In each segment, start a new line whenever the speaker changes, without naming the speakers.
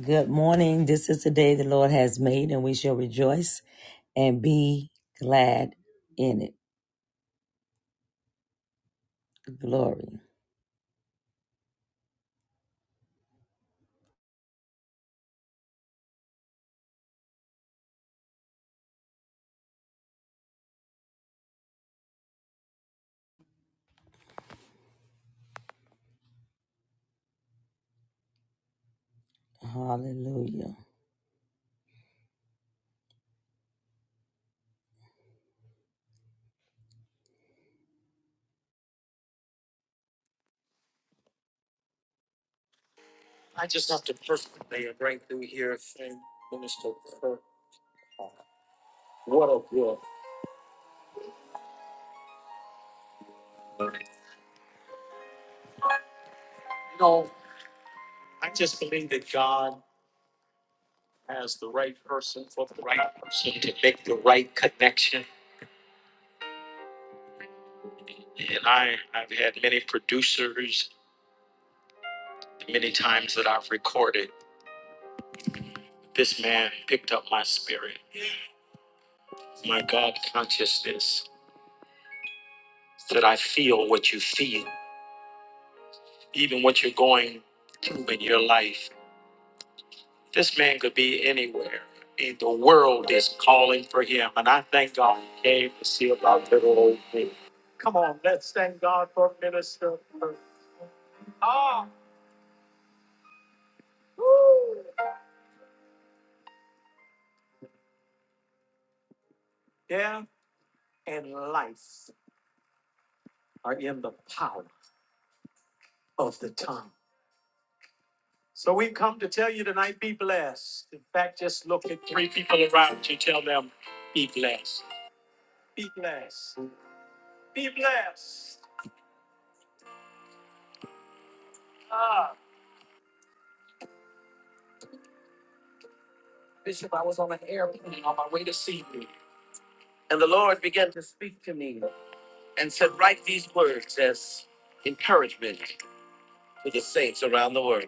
Good morning. This is the day the Lord has made, and we shall rejoice and be glad in it. Glory. Hallelujah. And the Lord began to and said, Write these words to the saints around the world.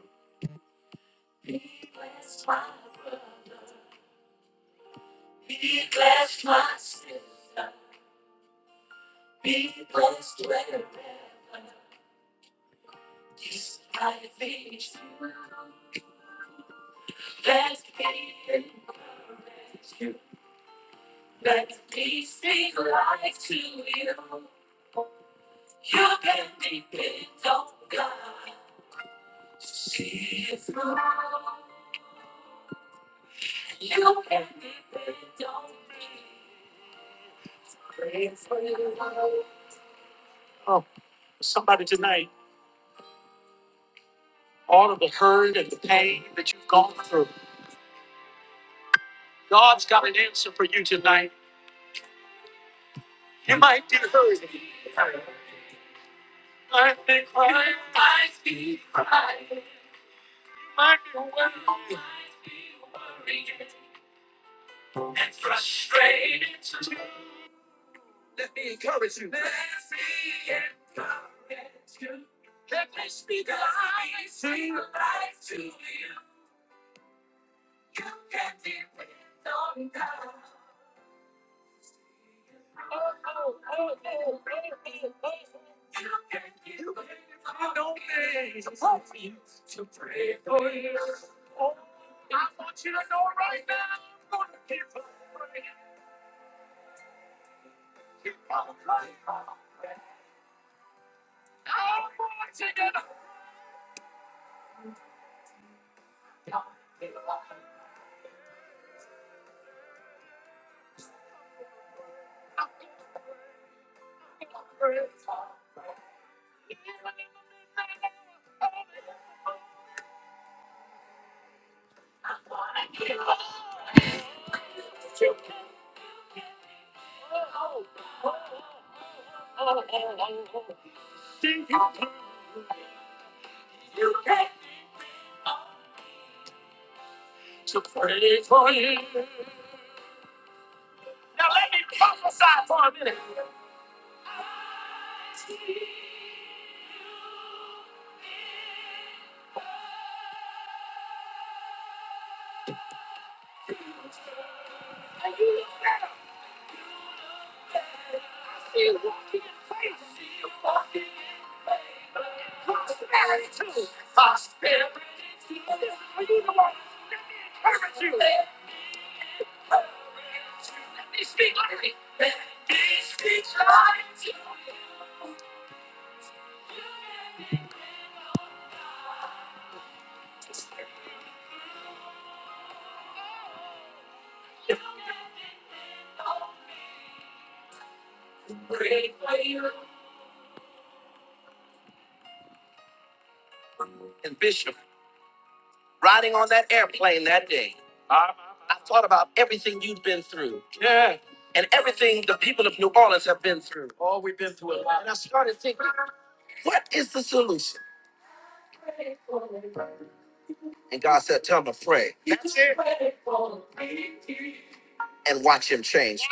And Bishop, riding on that airplane that day, I thought about everything you've been through and everything the people of New Orleans have been through. What is the solution? And God said, Tell them to pray and watch him change.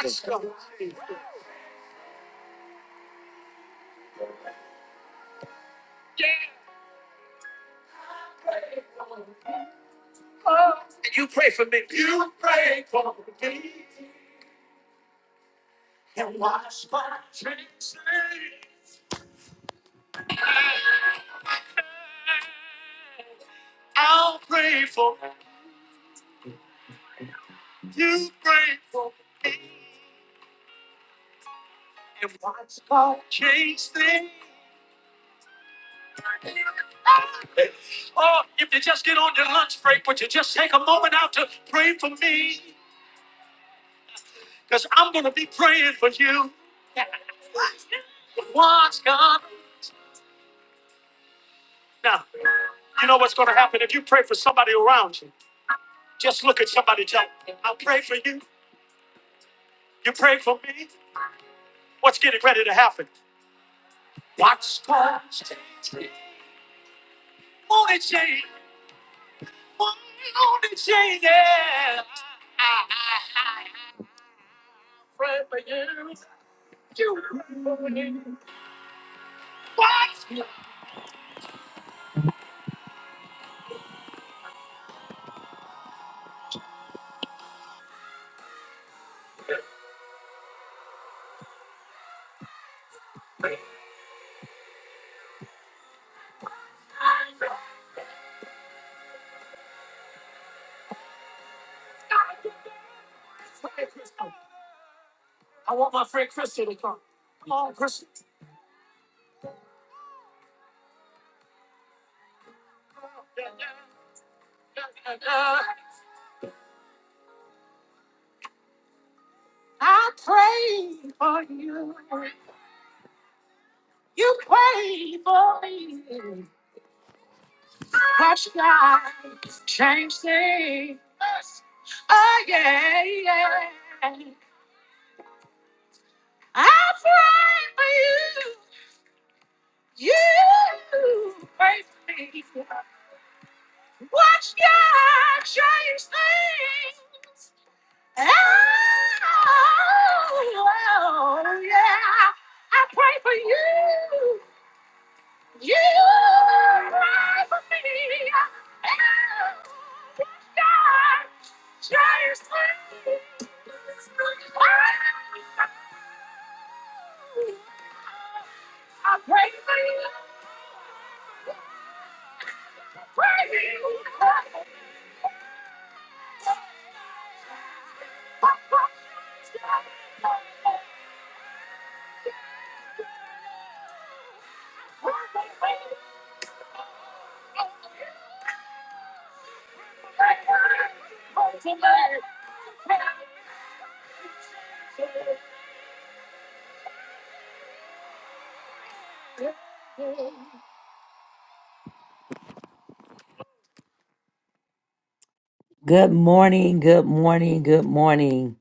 Good morning. Good morning. Good morning.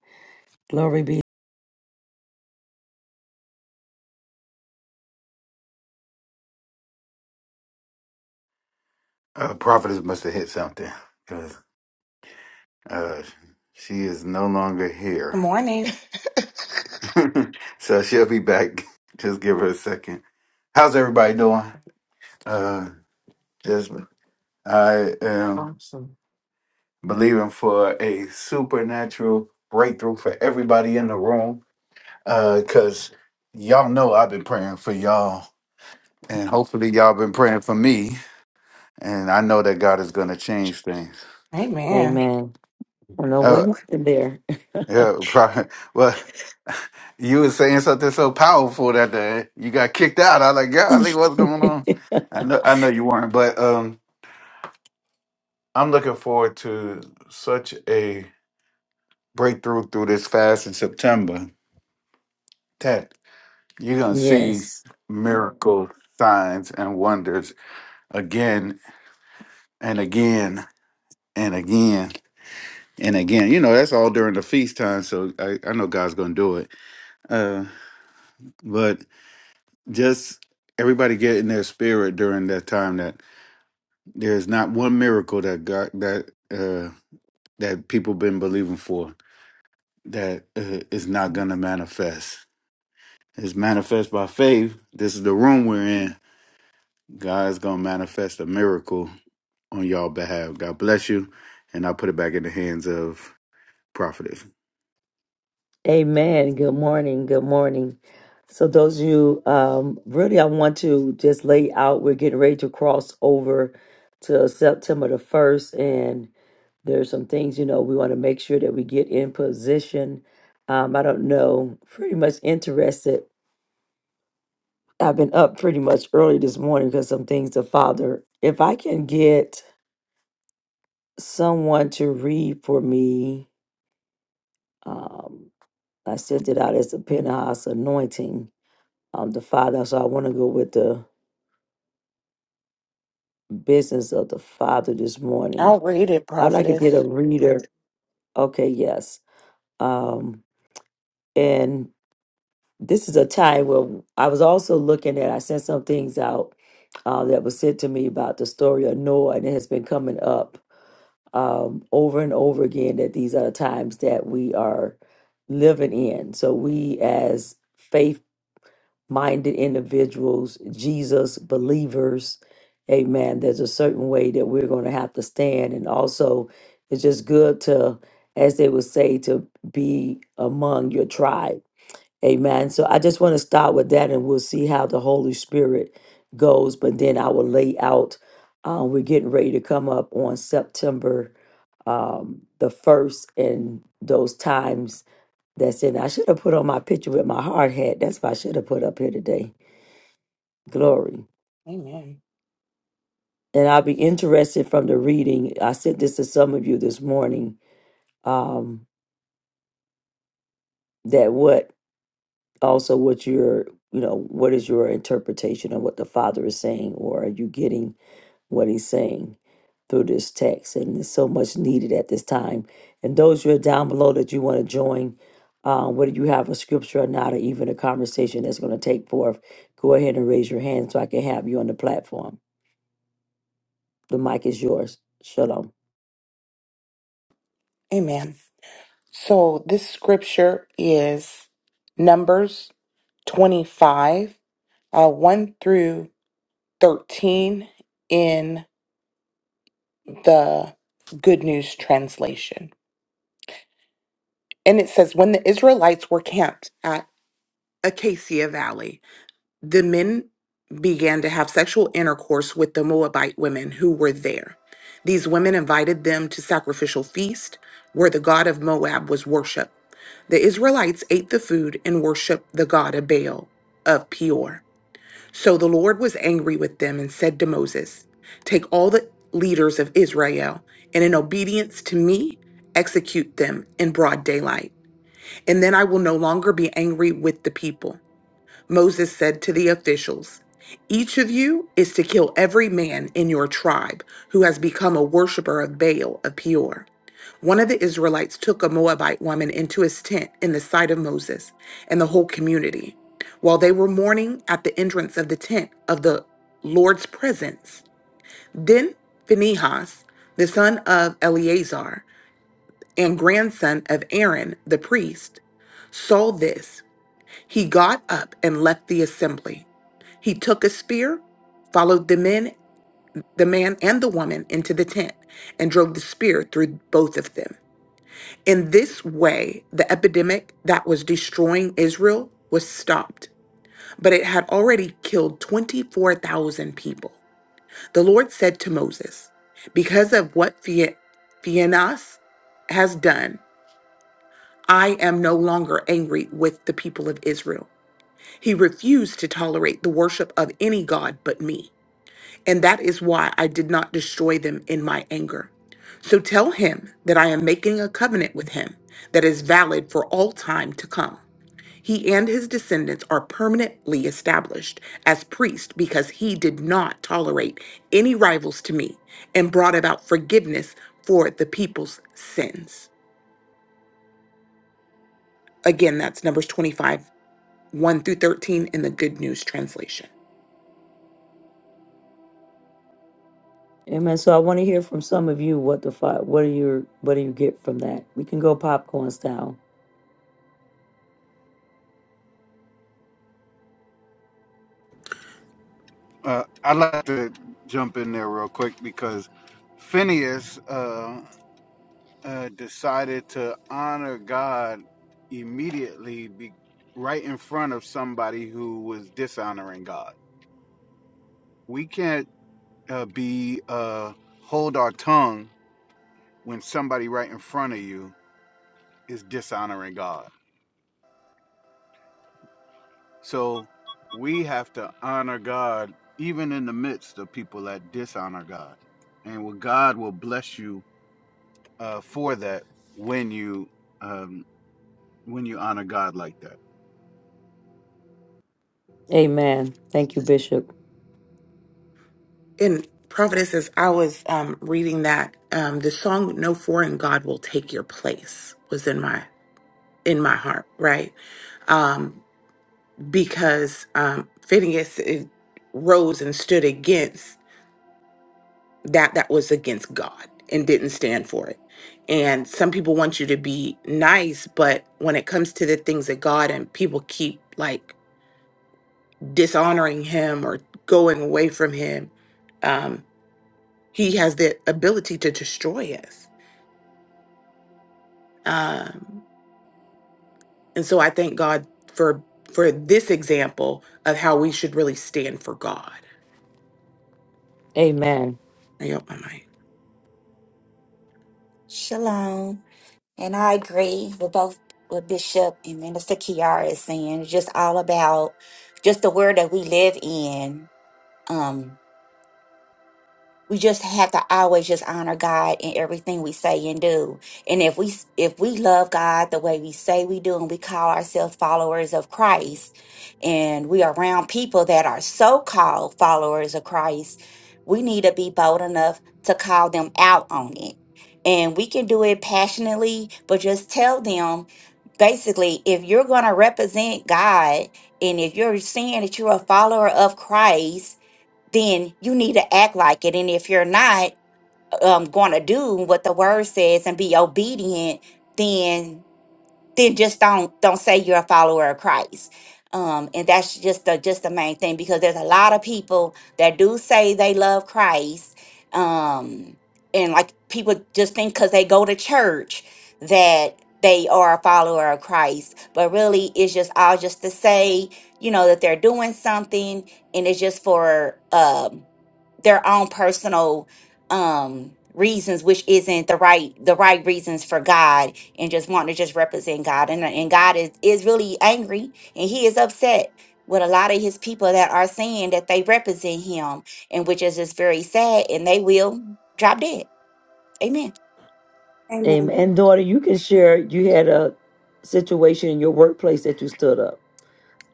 Glory be
Uh, prophetess must have hit something because uh, she is no longer
Good
here.
morning.
so she'll be back. Just give her a second. How's everybody doing? Uh, just I am
Awesome.
believing for a supernatural breakthrough for everybody in the room. Uh, cause y'all know I've been praying for y'all, and hopefully y'all been praying for me. And I know that God is gonna change things.
Amen.
Amen. I don't know what
Uh,
happened there.
yeah, probably. Well. you were saying something so powerful that day. You got kicked out. I was like, "God, golly, what's going on? I know I know you weren't, but um I'm looking forward to such a breakthrough through this fast in September that you're gonna see
Yes.
miracles, signs and wonders again and again and again and again. You know, that's all during the feast time, so I, I know God's gonna do it. Uh but just everybody get in their spirit during that time that There's not one miracle that God that uh that people been believing for that uh, is not gonna manifest. It's manifest by faith. This is the room we're in. God is gonna manifest a miracle on y'all behalf. God bless you, and I put it back in the hands of prophetess.
Amen. Good morning. Good morning. So those of you um really I want to just lay out we're getting ready to cross over to September the 1st and there's some things you know we want to make sure that we get in position. Um I don't know, pretty much interested. I've been up pretty much early this morning because some things the father if I can get someone to read for me. Um I sent it out as a penthouse anointing of the Father. So I want to go with the business of the Father this morning.
I'll read it,
I'd like to get a
prophetess.
reader. Okay, yes. Um, and this is a time where I was also looking at, I sent some things out uh, that was sent to me about the story of Noah, and it has been coming up um, over and over again that these are the times that we are living in. So we as faith. minded individuals, Jesus believers. Amen. There's a certain way that we're going to have to stand. And also, it's just good to, as they would say, to be among your tribe. Amen. So I just want to start with that and we'll see how the Holy Spirit goes. But then I will lay out, uh, we're getting ready to come up on September um, the 1st and those times that's in. I should have put on my picture with my hard hat. That's what I should have put up here today Glory.
Amen.
And I'll be interested from the reading. I sent this to some of you this morning. Um, that what also what your you know what is your interpretation of what the Father is saying, or are you getting what He's saying through this text? And it's so much needed at this time. And those who are down below that you want to join, um, whether you have a scripture or not, or even a conversation that's going to take forth, go ahead and raise your hand so I can have you on the platform. The mic is yours. Shalom.
Amen. So this scripture is Numbers 25, uh, 1 through 13 in the Good News translation. And it says, When the Israelites were camped at Acacia Valley, the men began to have sexual intercourse with the Moabite women who were there. These women invited them to sacrificial feast where the god of Moab was worshipped. The Israelites ate the food and worshiped the god of Baal of Peor. So the Lord was angry with them and said to Moses, Take all the leaders of Israel and in obedience to me, execute them in broad daylight. And then I will no longer be angry with the people. Moses said to the officials, Each of you is to kill every man in your tribe who has become a worshiper of Baal of Peor. One of the Israelites took a Moabite woman into his tent in the sight of Moses and the whole community. While they were mourning at the entrance of the tent of the Lord's presence, then Phinehas, the son of Eleazar and grandson of Aaron the priest, saw this he got up and left the assembly. He took a spear, followed the men, the man and the woman into the tent, and drove the spear through both of them. In this way, the epidemic that was destroying Israel was stopped, but it had already killed 24,000 people. The Lord said to Moses, Because of what Phi- Phinehas has done, I am no longer angry with the people of Israel He refused to tolerate the worship of any God but me. And that is why I did not destroy them in my anger. So tell him that I am making a covenant with him that is valid for all time to come. He and his descendants are permanently established as priests because he did not tolerate any rivals to me and brought about forgiveness for the people's sins. Again, that's Numbers 25, 1 through 13 in the Good News Translation.
Amen. So I want to hear from some of you what the fi- what do you what do you get from that? We can go popcorn style.
Uh, I'd like to jump in there real quick because Phineas. uh, decided to honor God immediately, be, right in front of somebody who was dishonoring God. We can't uh, be uh, hold our tongue when somebody right in front of you is dishonoring God. So we have to honor God even in the midst of people that dishonor God, and will God will bless you uh, for that when you um, when you honor God like that.
Amen. Thank you, Bishop.
And prophetess, as I was um, reading that, um, the song "No Foreign God Will Take Your Place" was in my in my heart, right? Um, because um, Phineas it rose and stood against that that was against God and didn't stand for it. And some people want you to be nice, but when it comes to the things of God and people keep like dishonoring Him or going away from Him, um, He has the ability to destroy us Um, and so I thank God for for this example of how we should really stand for God.
Amen.
I hope my mic.
Shalom. And I agree with both what Bishop and Minister Kiara is saying. It's just all about just the word that we live in. Um, we just have to always just honor God in everything we say and do. And if we if we love God the way we say we do and we call ourselves followers of Christ and we are around people that are so-called followers of Christ, we need to be bold enough to call them out on it. And we can do it passionately, but just tell them basically if you're going to represent God and if you're saying that you're a follower of Christ then you need to act like it. And if you're not um, going to do what the word says and be obedient, then then just don't don't say you're a follower of Christ. Um, and that's just the just the main thing because there's a lot of people that do say they love Christ. Um, and like people just think because they go to church that they are a follower of Christ, but really it's just all just to say, you know, that they're doing something and it's just for um their own personal um reasons, which isn't the right the right reasons for God and just want to just represent God. And, and God is, is really angry and he is upset with a lot of his people that are saying that they represent him and which is just very sad and they will drop dead. Amen.
Amen.
Amen. And daughter, you can share. You had a situation in your workplace that you stood up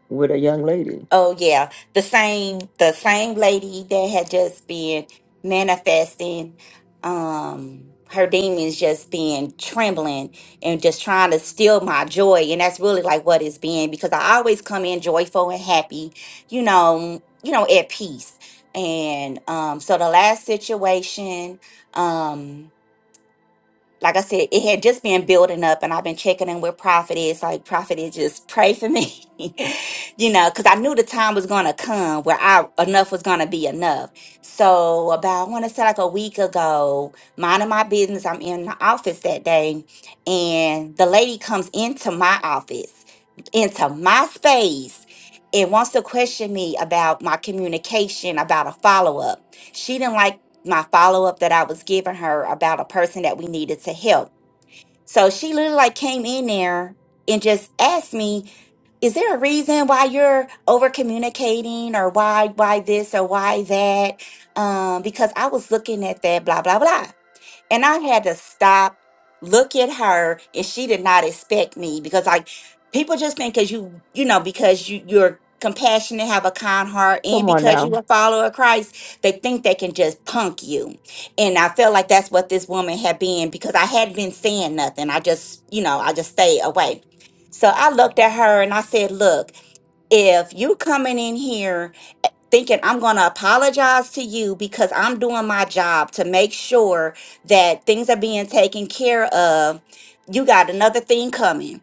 with a young lady.
Oh yeah, the same the same lady that had just been manifesting um her demons just being trembling and just trying to steal my joy and that's really like what it's been because I always come in joyful and happy, you know, you know at peace. And um so the last situation um like I said, it had just been building up, and I've been checking in with Prophet. It's like Prophet is just pray for me, you know, because I knew the time was gonna come where I enough was gonna be enough. So about I want to say like a week ago, minding my business, I'm in the office that day, and the lady comes into my office, into my space. And wants to question me about my communication, about a follow up. She didn't like my follow up that I was giving her about a person that we needed to help. So she literally like came in there and just asked me, "Is there a reason why you're over communicating, or why why this, or why that?" Um, because I was looking at that, blah blah blah. And I had to stop, look at her, and she did not expect me because like people just think because you, you know, because you you're compassionate, have a kind heart, and
Come on
because
now.
you a follower of Christ, they think they can just punk you. And I felt like that's what this woman had been because I hadn't been saying nothing. I just, you know, I just stayed away. So I looked at her and I said, look, if you coming in here thinking I'm going to apologize to you because I'm doing my job to make sure that things are being taken care of. You got another thing coming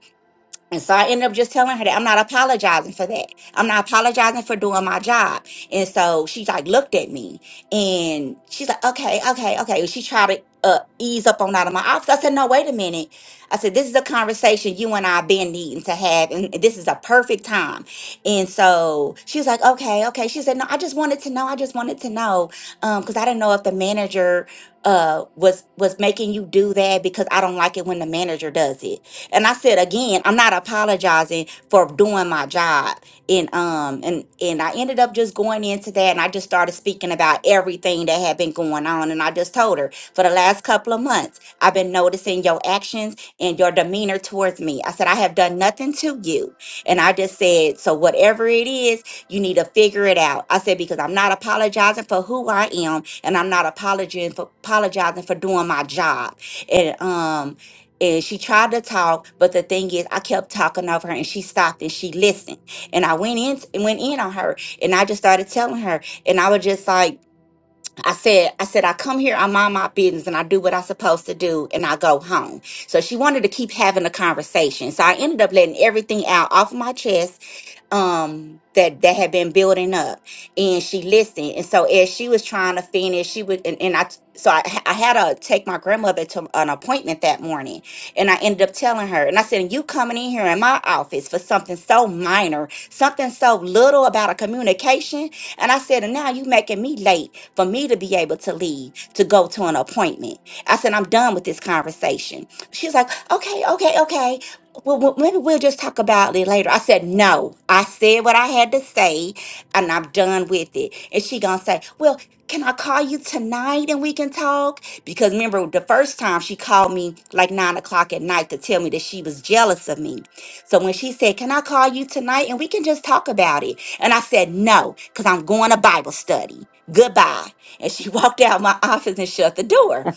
and so I ended up just telling her that I'm not apologizing for that. I'm not apologizing for doing my job. And so she like looked at me and she's like, okay, okay, okay. She tried to uh, ease up on out of my office. I said, no, wait a minute. I said, this is a conversation you and I have been needing to have. And this is a perfect time. And so she was like, okay, okay. She said, no, I just wanted to know. I just wanted to know. Um, cause I didn't know if the manager, uh was was making you do that because I don't like it when the manager does it. And I said again, I'm not apologizing for doing my job. And um and and I ended up just going into that and I just started speaking about everything that had been going on. And I just told her for the last couple of months, I've been noticing your actions and your demeanor towards me. I said, I have done nothing to you. And I just said, so whatever it is, you need to figure it out. I said, because I'm not apologizing for who I am and I'm not apologizing for apologizing for doing my job. And um and she tried to talk, but the thing is, I kept talking over her, and she stopped and she listened. And I went in, and went in on her, and I just started telling her, and I was just like, I said, I said, I come here, I mind my business, and I do what I'm supposed to do, and I go home. So she wanted to keep having a conversation. So I ended up letting everything out off my chest um that that had been building up and she listened and so as she was trying to finish she would and, and i t- so I, I had to take my grandmother to an appointment that morning and i ended up telling her and i said you coming in here in my office for something so minor something so little about a communication and i said and now you making me late for me to be able to leave to go to an appointment i said i'm done with this conversation she's like okay okay okay well, well, maybe we'll just talk about it later. I said, no, I said what I had to say and I'm done with it. And she gonna say, well, can I call you tonight and we can talk? Because remember the first time she called me like nine o'clock at night to tell me that she was jealous of me. So when she said, can I call you tonight and we can just talk about it? And I said, no, because I'm going to Bible study. Goodbye. And she walked out my office and shut the door.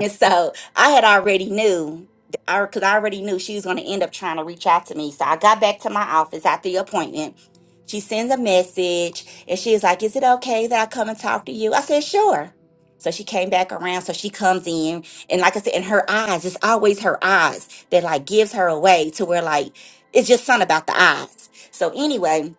And so I had already knew I because I already knew she was going to end up trying to reach out to me. So I got back to my office after the appointment. She sends a message and she's like, Is it okay that I come and talk to you? I said, Sure. So she came back around. So she comes in. And like I said, in her eyes, it's always her eyes that like gives her away to where like it's just something about the eyes. So anyway,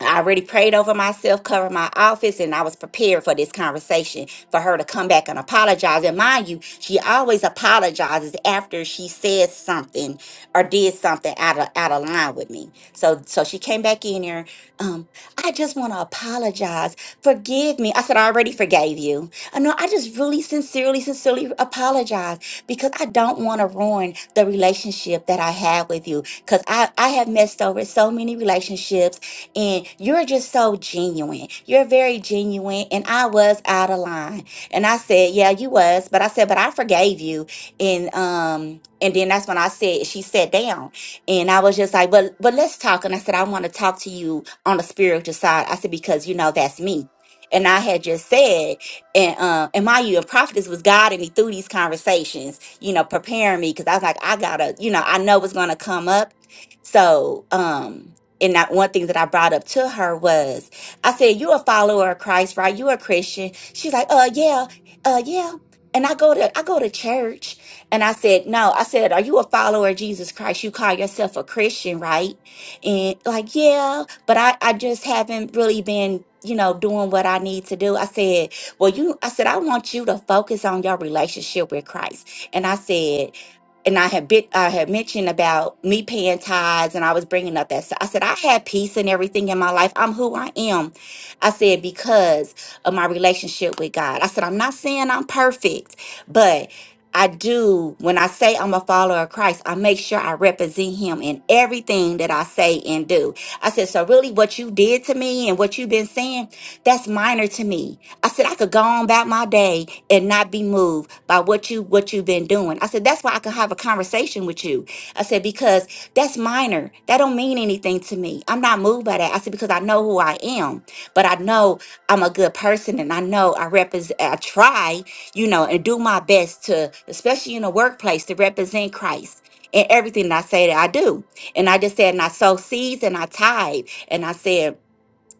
I already prayed over myself, covered my office, and I was prepared for this conversation for her to come back and apologize. And mind you, she always apologizes after she says something or did something out of out of line with me. So so she came back in here. Um, I just want to apologize. Forgive me. I said I already forgave you. Uh, no, I just really sincerely, sincerely apologize because I don't want to ruin the relationship that I have with you. Because I I have messed over so many relationships and you're just so genuine. You're very genuine. And I was out of line. And I said, Yeah, you was. But I said, But I forgave you. And um, and then that's when I said she sat down. And I was just like, But but let's talk. And I said, I want to talk to you on the spiritual side. I said, because you know that's me. And I had just said, and uh, and my you and prophetess was guiding me through these conversations, you know, preparing me because I was like, I gotta, you know, I know what's gonna come up. So um and that one thing that I brought up to her was, I said, "You're a follower of Christ, right? You're a Christian." She's like, "Uh, yeah, uh, yeah." And I go to I go to church, and I said, "No." I said, "Are you a follower of Jesus Christ? You call yourself a Christian, right?" And like, yeah, but I I just haven't really been you know doing what I need to do. I said, "Well, you," I said, "I want you to focus on your relationship with Christ." And I said and I had bit, I had mentioned about me paying tithes, and I was bringing up that. So I said I had peace and everything in my life. I'm who I am. I said because of my relationship with God. I said I'm not saying I'm perfect, but I do. When I say I'm a follower of Christ, I make sure I represent Him in everything that I say and do. I said so. Really, what you did to me and what you've been saying, that's minor to me. I said I could go on about my day and not be moved by what you what you've been doing. I said that's why I can have a conversation with you. I said because that's minor. That don't mean anything to me. I'm not moved by that. I said because I know who I am, but I know I'm a good person and I know I represent I try, you know, and do my best to especially in the workplace to represent Christ. In everything that I say that I do. And I just said, and I sow seeds and I tithe. And I said,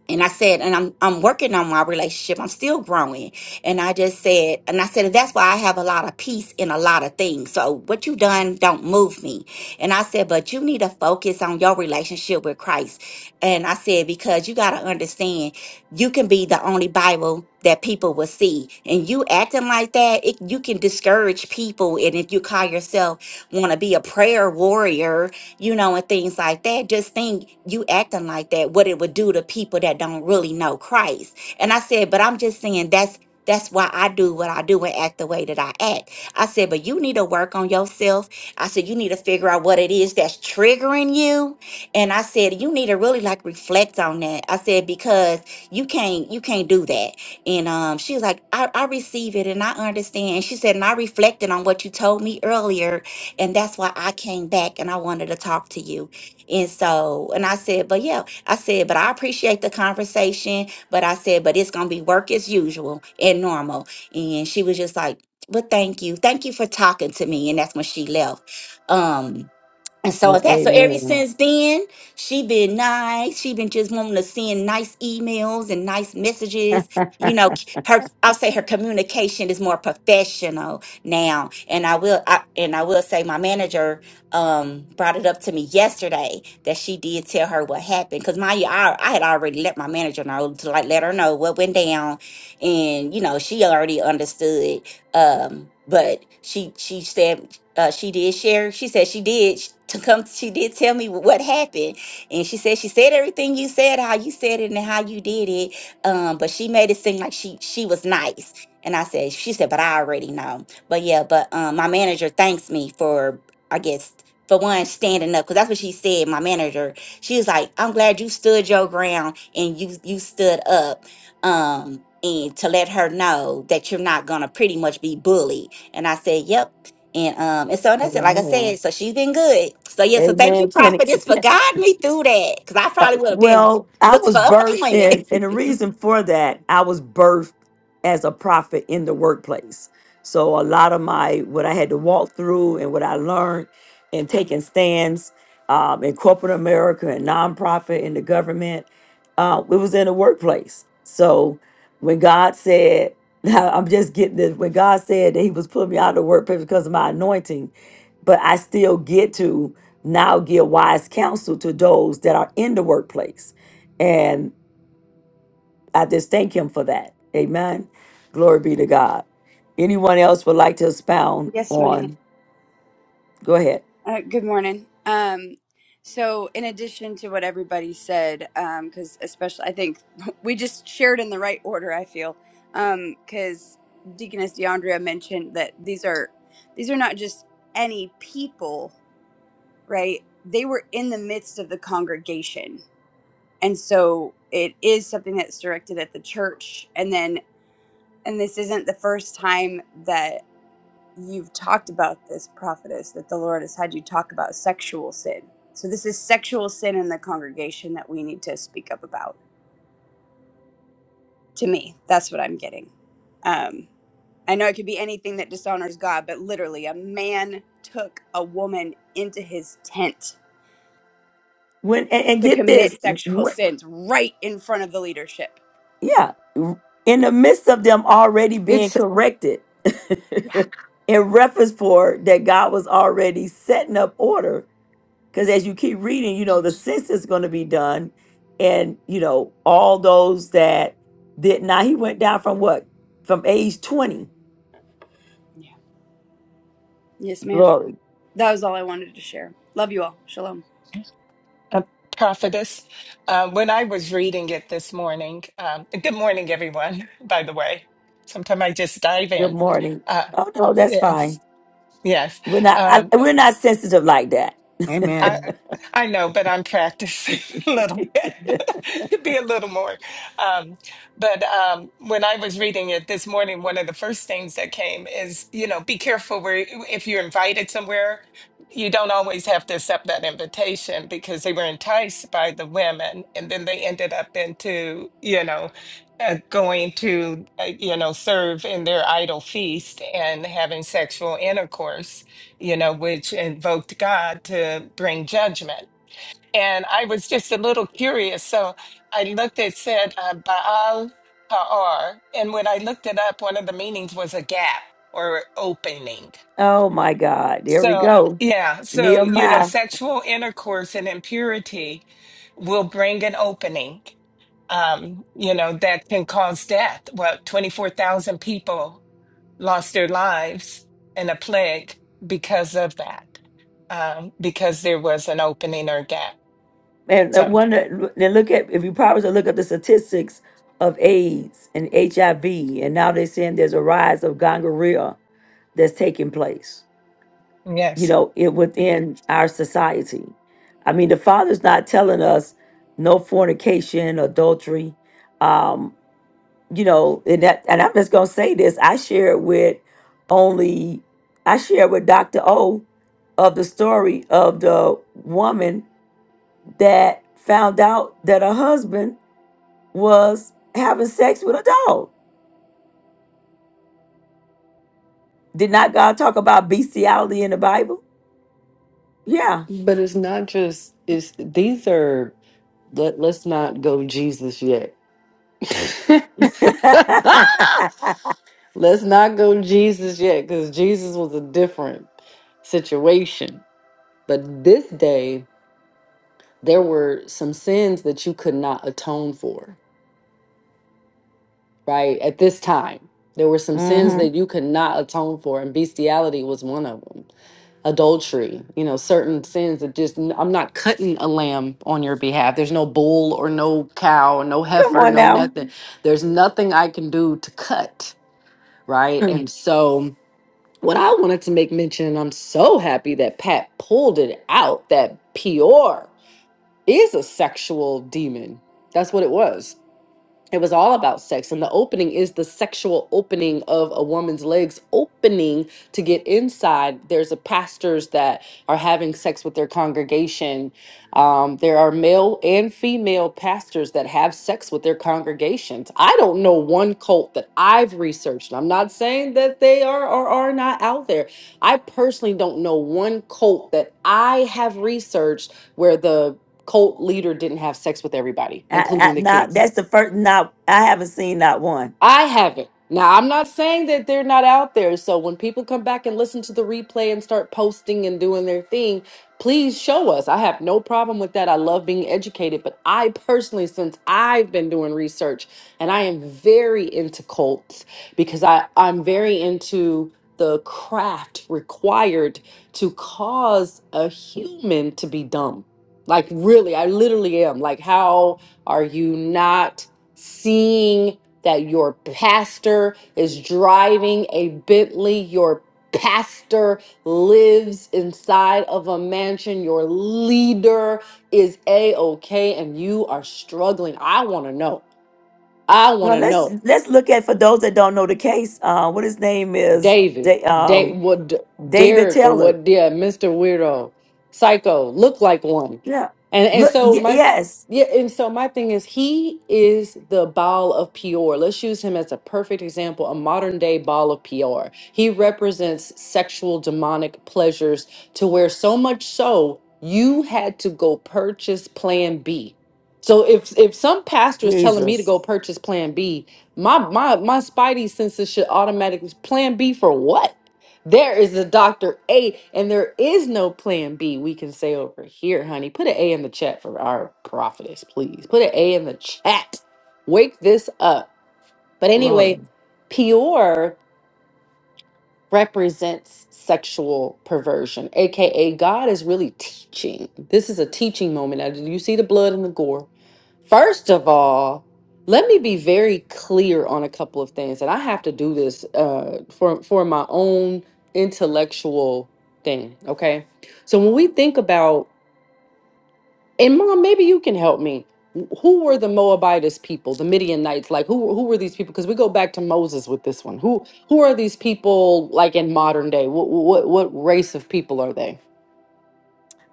and I said, and I'm I'm working on my relationship. I'm still growing. And I just said, and I said, and that's why I have a lot of peace in a lot of things. So what you done don't move me. And I said, but you need to focus on your relationship with Christ. And I said, because you gotta understand, you can be the only Bible that people will see. And you acting like that, it, you can discourage people. And if you call yourself want to be a prayer warrior you know, and things like that. Just think you acting like that, what it would do to people that don't really know Christ. And I said, but I'm just saying that's that's why I do what I do and act the way that I act. I said, but you need to work on yourself. I said, you need to figure out what it is that's triggering you. And I said, you need to really like reflect on that. I said, because you can't you can't do that. And um, she was like, I, I receive it and I understand. she said, and I reflected on what you told me earlier and that's why I came back and I wanted to talk to you. And so, and I said, but yeah, I said, but I appreciate the conversation, but I said, but it's going to be work as usual and normal. And she was just like, but thank you. Thank you for talking to me. And that's when she left. Um, and so
No,
it's that. So ever
amen.
since then, she been nice. She been just wanting to send nice emails and nice messages. You know, c- her I'll say her communication is more professional now. And I will I, and I will say my manager um brought it up to me yesterday that she did tell her what happened. Cause mind you, I, I had already let my manager know to like let her know what went down. And, you know, she already understood um but she she said uh, she did share. She said she did sh- to come. She did tell me wh- what happened, and she said she said everything you said, how you said it, and how you did it. Um, but she made it seem like she she was nice, and I said she said, but I already know. But yeah, but um, my manager thanks me for I guess for one standing up because that's what she said. My manager, she was like, I'm glad you stood your ground and you you stood up. Um. And to let her know that you're not gonna pretty much be bullied. And I said, Yep, and um, and so that's it. Like I
amen.
said, so she's been good. So yeah, so thank you,
Amen. Penny.
prophetess, for guiding me through that. Cause I
Uh,
probably would have been
well, I
looking
was
for
birthed
unemployment.
in, and the reason for that, I was birthed as a prophet in the workplace. So a lot of my what I had to walk through and what I learned and taking stands um, in corporate America and nonprofit in the government, uh, it was in the workplace. So when God said, I'm just getting this, when God said that He was putting me out of the workplace because of my anointing, but I still get to now give wise counsel to those that are in the workplace. And I just thank him for that. Amen. Glory be to God. Anyone else would like to expound
Yes, ma'am.
on? Go ahead.
Uh, good morning. Um, so, in addition to what everybody said, because especially I think we just shared in the right order. I feel because Deaconess Deandra mentioned that these are these are not just any people, right? They were in the midst of the congregation, and so it is something that's directed at the church. And then, and this isn't the first time that. you've talked about this prophetess that the Lord has had you talk about sexual sin. So this is sexual sin in the congregation that we need to speak up about. To me, that's what I'm getting. Um, I know it could be anything that dishonors God, but literally, a man took a woman into his tent
When and, and
to
get this,
commit sexual
when-
sins right in front of the leadership.
yeah, in the midst of them already being corrected,
Yeah.
in reference for that God was already setting up order because as you keep reading, you know, the census is going to be done. And, you know, all those that did not, he went down from what? From age 20.
Yeah. Yes, ma'am.
Glory.
That was all I wanted to share. Love you all. Shalom.
Uh, prophetess, uh, when I was reading it this morning, um, good morning, everyone, by the way. Sometimes I just dive
Good
in.
morning.
Uh,
Oh, no, that's
yes,
fine.
yes.
We're not, I,
Um,
we're not sensitive like that.
Amen.
I know, but I'm practicing a little bit to be a little more. Um, but um, when I was reading it this morning, one of the first things that came is, you know, be careful where if you're invited somewhere, you don't always have to accept that invitation because they were enticed by the women, and then they ended up into, you know. Uh, going to uh, you know serve in their idol feast and having sexual intercourse you know, which invoked God to bring judgment. And I was just a little curious. So I looked, it said uh, Baal Ha'or. And when I looked it up, one of the meanings was a gap or opening.
oh, my God. There we
So,
go.
yeah. So, you know,
Nehemiah.
sexual intercourse and impurity will bring an opening, um, you know, that can cause death. Well, 24,000 people lost their lives in a plague because of that, um, because there was an opening or gap.
And uh,
So,
one. wonder, then look at, if you probably should look up the statistics of AIDS and HIV. And now they're saying there's a rise of gonorrhea that's taking place. you
yes.
know, it within our society. I mean, the Father's not telling us no fornication, adultery, um, you know, and that. And I'm just gonna say this: I share it with only, I share with Doctor O of the story of the woman that found out that her husband was having sex with a dog. Did not God talk about bestiality in the Bible? Yeah.
But it's not just it's these are let let's not go Jesus yet. let's not go Jesus yet cuz Jesus was a different situation. But this day there were some sins that you could not atone for. right? At this time, there were
hmm
some sins
Come
that you could not atone for, and bestiality was one of them. Adultery, you know, certain sins that just, n- I'm not cutting a lamb on your behalf. There's no bull or no cow, or no heifer,
on
no
now.
nothing. There's nothing I can do to cut, right?
Mm.
And so, what I wanted to make mention, and I'm so happy that Pat pulled it out, that Peor is a sexual demon. That's what it was it was all about sex and the opening is the sexual opening of a woman's legs opening to get inside there's a pastors that are having sex with their congregation um, there are male and female pastors that have sex with their congregations i don't know one cult that i've researched i'm not saying that they are or are not out there i personally don't know one cult that i have researched where the cult leader didn't have sex with everybody
I, I,
including the
not,
kids
that's the first. Not I haven't seen not one.
I haven't. Now, I'm not saying that they're not out there. So when people come back and listen to the replay and start posting and doing their thing, please show us. I have no problem with that. I love being educated, but I personally, since I've been doing research and I am very into cults because I, I'm very into the craft required to cause a human to be dumb. Like, really, I literally am. Like, how are you not seeing? that your pastor is driving a Bentley, your pastor lives inside of a mansion, your leader is A OK, and you are struggling. I want to know. I want
Well,
to
let's
know.
let's look at for those that don't know the case. Uh, what his name is?
David,
Da-
da-
um,
what D-
David
Derek or
Taylor.
what? Yeah, Mister Weirdo, Psycho, look like one,
Yeah.
and and
Look.
so
Y-
my
yes.
yeah, and so my thing is he is the ball of Peor. Let's use him as a perfect example, a modern day ball of Peor. He represents sexual demonic pleasures to where so much so you had to go purchase Plan B. So if if some pastor is telling me to
Jesus,
go purchase Plan B, my my my spidey senses should automatically plan B for what? There is a Dr. A and there is no plan B we can say over here, honey. Put an A in the chat for our prophetess, please. Put an A in the chat. Wake this up. But anyway,
Lord.
Peor represents sexual perversion, aka God is really teaching. This is a teaching moment. Now, do you see the blood and the gore? First of all, let me be very clear on a couple of things, and I have to do this uh, for for my own intellectual thing. Okay, so when we think about and mom, maybe you can help me. Wh- Who were the Moabitess people, the Midianites? Like who who were these people? Because we go back to Moses with this one. Who who are these people like in modern day? What what what race of people are they?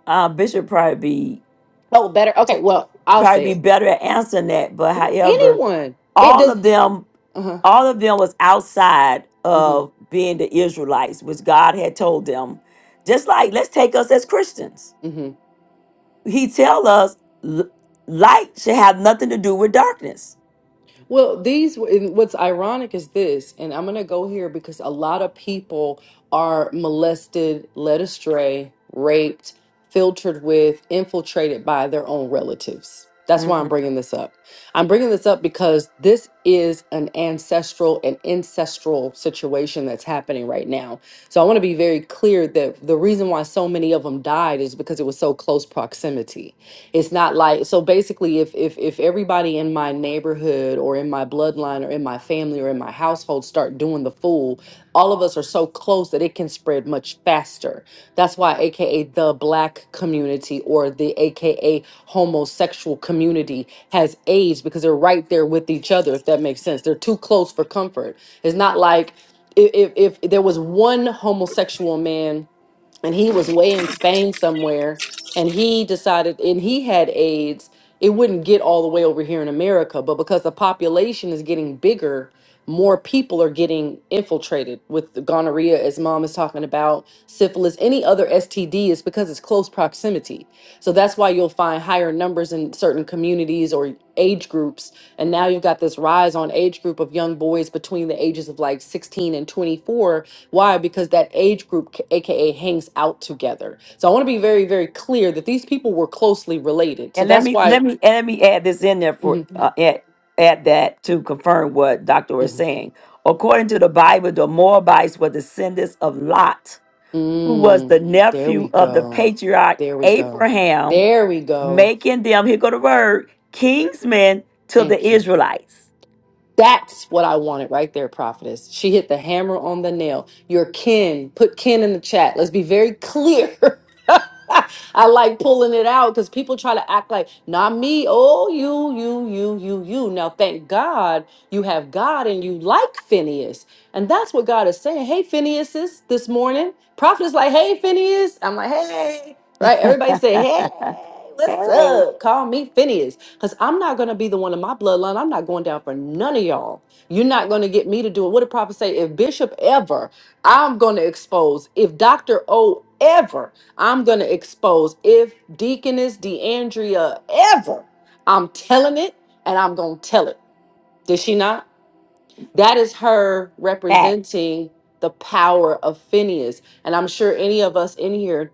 Uh, Bishop probably be
Oh, better. Okay, well, I'll say
probably be
it.
better at answering that. But
Well,
however,
anyone. It
all
does.
of them,
Uh huh.
all of them was outside of being the Israelites, which God had told them. Just like let's take us as Christians
Mm-hmm,
He tell us l- light should have nothing to do with darkness.
Well, these and what's ironic is this, and I'm going to go here because a lot of people are molested, led astray, raped, filtered with, infiltrated by their own relatives. That's why I'm
Mhm.
bringing this up. I'm bringing this up because this is an ancestral and ancestral situation that's happening right now. So I want to be very clear that the reason why so many of them died is because it was so close proximity it's not like so basically if if if everybody in my neighborhood or in my bloodline or in my family or in my household start doing the fool, all of us are so close that it can spread much faster. That's why aka the black community or the aka homosexual community has aged because they're right there with each other if that makes sense. They're too close for comfort. It's not like if if, if there was one homosexual man and he was way in Spain somewhere, and he decided, and he had AIDS. It wouldn't get all the way over here in America, but because the population is getting bigger, more people are getting infiltrated with the gonorrhea, as mom is talking about, syphilis, any other STD is because it's close proximity. So that's why you'll find higher numbers in certain communities or age groups. And now you've got this rise on age group of young boys between the ages of like 16 and 24 why? Because that age group, k- AKA, hangs out together. So I want to be very, very clear that these people were closely related. So
And let
that's
me
why.
let me and let me add this in there for
Mhm,
uh, add, add that to confirm what Doctor was
mhm.
saying. According to the Bible, the Moabites were descendants of Lot, who was
Mm,
the
there
nephew
we
of the
go.
patriarch
There we go.
Abraham,
There we go.
making them here go the word kingsmen to the
Thank you.
Israelites.
That's what I wanted right there, prophetess. She hit the hammer on the nail. Your kin. Put kin in the chat. Let's be very clear. I like pulling it out because people try to act like, not me. Oh, you, you, you, you, you. Now, thank God you have God and you like Phineas. And that's what God is saying. Hey, Phineas, this this morning. Prophetess like, hey, Phineas. I'm like, hey. Right? Everybody say, hey, what's
Hey,
up? Call me Phineas. Because I'm not going to be the one in my bloodline. I'm not going down for none of y'all. You're not going to get me to do it. What did Prophet say? If Bishop ever, I'm going to expose. If Dr. O ever, I'm going to expose. If Deaconess DeAndrea ever, I'm telling it and I'm going to tell it. Did she not? that is her
fact.
representing the power of Phineas. And I'm sure any of us in here,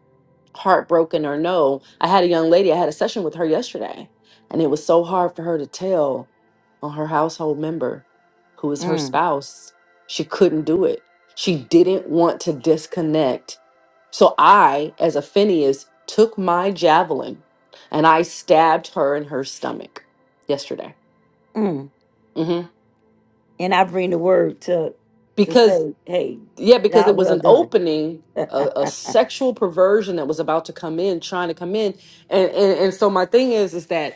heartbroken or no, I had a young lady, I had a session with her yesterday, and it was so hard for her to tell on her household member who is her
Mm,
spouse. She couldn't do it. She didn't want to disconnect. So I, as a Phineas, took my javelin and I stabbed her in her stomach yesterday.
mm.
Mhm.
and I bring the word to to say, hey,
Yeah, because it
God,
was
well
an
done.
opening, a, a sexual perversion that was about to come in, trying to come in, and, and and so my thing is, is that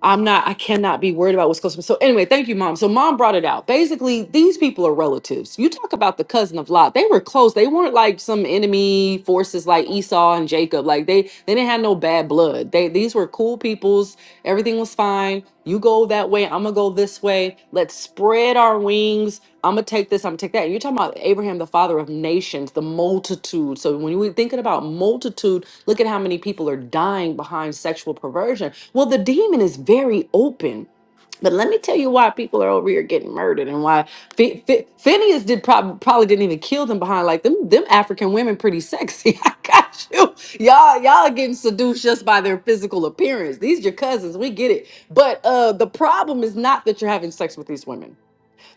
I'm not, I cannot be worried about what's close. to me. So anyway, thank you, mom. So mom brought it out. Basically, these people are relatives. You talk about the cousin of Lot. They were close. They weren't like some enemy forces like Esau and Jacob. Like they they didn't have no bad blood. They these were cool peoples. Everything was fine. You go that way, I'm gonna go this way. Let's spread our wings. I'm gonna take this, I'm gonna take that. And you're talking about Abraham, the father of nations, the multitude. So when we're thinking about multitude, look at how many people are dying behind sexual perversion well, the demon is very open. But let me tell you why people are over here getting murdered and why Phi- Phi- Phineas did probably probably didn't even kill them behind like them them African women pretty sexy. I got you. Y'all y'all are getting seduced just by their physical appearance. These your cousins, we get it. But uh the problem is not that you're having sex with these women.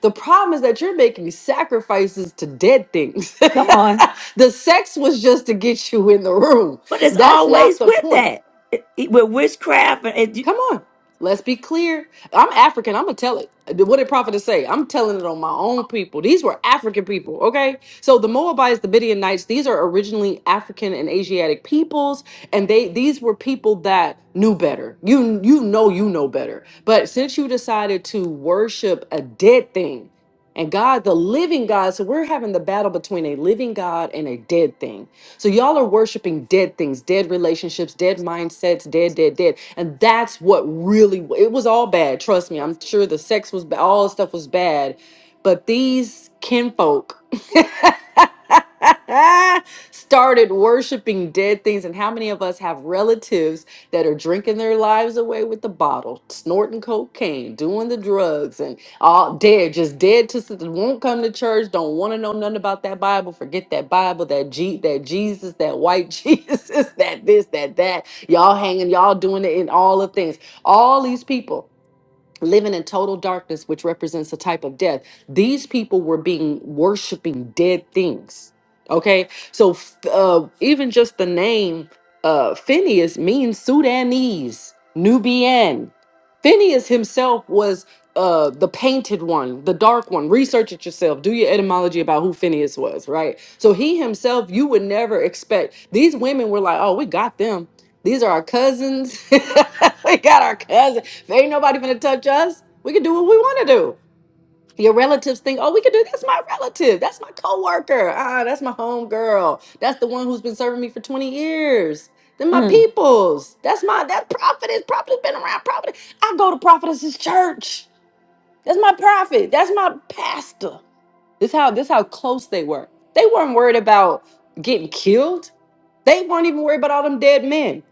The problem is that you're making sacrifices to dead things.
Come on.
the sex was just to get you in the room.
But it's
That's not
always
the
with
point.
that. It- it- with witchcraft and and you-
Come on. Let's be clear. I'm African. I'm going to tell it. What did prophet say? I'm telling it on my own people. These were African people, okay? So the Moabites, the Midianites, these are originally African and Asiatic peoples, and they these were people that knew better. You you know you know better. But since you decided to worship a dead thing, and God, the living God, so we're having the battle between a living God and a dead thing. So y'all are worshiping dead things, dead relationships, dead mindsets, dead, dead, dead. And that's what really it was all bad. Trust me. I'm sure the sex was bad, all the stuff was bad. But these kinfolk started worshiping dead things. And how many of us have relatives that are drinking their lives away with the bottle, snorting cocaine, doing the drugs, and all dead, just dead to s- won't come to church, don't want to know nothing about that Bible. Forget that Bible, that G, that Jesus, that white Jesus, that this, that that. Y'all hanging, y'all doing it in all the things. All these people living in total darkness, which represents a type of death. These people were being worshiping dead things. Okay, so f- uh, even just the name uh, Phineas means Sudanese, Nubian. Phineas himself was uh, the painted one, the dark one. Research it yourself. Do your etymology about who Phineas was, right? So he himself, you would never expect. These women were like, oh, we got them. These are our cousins. we got our cousins there ain't nobody gonna touch us. We can do what we want to do. Your relatives think, oh, we can do that's my relative. That's my coworker. Ah, that's my home girl. That's the one who's been serving me for 20 years. Then my
mm,
peoples. That's my that prophet is prophet's been around. Prophet. I go to prophetess's church. That's my prophet. That's my pastor. This how this how close they were. They weren't worried about getting killed. They weren't even worried about all them dead men.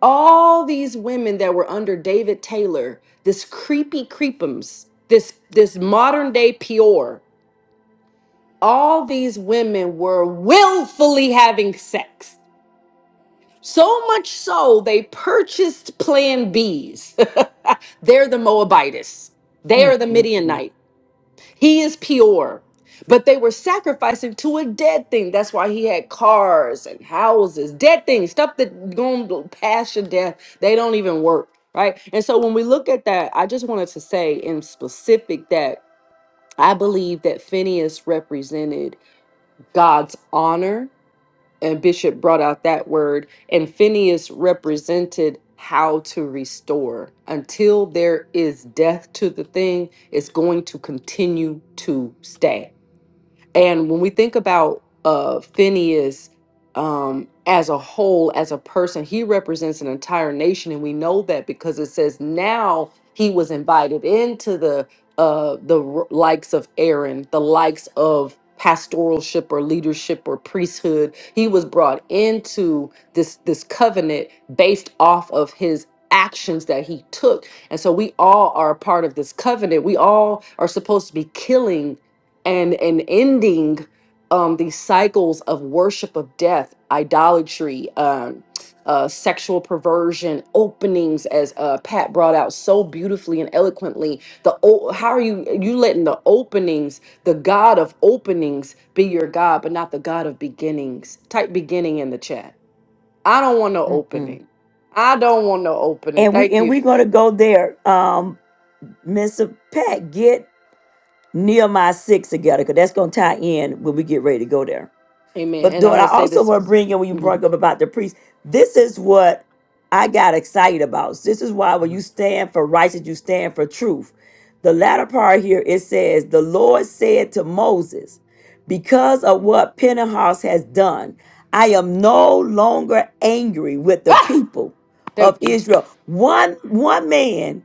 All these women that were under David Taylor, this creepy creepums, this this modern day Peor, all these women were willfully having sex. So much so they purchased Plan Bs. They're the Moabites. They are
mm,
the
mm, mm,
Midianites. He is pure. But they were sacrificing to a dead thing. That's why he had cars and houses, dead things, stuff that going past your death. They don't even work, right? And so when we look at that, I just wanted to say in specific that I believe that Phineas represented God's honor, and Bishop brought out that word, and Phineas represented how to restore. Until there is death to the thing, it's going to continue to stay. And when we think about uh, Phineas um, as a whole, as a person, he represents an entire nation, and we know that because it says now he was invited into the uh, the r- likes of Aaron, the likes of pastoralship or leadership or priesthood. He was brought into this this covenant based off of his actions that he took. And so we all are a part of this covenant. We all are supposed to be killing and and ending um these cycles of worship of death idolatry um uh sexual perversion openings as uh pat brought out so beautifully and eloquently the o- how are you you letting the openings the god of openings be your god but not the god of beginnings type beginning in the chat i don't want no
mm, mm.
opening i don't want no opening
and we
thank
and
you
we're gonna go there. Um, Mr. Pat, get Nehemiah six together, because that's gonna tie in when we get ready to go there.
amen
But
and i'm
what I
gonna say
also
this
want to bring in when you
Mhm,
brought up about the priest, this is what I got excited about. This is why when you
mhm.
stand for righteousness, you stand for truth. The latter part here it says, The Lord said to Moses, Because of what Pentecost has done, I am no longer angry with the
ah,
people
there
of
we
Israel. One one man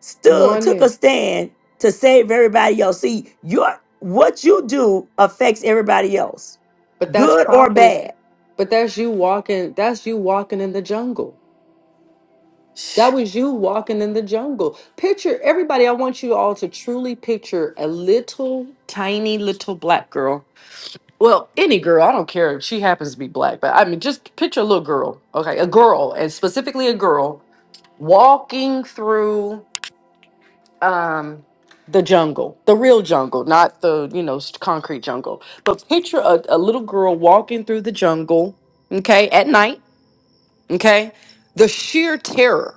stood,
one
took
minute
a stand to save everybody else. See, your what you do affects everybody else
But that's
good or
prophetess.
bad.
But that's you walking. That's you walking in the jungle. That was you walking in the jungle. Picture everybody. I want you all to truly picture a little tiny little black girl. Well, any girl. I don't care if she happens to be black, but I mean, just picture a little girl. Okay, a girl, and specifically a girl walking through um the jungle, the real jungle, not the you know s- concrete jungle. But picture a, a little girl walking through the jungle. Okay, at night okay the sheer terror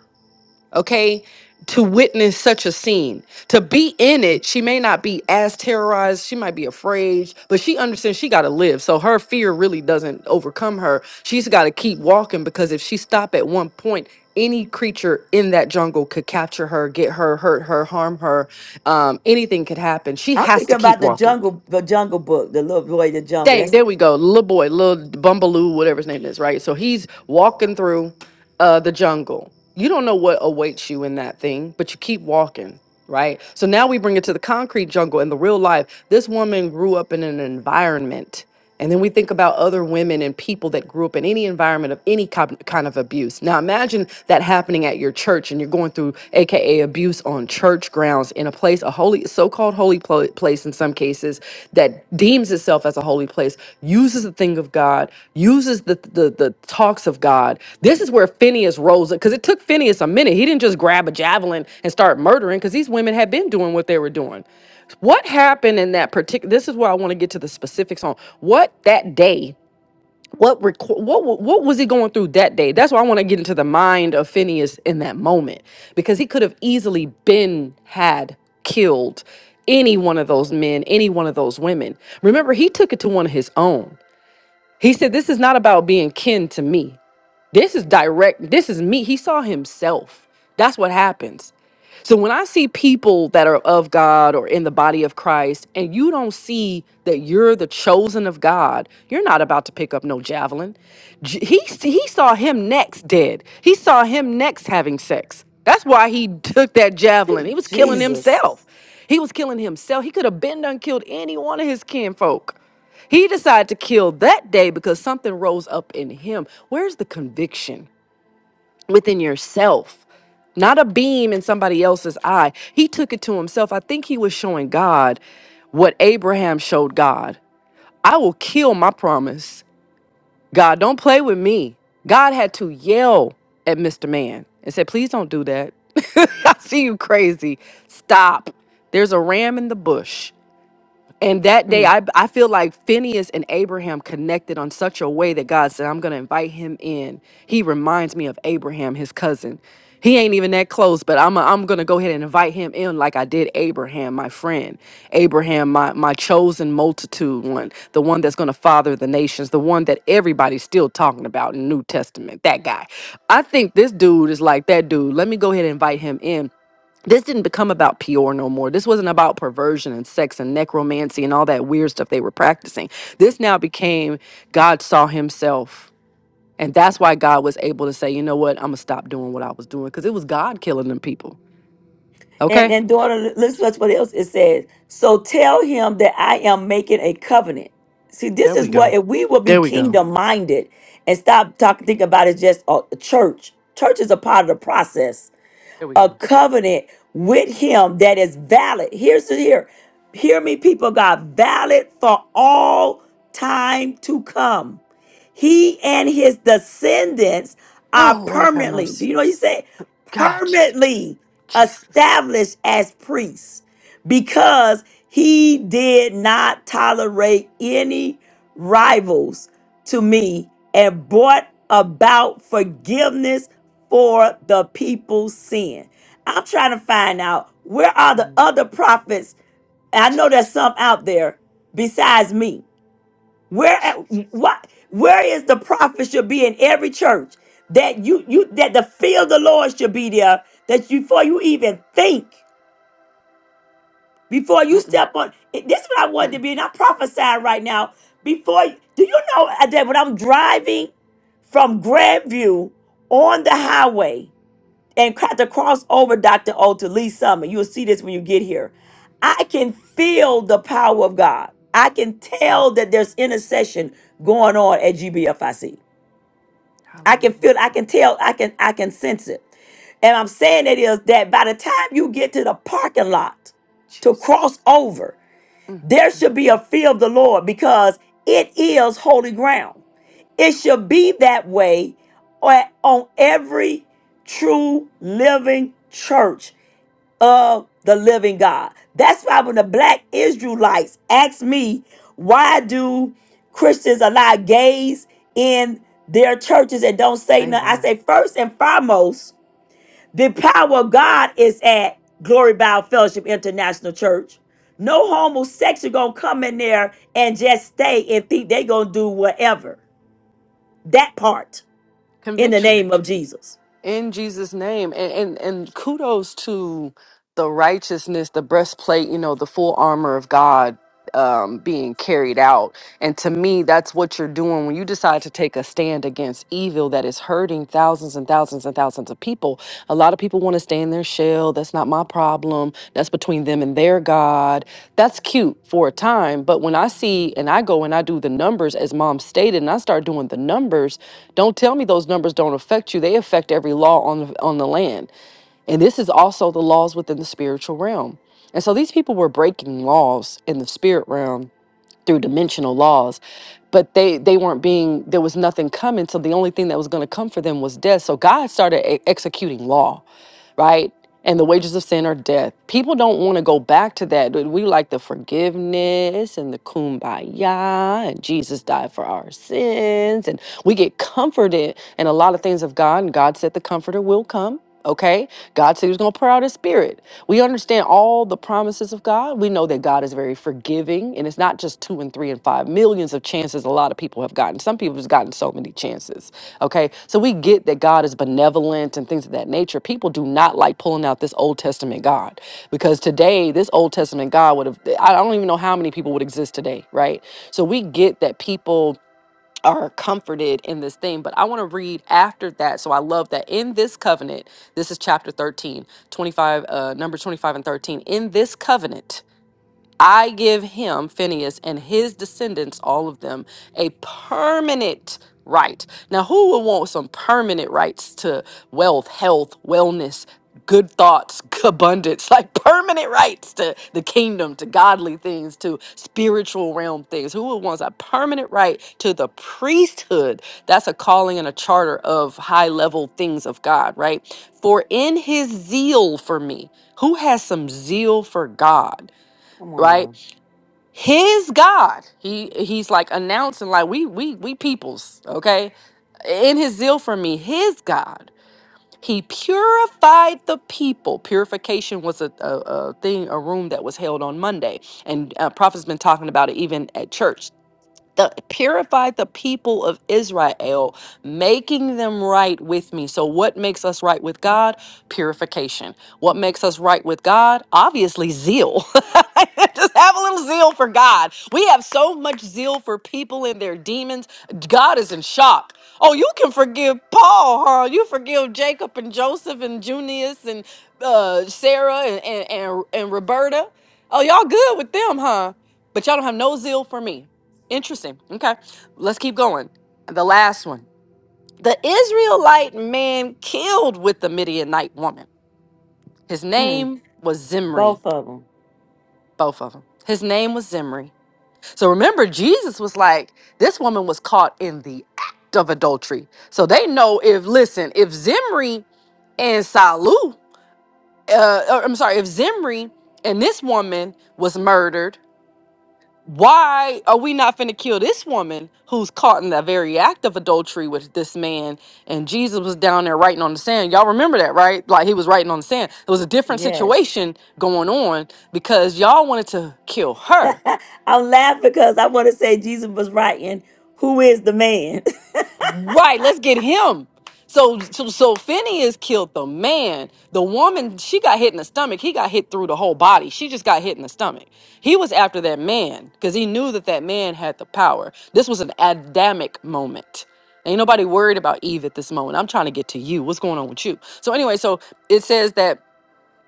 okay to witness such a scene to be in it she may not be as terrorized she might be afraid but she understands she got to live so her fear really doesn't overcome her she's got to keep walking because if she stop at one point any creature in that jungle could capture her get her hurt her harm her um, anything could happen she
I'm
has to
thinking
keep
about the
walking
jungle, the jungle book, the little boy in the jungle.
Dang,
That's
there we go. Little boy, little Bumbaloo, whatever his name is, right? So he's walking through uh the jungle. You don't know what awaits you in that thing, but you keep walking, right? So now we bring it to the concrete jungle in the real life. This woman grew up in an environment and then we think about other women and people that grew up in any environment of any cop- kind of abuse. Now imagine that happening at your church and you're going through aka abuse on church grounds in a place a holy so-called holy pl- place in some cases that deems itself as a holy place, uses the thing of God, uses the the, the talks of God. This is where Phineas rose up because it took Phineas a minute. He didn't just grab a javelin and start murdering because these women had been doing what they were doing. What happened in that particular? This is where I want to get to the specifics on what that day. What reco- what wa- what was he going through that day? That's why I want to get into the mind of Phineas in that moment because he could have easily been had killed any one of those men, any one of those women. Remember, he took it to one of his own. He said, "This is not about being kin to me. This is direct. This is me." He saw himself. That's what happens. So when I see people that are of God or in the body of Christ, and you don't see that you're the chosen of God, you're not about to pick up no javelin. J- He s- he saw him next dead. He saw him next having sex. That's why he took that javelin. He was killing
Jesus.
himself. He was killing himself. He could have been done killed any one of his kinfolk. He decided to kill that day because something rose up in him. Where's the conviction? within yourself, not a beam in somebody else's eye. He took it to himself. I think he was showing God what Abraham showed God. I will kill my promise. God, don't play with me. God had to yell at Mr. Man and said, Please don't do that. I see you crazy. Stop. There's a ram in the bush. And that day,
Mm.
I, I feel like Phineas and Abraham connected on such a way that God said, I'm going to invite him in. He reminds me of Abraham, his cousin. He ain't even that close, but I'm, I'm going to go ahead and invite him in like I did Abraham, my friend. Abraham, my, my chosen multitude one, the one that's going to father the nations, the one that everybody's still talking about in New Testament, that guy. I think this dude is like that dude. Let me go ahead and invite him in this didn't become about Peor no more. This wasn't about perversion and sex and necromancy and all that weird stuff they were practicing. This now became God saw himself. And that's why God was able to say, you know what, I'm going to stop doing what I was doing because it was God killing them people.
And
Okay?
and daughter, listen to what else it says. So tell him that I am making a covenant. See, this
There
is
we
what
go.
if we will be
There we go.
kingdom minded and stop talking, thinking about it just a church. Church is a part of the process
There we
a
go.
covenant with him that is valid. Here's the here. Hear me, people of God, valid for all time to come. He and his descendants are
Oh, Lord have
permanently, do
mercy.
you know what he said?
God, Jesus.
Permanently
Jesus.
established as priests because he did not tolerate any rivals to me and brought about forgiveness for the people's sin. I'm trying to find out where are the
Mm,
other prophets I know there's some out there besides me. Where what where is the prophet should be in every church that you you that the fear of the Lord should be there that you, before you even think. Before you
Mm-mm,
step on, this is what I wanted to
mm-mm.
be, and I'm prophesying right now. Before, do you know uh, that when I'm driving from Grandview on the highway and had to cross over Dr. O to Lee Summit, you'll see this when you get here. I can feel the power of God. I can tell that there's intercession going on at GBFIC. I C. I can
Hallelujah.
feel, I can tell, I can, I can sense it. And I'm saying it is that by the time you get to the parking lot to
Jesus.
cross over,
Mm,
there
mm,
should be a
mm.
fear of the Lord because it is holy ground. It should be that way on on every true living church of the living God. That's why when the black Israelites ask me, why do Christians allow gays in their churches and don't say
Say
nothing? I
that.
say, first and foremost, the power of God is at Glory Bow Fellowship International Church. No homosexual gonna come in there and just stay and think they gonna do whatever. That part in the
Conviction.
name of Jesus.
in Jesus name and and, and kudos to the righteousness the breastplate you know the full armor of God um being carried out and to me that's what you're doing when you decide to take a stand against evil that is hurting thousands and thousands and thousands of people a lot of people want to stay in their shell that's not my problem that's between them and their god that's cute for a time but when i see and i go and i do the numbers as mom stated and i start doing the numbers don't tell me those numbers don't affect you. They affect every law on the, on the land. And this is also the laws within the spiritual realm. And so these people were breaking laws in the spirit realm through dimensional laws, but they they weren't being there was nothing coming, so the only thing that was going to come for them was death. So God started e- executing law right? And the wages of sin are death. People don't want to go back to that. We like the forgiveness and the kumbaya, and Jesus died for our sins. And we get comforted in a lot of things of God. And God said the comforter will come. Okay. God said he was going to pour out his spirit. We understand all the promises of God. We know that God is very forgiving. And it's not just two and three and five millions of chances a lot of people have gotten. Some people have gotten so many chances Okay, so we get that God is benevolent and things of that nature. People do not like pulling out this Old Testament God because today, this Old Testament God would have, I don't even know how many people would exist today, right? So we get that people are comforted in this thing, but I want to read after that. So I love that in this covenant, this is chapter 13, 25, uh, number 25 and 13. In this covenant, I give him, Phineas, and his descendants, all of them, a permanent right. Now, who would want some permanent rights to wealth, health, wellness, good thoughts, abundance, like permanent rights to the kingdom, to godly things, to spiritual realm things? Who would want a permanent right to the priesthood? That's a calling and a charter of high level things of God, right? For in his zeal for me, who has some zeal for God?
Come on
right?
now.
his god he he's like announcing like we we we peoples okay in his zeal for me his god he purified the people purification was a, a, a thing a room that was held on monday and uh, prophet's been talking about it even at church the purify the people of Israel, making them right with me. So what makes us right with God? Purification. What makes us right with God? Obviously zeal. Just have a little zeal for God. We have so much zeal for people and their demons. God is in shock. Oh, you can forgive Paul, Harl. You forgive Jacob and Joseph and Junius and uh, Sarah and, and, and, and Roberta. Oh, y'all good with them, huh? But y'all don't have no zeal for me. Interesting. Okay. Let's keep going. The last one. The Israelite man killed with the Midianite woman. His
Mm,
name was Zimri,
both of them.
both of them. His name was Zimri. So remember, Jesus was like, this woman was caught in the act of adultery. So they know if, listen, if Zimri and Salu, uh, or, I'm sorry, if Zimri and this woman was murdered, why are we not finna kill this woman who's caught in the very act of adultery with this man? And Jesus was down there writing on the sand. Y'all remember that, right? Like he was writing on the sand. It was a different
Yes.
situation going on because y'all wanted to kill her
I'm laughing because I want to say Jesus was right and who is the man?
Right, let's get him. So, so, so Phineas killed the man. The woman, she got hit in the stomach. He got hit through the whole body. She just got hit in the stomach. He was after that man because he knew that that man had the power. This was an Adamic moment. Ain't nobody worried about Eve at this moment. I'm trying to get to you. What's going on with you? So anyway, so it says that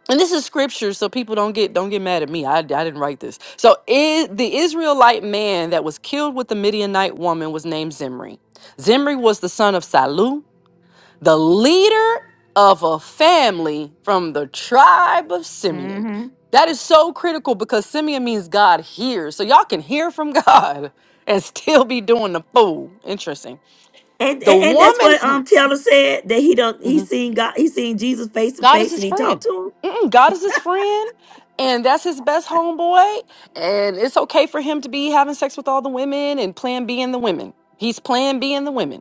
and this is scripture so people don't get don't get mad at me i, I didn't write this so is, the israelite man that was killed with the midianite woman was named zimri zimri was the son of salu the leader of a family from the tribe of simeon
hmm
that is so critical because simeon means god hears so y'all can hear from god and still be doing the fool interesting
And, and
the
and that's what
woman's
um Taylor said that he don't
Mhm.
he seen God he seen Jesus face to
God is
face and
his
he talked
friend.
to
Mm-mm, God is his friend, and that's his best homeboy. And it's okay for him to be having sex with all the women and plan B in the women. He's plan B in the women.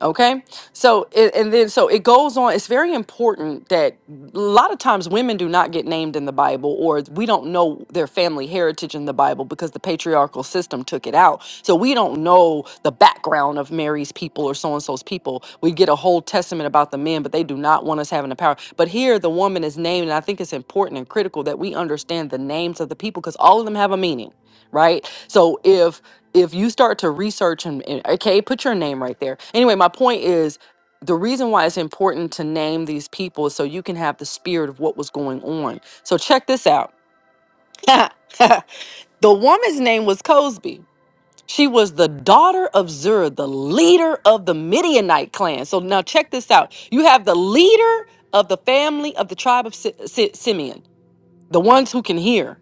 Okay. So, it, and then, so it goes on. It's very important that a lot of times women do not get named in the Bible, or we don't know their family heritage in the Bible because the patriarchal system took it out. So, we don't know the background of Mary's people or so and so's people. We get a whole testament about the men, but they do not want us having the power. But here, the woman is named, and I think it's important and critical that we understand the names of the people because all of them have a meaning, right? So, if if you start to research and, and- okay put your name right there anyway my point is the reason why it's important to name these people is so you can have the spirit of what was going on so check this out the woman's name was cosby she was the daughter of Zerah, the leader of the Midianite clan. So now check this out. You have the leader of the family of the tribe of Si- Si- Simeon the ones who can hear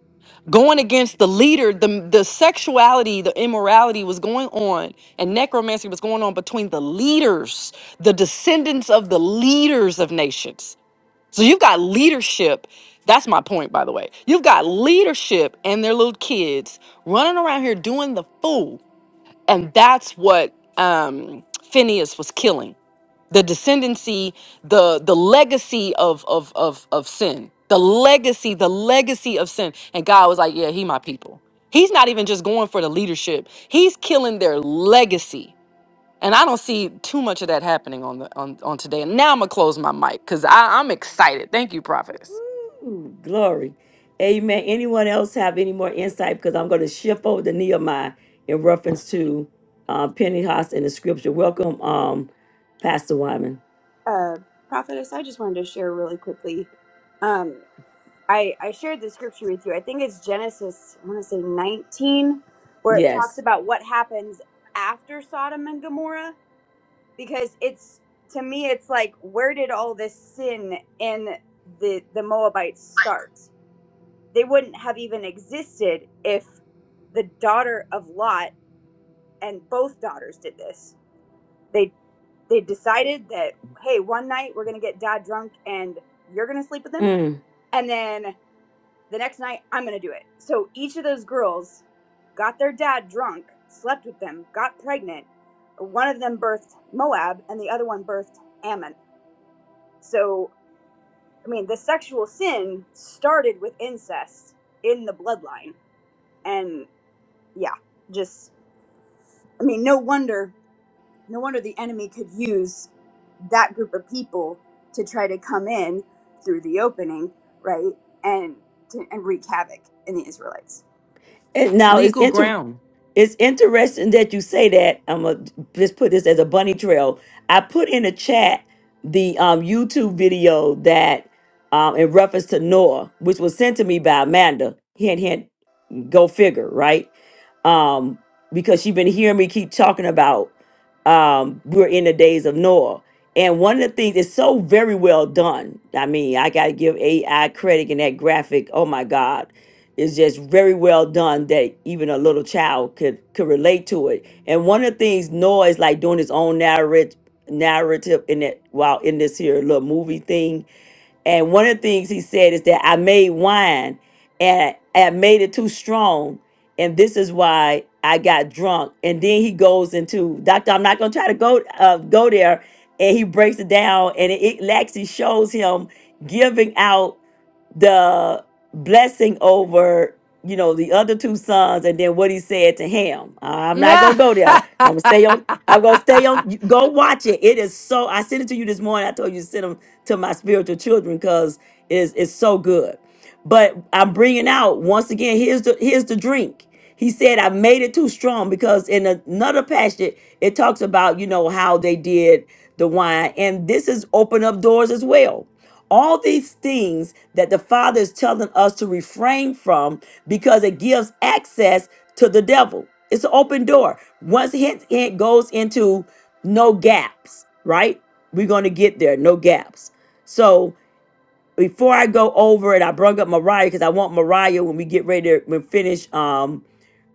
going against the leader the the sexuality the immorality was going on and necromancy was going on between the leaders the descendants of the leaders of nations so you've got leadership that's my point by the way you've got leadership and their little kids running around here doing the fool and that's what um phineas was killing the descendancy the the legacy of of of of sin the legacy the legacy of sin and god was like yeah he my people he's not even just going for the leadership he's killing their legacy and i don't see too much of that happening on the on, on today and now i'm gonna close my mic because i i'm excited thank you prophets
him. Ooh, glory, Amen. Anyone else have any more insight? Because I'm going to shift over to Nehemiah in reference to uh, Pentecost in the Scripture. Welcome, um, Pastor Wyman.
Uh, prophetess, I just wanted to share really quickly. Um, I, I shared the scripture with you. I think it's Genesis, I want to say 19, where it talks
Yes.
about what happens after Sodom and Gomorrah. Because it's, to me, it's like, where did all this sin in the, the Moabites start? They wouldn't have even existed if the daughter of Lot and both daughters did this. They, they decided that, hey, one night we're going to get dad drunk and you're going to sleep with him.
Mm.
And then The next night, I'm going to do it. So each of those girls got their dad drunk, slept with them, got pregnant. One of them birthed Moab, and the other one birthed Ammon. So, I mean, the sexual sin started with incest in the bloodline. And yeah, just, I mean, no wonder, no wonder the enemy could use that group of people to try to come in through the opening, right? And to, and wreak havoc in the Israelites.
And now it's
legal
inter
ground
it's interesting that you say that. I'm gonna just put this as a bunny trail. I put in a chat the um YouTube video that um in reference to Noah, which was sent to me by Amanda. Hint hint go figure, right? um, because she' have been hearing me keep talking about um, we're in the days of Noah. And one of the things is so very well done. I mean, I got to give AI credit in that graphic. Oh my God. It's just very well done that even a little child could could relate to it. And one of the things Noah is like doing his own narrative narrative in it while in this here little movie thing. And one of the things he said is that I made wine and I made it too strong. And this is why I got drunk. And then he goes into, Doctor, I'm not going to try to go, uh, go there. And he breaks it down and it, it actually shows him giving out the blessing over you know the other two sons and then what he said to him i'm not gonna go
mm,
there i'm gonna stay on i'm gonna stay on you- go watch it it is so i sent it to you this morning i told you to send them to my spiritual children because it's, it's so good but I'm bringing out once again. Here's the here's the drink. He said I made it too strong because in another passage it talks about you know how they did the wine, and this is open up doors as well. All these things that the Father is telling us to refrain from because it gives access to the devil. It's an open door. Once it, it goes into no gaps, right? We're going to get there, no gaps. So before I go over it, I brought up Mariah because I want Mariah when we get ready to when finish um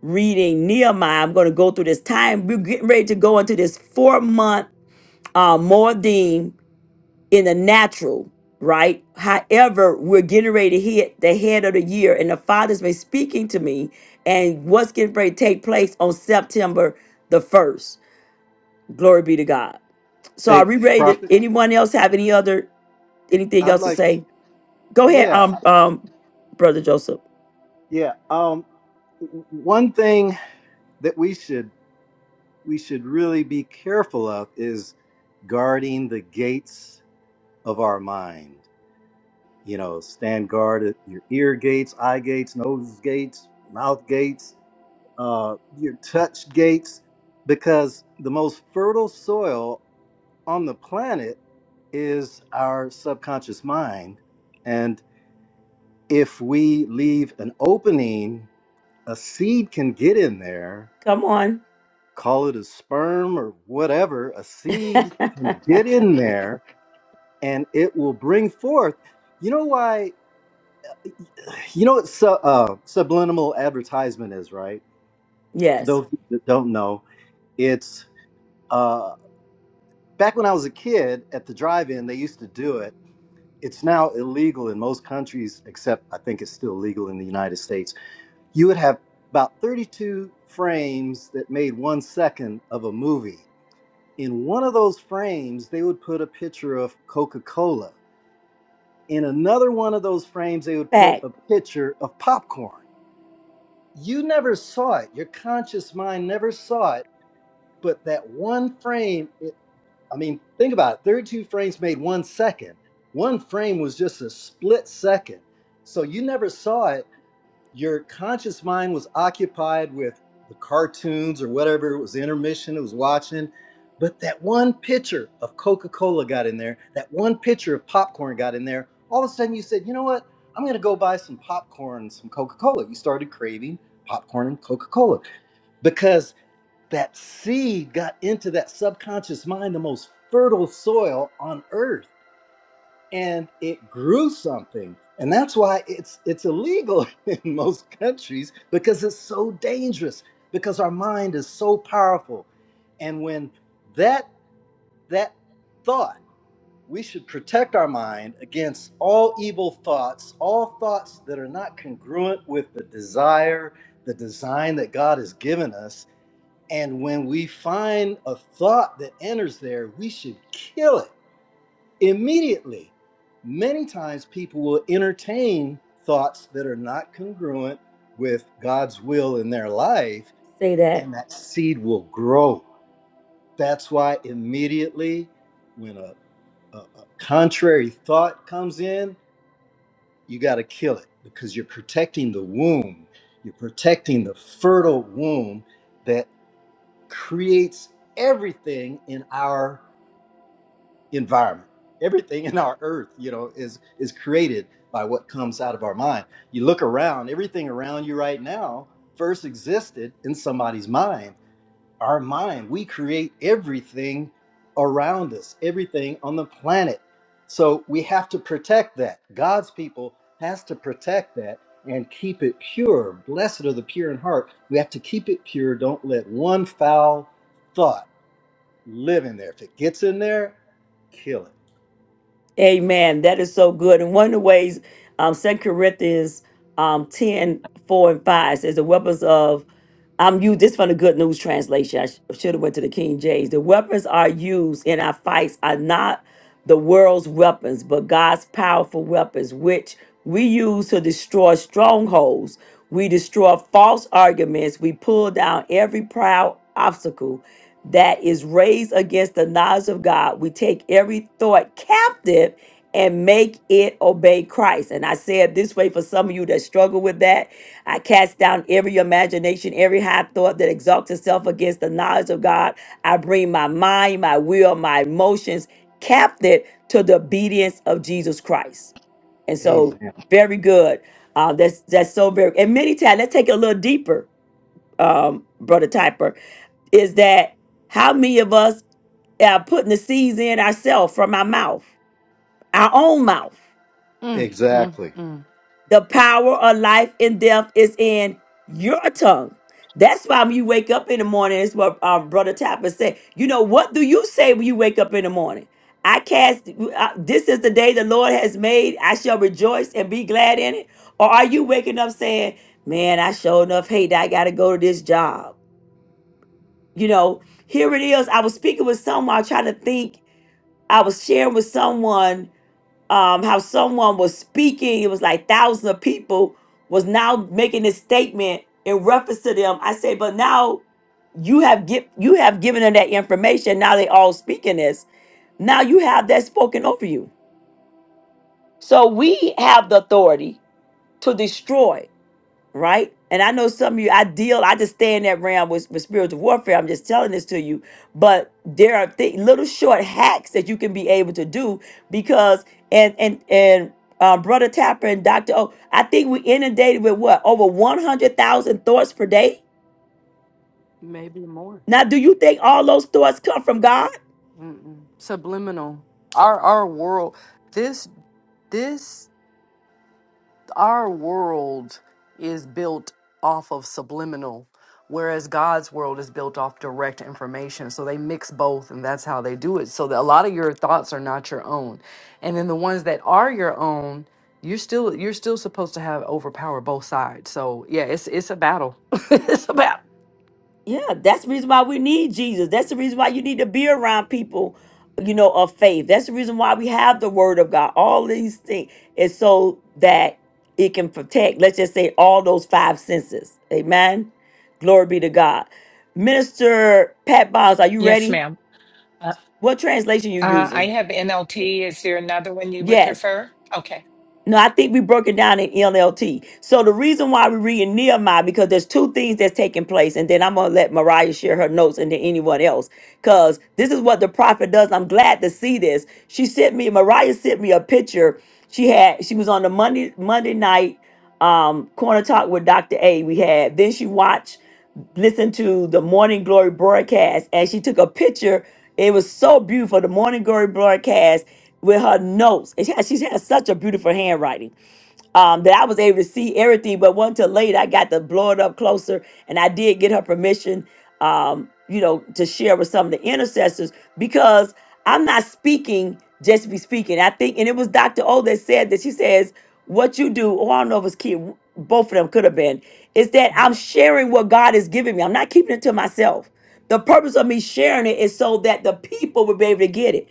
reading Nehemiah. I'm going to go through this time. We're getting ready to go into this four month uh, Mordim in the natural, right? However, we're getting ready to hit the head of the year, and the Father's been speaking to me, and what's getting ready to take place on September the first. Glory be to God. So, are
Hey,
we ready? To,
prophet,
anyone else have any other anything
I'd
else to
like,
say? Go ahead, um,
yeah,
um, brother Joseph.
yeah. Um, w- one thing that we should we should really be careful of is guarding the gates of our mind. You know, stand guard at your ear gates, eye gates, nose gates, mouth gates, uh, your touch gates, because the most fertile soil on the planet is our subconscious mind. if we leave an opening, a seed can get in there,
Come on.
call it a sperm or whatever, a seed can get in there and it will bring forth. You know why? You know what su- uh, subliminal advertisement is, right? For
Yes.
those that don't know, it's uh, back when I was a kid at the drive in, they used to do it. It's now illegal in most countries, except I think it's still legal in the United States you would have about 32 frames that made one second of a movie. In one of those frames, they would put a picture of Coca Cola. In another one of those frames, they would put
Fact.
a picture of popcorn. You never saw it. Your conscious mind never saw it. But that one frame, it, I mean, think about it 32 frames made one second. One frame was just a split second. So you never saw it your conscious mind was occupied with the cartoons or whatever it was intermission it was watching but that one pitcher of coca-cola got in there that one pitcher of popcorn got in there all of a sudden you said you know what i'm going to go buy some popcorn and some coca-cola you started craving popcorn and coca-cola because that seed got into that subconscious mind the most fertile soil on earth and it grew something and that's why it's it's illegal in most countries because it's so dangerous because our mind is so powerful and when that that thought we should protect our mind against all evil thoughts all thoughts that are not congruent with the desire the design that God has given us and when we find a thought that enters there we should kill it immediately. Many times people will entertain thoughts that are not congruent with God's will in their life,
Say that.
and that seed will grow. That's why immediately when a, a, a contrary thought comes in, you got to kill it because you're protecting the womb. You're protecting the fertile womb that creates everything in our environment. Everything in our earth, you know, is is created by what comes out of our mind. You look around, everything around you right now first existed in somebody's mind. Our mind, we create everything around us, everything on the planet. So we have to protect that. God's people has to protect that and keep it pure. Blessed are the pure in heart. We have to keep it pure. Don't let one foul thought live in there. If it gets in there, kill it
Amen. That is so good. And one of the ways, um, 2 Corinthians um, 10, four and 5 says the weapons of, I'm used, this from the Good News translation. I should have went to the King James. The weapons are used in our fights are not the world's weapons, but God's powerful weapons, which we use to destroy strongholds. We destroy false arguments. We pull down every proud obstacle that is raised against the knowledge of God. We take every thought captive and make it obey Christ. And I say it this way for some of you that struggle with that. I cast down every imagination, every high thought that exalts itself against the knowledge of God. I bring my mind, my will, my emotions captive to the obedience of Jesus Christ. And so,
Amen.
very good. Uh, that's that's so very. And many times, let's take it a little deeper um, Brother Typer, is that how many of us are putting the seeds in ourselves from our mouth, our own mouth?
mm,
Exactly.
mm.
The power of life and death is in your tongue. That's why when you wake up in the morning, it's what um, Brother Tapper said. You know, what do you say when you wake up in the morning? I cast, uh, this is the day the Lord has made. I shall rejoice and be glad in it. Or are you waking up saying, man, I sure enough hate that I got to go to this job? you know here it is i was speaking with someone trying to think i was sharing with someone um how someone was speaking it was like thousands of people was now making this statement in reference to them i said but now you have give you have given them that information now they all speaking this now you have that spoken over you so we have the authority to destroy right? And I know some of you, I deal, I just stay in that realm with, with spiritual warfare. I'm just telling this to you. But there are th- little short hacks that you can be able to do because, and, and, and, um, Brother Tapper and Dr. O, I think we inundated with what? Over 100,000 thoughts per day?
maybe more
Now, do you think all those thoughts come from God?
Mm-mm. subliminal our our world This. this our world is built off of subliminal whereas god's world is built off direct information so they mix both and that's how they do it so that a lot of your thoughts are not your own and then the ones that are your own you're still you're still supposed to have overpower both sides so yeah it's it's a battle it's a battle
Yeah, that's the reason why we need Jesus. That's the reason why you need to be around people, you know, of faith. That's the reason why we have the word of God. All these things is so that it can protect, let's just say, all those five senses. Amen. Glory be to God. Minister Pat Bonds, are you
Yes,
ready?
ma'am. Uh,
What translation you
uh, I
using?
have NLT. Is there another one you would
Yes.
prefer? Okay.
No, I think we broke it down in NLT. So the reason why we read in Nehemiah because there's two things that's taking place, and then I'm gonna let Mariah share her notes, and then anyone else, because this is what the prophet does. I'm glad to see this. She sent me Mariah sent me a picture. She had she was on the Monday Monday night um, Corner Talk with Dr. A we had. Then she watched, listened to the Morning Glory broadcast, and she took a picture. It was so beautiful, the Morning Glory broadcast with her notes. And she, has- she has such a beautiful handwriting um, that I was able to see everything. But one till late, I got to blow it up closer, and I did get her permission, um, you know, to share with some of the intercessors because I'm not speaking just to be speaking. I think, and it was Dr. O that said that she says, "What you do," oh I don't know if it's kid, both of them could have been, is that I'm sharing what God is giving me. I'm not keeping it to myself. The purpose of me sharing it is so that the people will be able to get it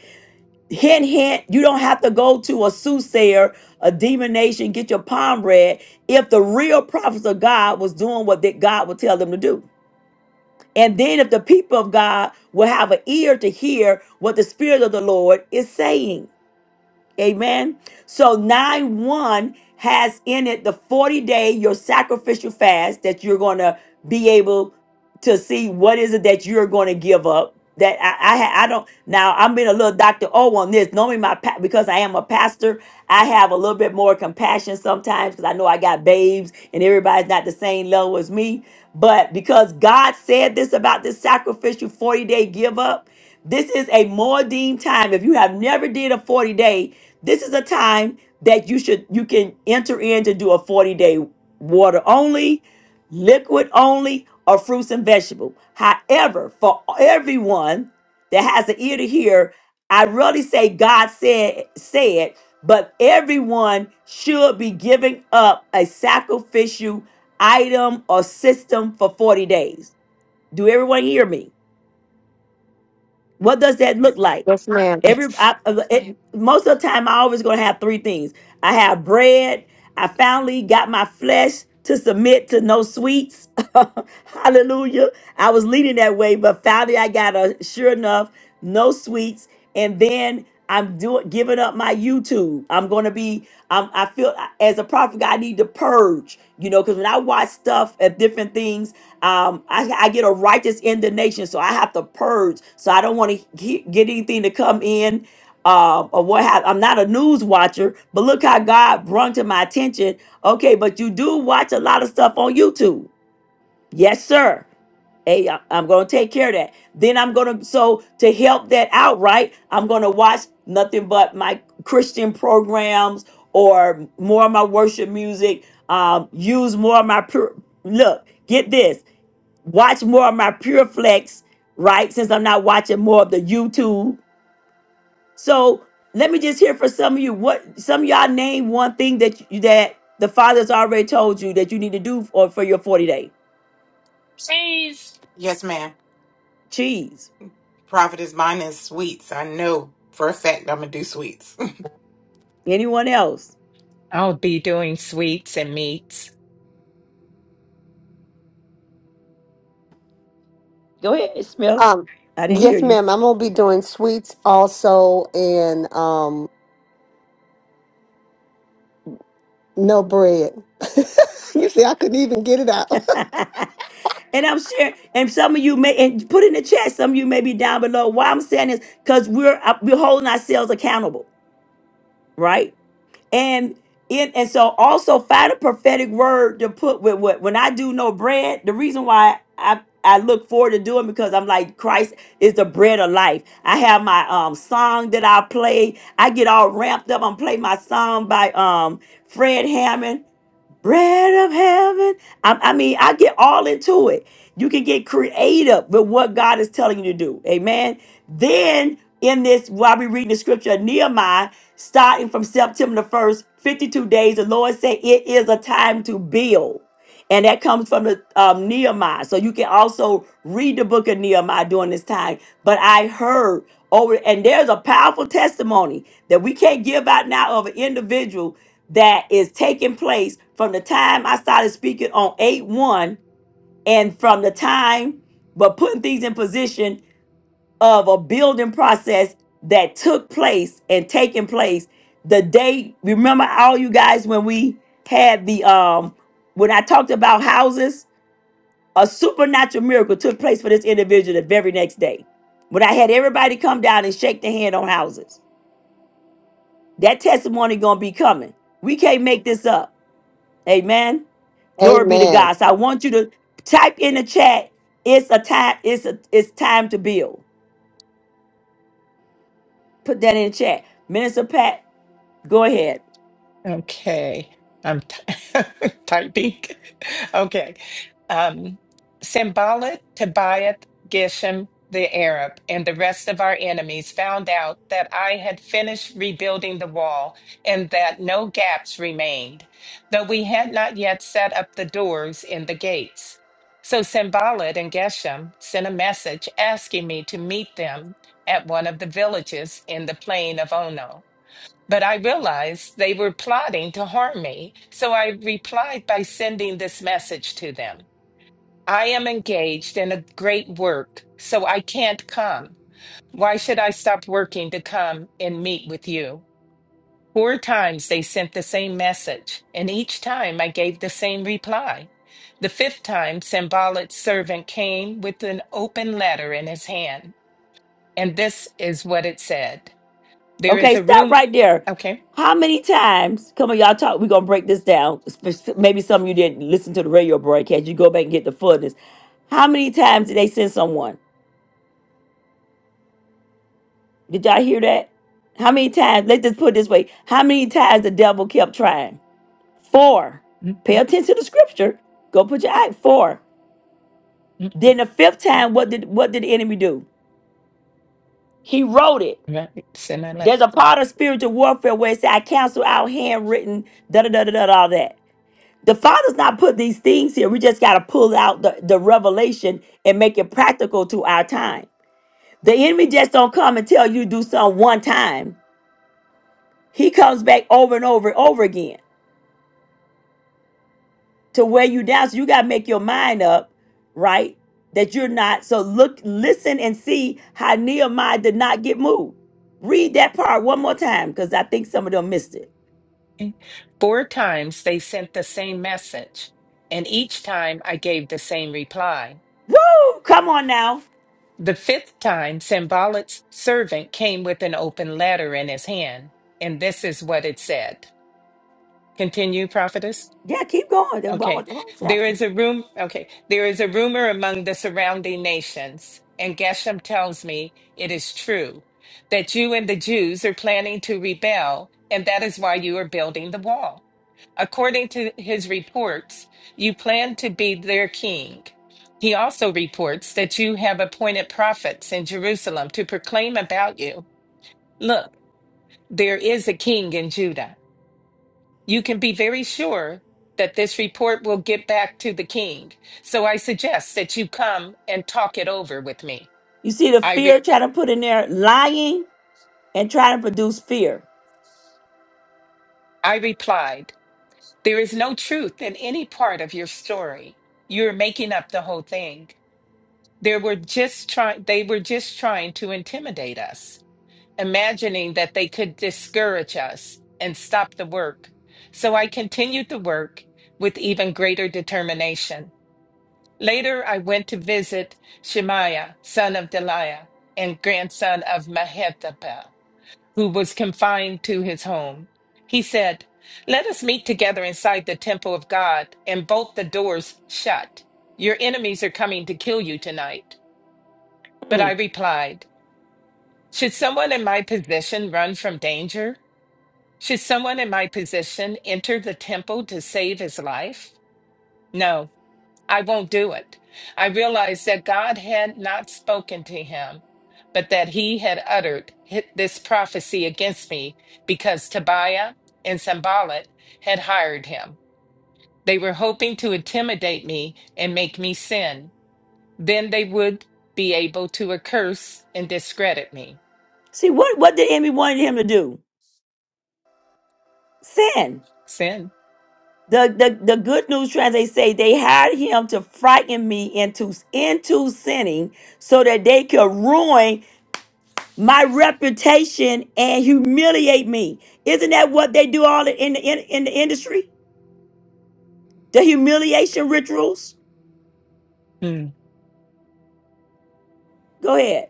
hint, hint, you don't have to go to a soothsayer, a divination, get your palm read if the real prophets of God was doing what that God would tell them to do. And then if the people of God will have an ear to hear what the Spirit of the Lord is saying. Amen. So 9 1 has in it the 40 day your sacrificial fast that you're going to be able to see what is it that you're going to give up that I, I ha- I don't now I'm being a little Dr. O on this normally my pa- because I am a pastor I have a little bit more compassion sometimes because I know I got babes and everybody's not the same level as me but because God said this about this sacrificial 40 day give up this is a more deemed time if you have never did a 40 day this is a time that you should you can enter in to do a 40 day water only liquid only, or fruits and vegetables. However, for everyone that has an ear to hear, I really say God said said, but everyone should be giving up a sacrificial item or system for 40 days. Do everyone hear me? What does that look like?
Yes, ma'am.
Every
Yes.
I, uh, it, most of the time, I always gonna have three things. I have bread. I finally got my flesh to submit to no sweets. Hallelujah! I was leading that way, but finally, I got a sure enough no sweets, and then. I'm doing giving up my YouTube. I'm gonna be. I'm, I feel as a prophet, I need to purge. You know, because when I watch stuff at different things, um, I, I get a righteous indignation, so I have to purge. So I don't want to get anything to come in. Um, or what have I'm not a news watcher, but look how God brought to my attention. Okay, but you do watch a lot of stuff on YouTube. Yes, sir. Hey, I- I'm going to take care of that. Then I'm going to, so to help that out, right? I'm going to watch nothing but my Christian programs or more of my worship music. Um, use more of my pure, look, get this, watch more of my pure flex, right? Since I'm not watching more of the YouTube. So let me just hear for some of you what some of y'all name one thing that you, that the father's already told you that you need to do for, for your 40 day.
Please,
Yes, ma'am.
Cheese.
Profit is mine is sweets. I know for a fact I'm gonna do sweets.
Anyone else?
I'll be doing sweets and meats.
Go ahead, Smith.
Um,
I didn't hear
yes,
you.
ma'am. I'm gonna be doing sweets also, and um, no bread. you see, I couldn't even get it out.
and I'm sure, and some of you may, and put in the chat, some of you may be down below. Why I'm saying is because we're uh, we're holding ourselves accountable, right? And in and so also find a prophetic word to put with what when I do no bread. The reason why I I look forward to doing because I'm like Christ is the bread of life. I have my um song that I play. I get all ramped up. I'm playing my song by um Fred Hammond bread of heaven. I, I mean, I get all into it. You can get creative with what God is telling you to do. Amen. Then in this, while we reading the scripture, Nehemiah, starting from September the 1st, 52 days, the Lord said it is a time to build and that comes from the um, Nehemiah. So you can also read the book of Nehemiah during this time. But I heard over, and there's a powerful testimony that we can't give out now of an individual that is taking place from the time I started speaking on eight one, and from the time, but putting things in position of a building process that took place and taking place the day remember all you guys when we had the um when i talked about houses a supernatural miracle took place for this individual the very next day when i had everybody come down and shake their hand on houses that testimony gonna be coming we can't make this up amen glory be to
Amen.
god so i want you to type in the chat it's a time it's a it's time to build put that in the chat minister pat Go ahead.
Okay, I'm ty- typing. Okay. Um, Sambalat, Tobiah, Geshem, the Arab, and the rest of our enemies found out that I had finished rebuilding the wall and that no gaps remained, though we had not yet set up the doors in the gates. So Sambalat and Geshem sent a message asking me to meet them at one of the villages in the plain of Ono. But I realized they were plotting to harm me, so I replied by sending this message to them I am engaged in a great work, so I can't come. Why should I stop working to come and meet with you? Four times they sent the same message, and each time I gave the same reply. The fifth time, Sambalat's servant came with an open letter in his hand, and this is what it said There is
Okay,
a
stop
room.
right there.
Okay.
How many times, come on, y'all talk, we're going to break this down. Spec- Maybe some of you didn't listen to the radio broadcast. You go back and get the fullness. How many times did they send someone? Did y'all hear that? How many times, let's just put it this way. How many times the devil kept trying? Four. Pay attention to the scripture. Go put your eye. Four.
Mhm.
Then the fifth time, what did what did the enemy do? He wrote it.
Right. Send a letter.
There's a part of spiritual warfare where it said, I cancel out handwritten, da da da da da, all that. the father's not put these things here we just got to pull out the, the revelation and make it practical to our time the enemy just don't come and tell you to do something one time he comes back over and over and over again to wear you down so you got to make your mind up right that you're not so look listen and see how nehemiah did not get moved read that part one more time because i think some of them missed it
Four times they sent the same message, and each time I gave the same reply.
Woo! Come on now.
The fifth time, Sambalat's servant came with an open letter in his hand, and this is what it said. Continue, prophetess.
Yeah, keep going. Then One
Okay.
was the wrong
There
chapter.
is a room. Okay. There is a rumor among the surrounding nations, and Geshem tells me it is true that you and the Jews are planning to rebel, and that is why you are building the wall. According to his reports, you plan to be their king. He also reports that you have appointed prophets in Jerusalem to proclaim about you. Look, there is a king in Judah. You can be very sure that this report will get back to the king. So I suggest that you come and talk it over with me.
You see the
I, re-
fear trying to put in there, lying. and trying to produce fear.
I replied, There is no truth in any part of your story. You're making up the whole thing. They were just trying they were just trying to intimidate us, imagining that they could discourage us and stop the work. So I continued the work with even greater determination. Later I went to visit Shemaiah, son of Deliah, and grandson of Mehethabel, who was confined to his home. He said, Let us meet together inside the temple of God and bolt the doors shut. Your enemies are coming to kill you tonight. But I
Mm.
replied, Should someone in my position run from danger? Should someone in my position enter the temple to save his life? No, I won't do it. I realized that God had not spoken to him, but that he had uttered hi- this prophecy against me because Tobiah and Sambalat had hired him. They were hoping to intimidate me and make me sin. Then they would be able to accurse and discredit me.
See what what the enemy wanted him to do? Sin.
Sin.
The, the the good news translate say they hired him to frighten me into into sinning so that they could ruin my reputation and humiliate me. Isn't that what they do all in the in, in the industry? The humiliation rituals.
Mm,
Go ahead.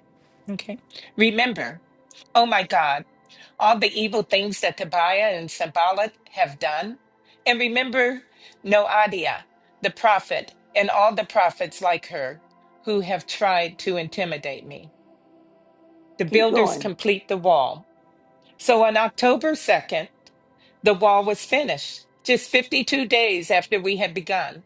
okay. Remember, oh my God, all the evil things that Tobiah and Sambalat have done. And remember Noadiah, the prophet, and all the prophets like her who have tried to intimidate me. The
Keep
builders
going.
complete the wall. So on October 2nd, the wall was finished, just 52 days after we had begun.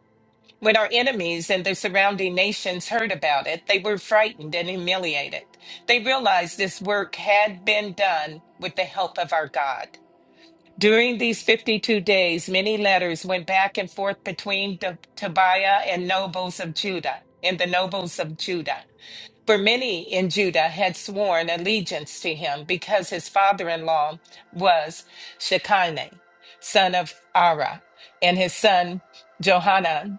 When our enemies and the surrounding nations heard about it, they were frightened and humiliated. They realized this work had been done with the help of our God. During these 52 days, many letters went back and forth between To- Tobiah and nobles of Judah and the nobles of Judah. For many in Judah had sworn allegiance to him because his father-in-law was Shekinah, son of Ara, and his son Johanan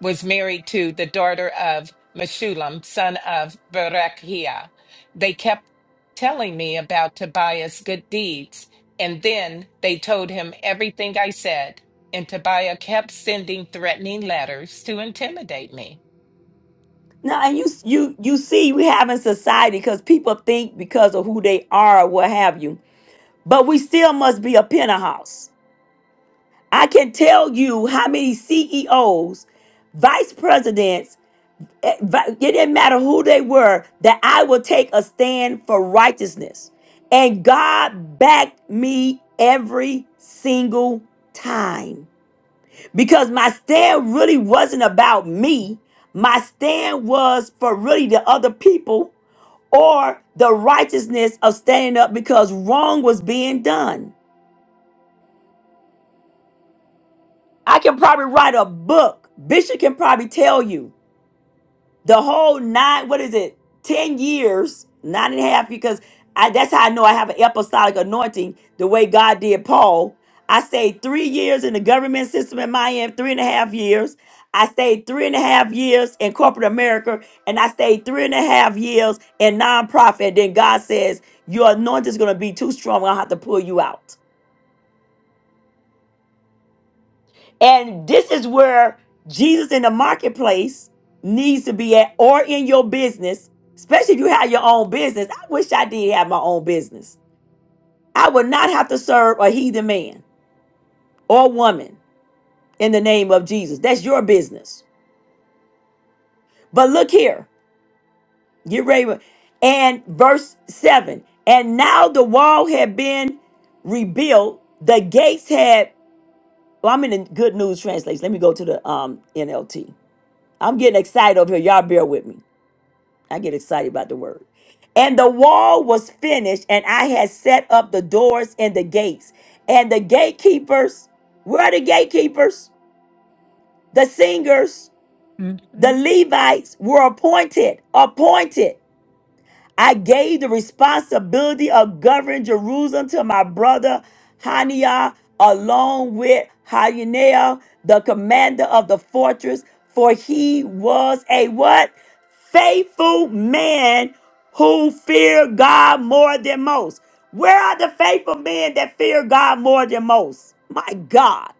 was married to the daughter of Meshulam, son of Berechiah. They kept telling me about Tobiah's good deeds, and then they told him everything I said. And Tobiah kept sending threatening letters to intimidate me.
Now and you you you see we have in society because people think because of who they are or what have you but we still must be a penthouse. I can tell you how many CEOs, vice presidents, eh, vi- it didn't matter who they were, that I will take a stand for righteousness. And God backed me every single time because my stand really wasn't about me. My stand was for really the other people or the righteousness of standing up because wrong was being done. I can probably write a book. Bishop can probably tell you the whole nine, what is it, 10 years, nine and a half, because I, that's how I know I have an apostolic anointing the way God did Paul. I stayed three years in the government system in Miami, three and a half years. I stayed three and a half years in corporate America, and I stayed three and a half years in nonprofit. And then God says, Your anointing is going to be too strong. I'll have to pull you out. And this is where Jesus in the marketplace needs to be at, or in your business, especially if you have your own business. I wish I did have my own business. I would not have to serve a heathen man or woman in the name of Jesus. That's your business. But look here, get ready. And verse 7 And now the wall had been rebuilt, the gates had. Well, I'm in the good news translation. Let me go to the um, NLT. I'm getting excited over here. Y'all bear with me. I get excited about the word. And the wall was finished, and I had set up the doors and the gates. And the gatekeepers, where are the gatekeepers? The singers, the
Mhm.
Levites were appointed, appointed. I gave the responsibility of governing Jerusalem to my brother Haniah, along with Hananiah, the commander of the fortress, for he was a what? Faithful man who feared God more than most. Where are the faithful men that fear God more than most? My God,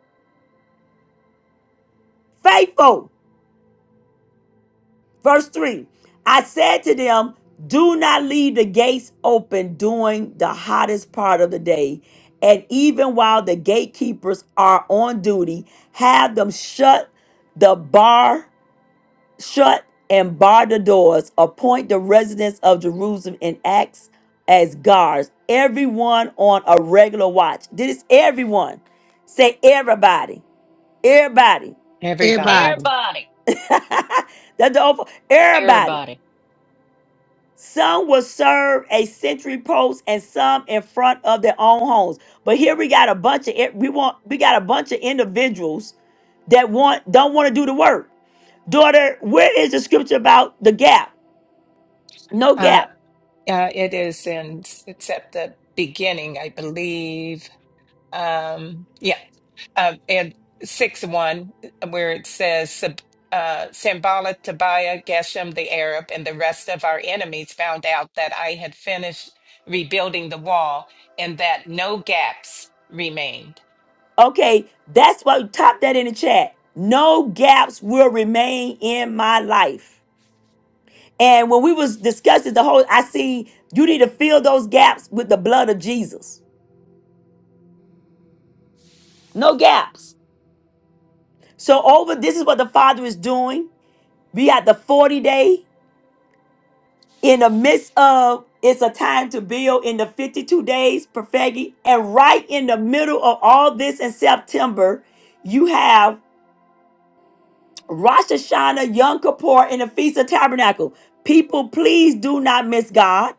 faithful. Verse 3 I said to them, Do not leave the gates open during the hottest part of the day. And even while the gatekeepers are on duty, have them shut the bar, shut and bar the doors. Appoint the residents of Jerusalem and acts as guards, everyone on a regular watch. This is everyone. Say everybody, everybody.
Everybody.
Everybody.
everybody.
That's the old everybody.
Everybody.
Some will serve a sentry post and some in front of their own homes. But here we got a bunch of we want we got a bunch of individuals that want don't want to do the work. Daughter, where is the scripture about the gap? No
Uh,
gap.
uh, it is in, it's at the beginning, I believe. Um, yeah, uh, and six one, where it says Sab- uh, Sambala, Tobiah, Geshem the Arab, and the rest of our enemies found out that I had finished rebuilding the wall and that no gaps remained.
Okay, that's why top that in the chat. No gaps will remain in my life. And when we was discussing the whole, I see you need to fill those gaps with the blood of Jesus. No gaps. So over this is what the Father is doing. We at the 40 day in the midst of it's a time to build in the 52 days, Perfegi. And right in the middle of all this in September, you have Rosh Hashanah, Yom Kippur, and the Feast of Tabernacle. People, please do not miss God.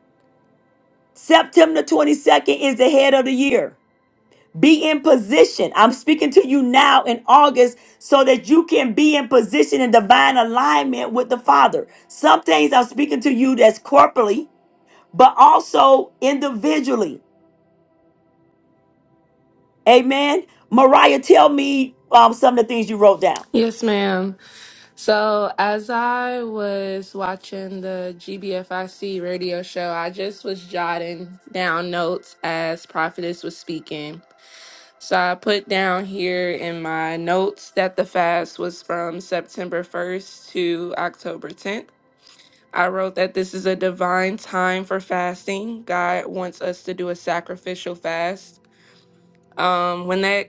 September 22nd is the head of the year. Be in position. I'm speaking to you now in August so that you can be in position in divine alignment with the Father. Some things I'm speaking to you that's corporately, but also individually. Amen. Mariah, tell me um, some of the things you wrote down.
Yes, ma'am. So, as I was watching the GBFIC radio show, I just was jotting down notes as Prophetess was speaking. So, I put down here in my notes that the fast was from September 1st to October 10th. I wrote that this is a divine time for fasting. God wants us to do a sacrificial fast. Um, when that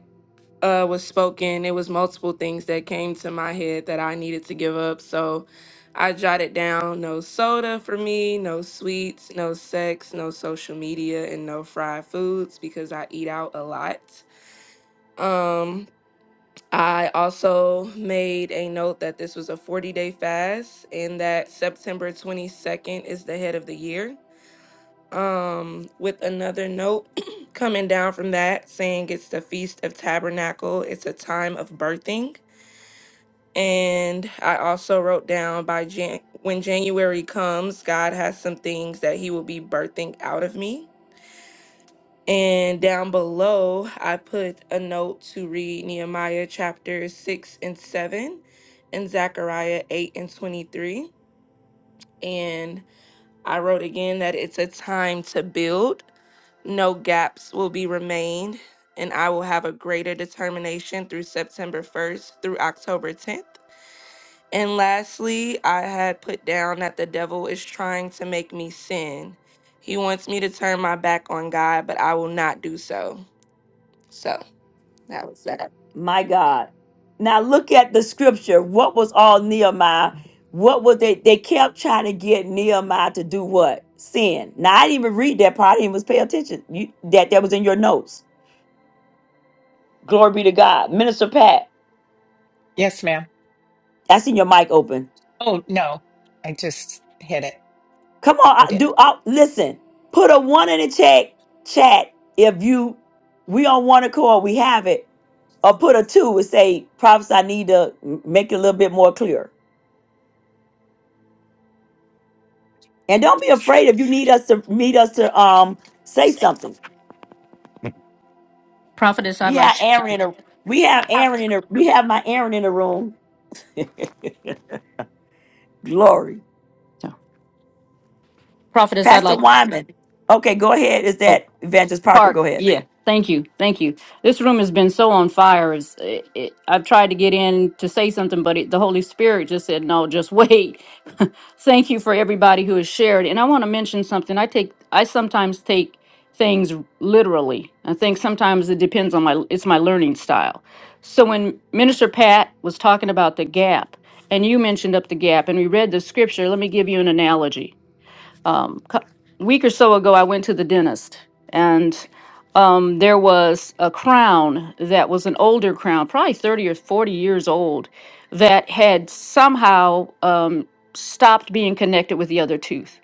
uh, was spoken, it was multiple things that came to my head that I needed to give up. So I jotted down no soda for me, no sweets, no sex, no social media, and no fried foods because I eat out a lot. Um, I also made a note that this was a 40 day fast and that September 22nd is the head of the year. Um, with another note coming down from that saying it's the Feast of Tabernacle, it's a time of birthing. And I also wrote down by Jan- when January comes, God has some things that He will be birthing out of me. And down below, I put a note to read Nehemiah chapters 6 and 7 and Zechariah 8 and 23. And I wrote again that it's a time to build, no gaps will be remained, and I will have a greater determination through September 1st through October 10th. And lastly, I had put down that the devil is trying to make me sin. He wants me to turn my back on God, but I will not do so. So that was that.
My God. Now look at the scripture. What was all Nehemiah? What was they? They kept trying to get Nehemiah to do what? Sin. Now I didn't even read that part. I didn't even pay attention. You, that that was in your notes. Glory be to God. Minister Pat,
Yes, ma'am.
I seen your mic open.
Oh no, I just hit it.
Come on,
I
I,
did.
do I, listen. Put a one in the chat. Chat if you we on one accord. We have it or put a two and say, prophets, I need to m- make it a little bit more clear. And don't be afraid if you need us to need us to um say
Say,
something.
Prophetess,
We
I'd like
have
you
Aaron in
to.
a we have Aaron in a we have my Aaron in the room. Glory.
So, Prophetess, I'd
Pastor
like.
Wyman. Okay, go ahead. Is
Oh,
that Evangelist Parker?
Park.
Go ahead.
Yeah. Thank you. Thank you. This room has been so on fire. It's, it, it, I've tried to get in to say something, but it, the Holy Spirit just said, no, just wait. thank you for everybody who has shared. And I want to mention something. I take I sometimes take things literally. I think sometimes it depends on my it's my learning style. So when Minister Pat was talking about the gap and you mentioned up the gap and we read the scripture, let me give you an analogy um, cou- week or so ago, I went to the dentist, and um, there was a crown that was an older crown, probably 30 or 40 years old, that had somehow um, stopped being connected with the other tooth.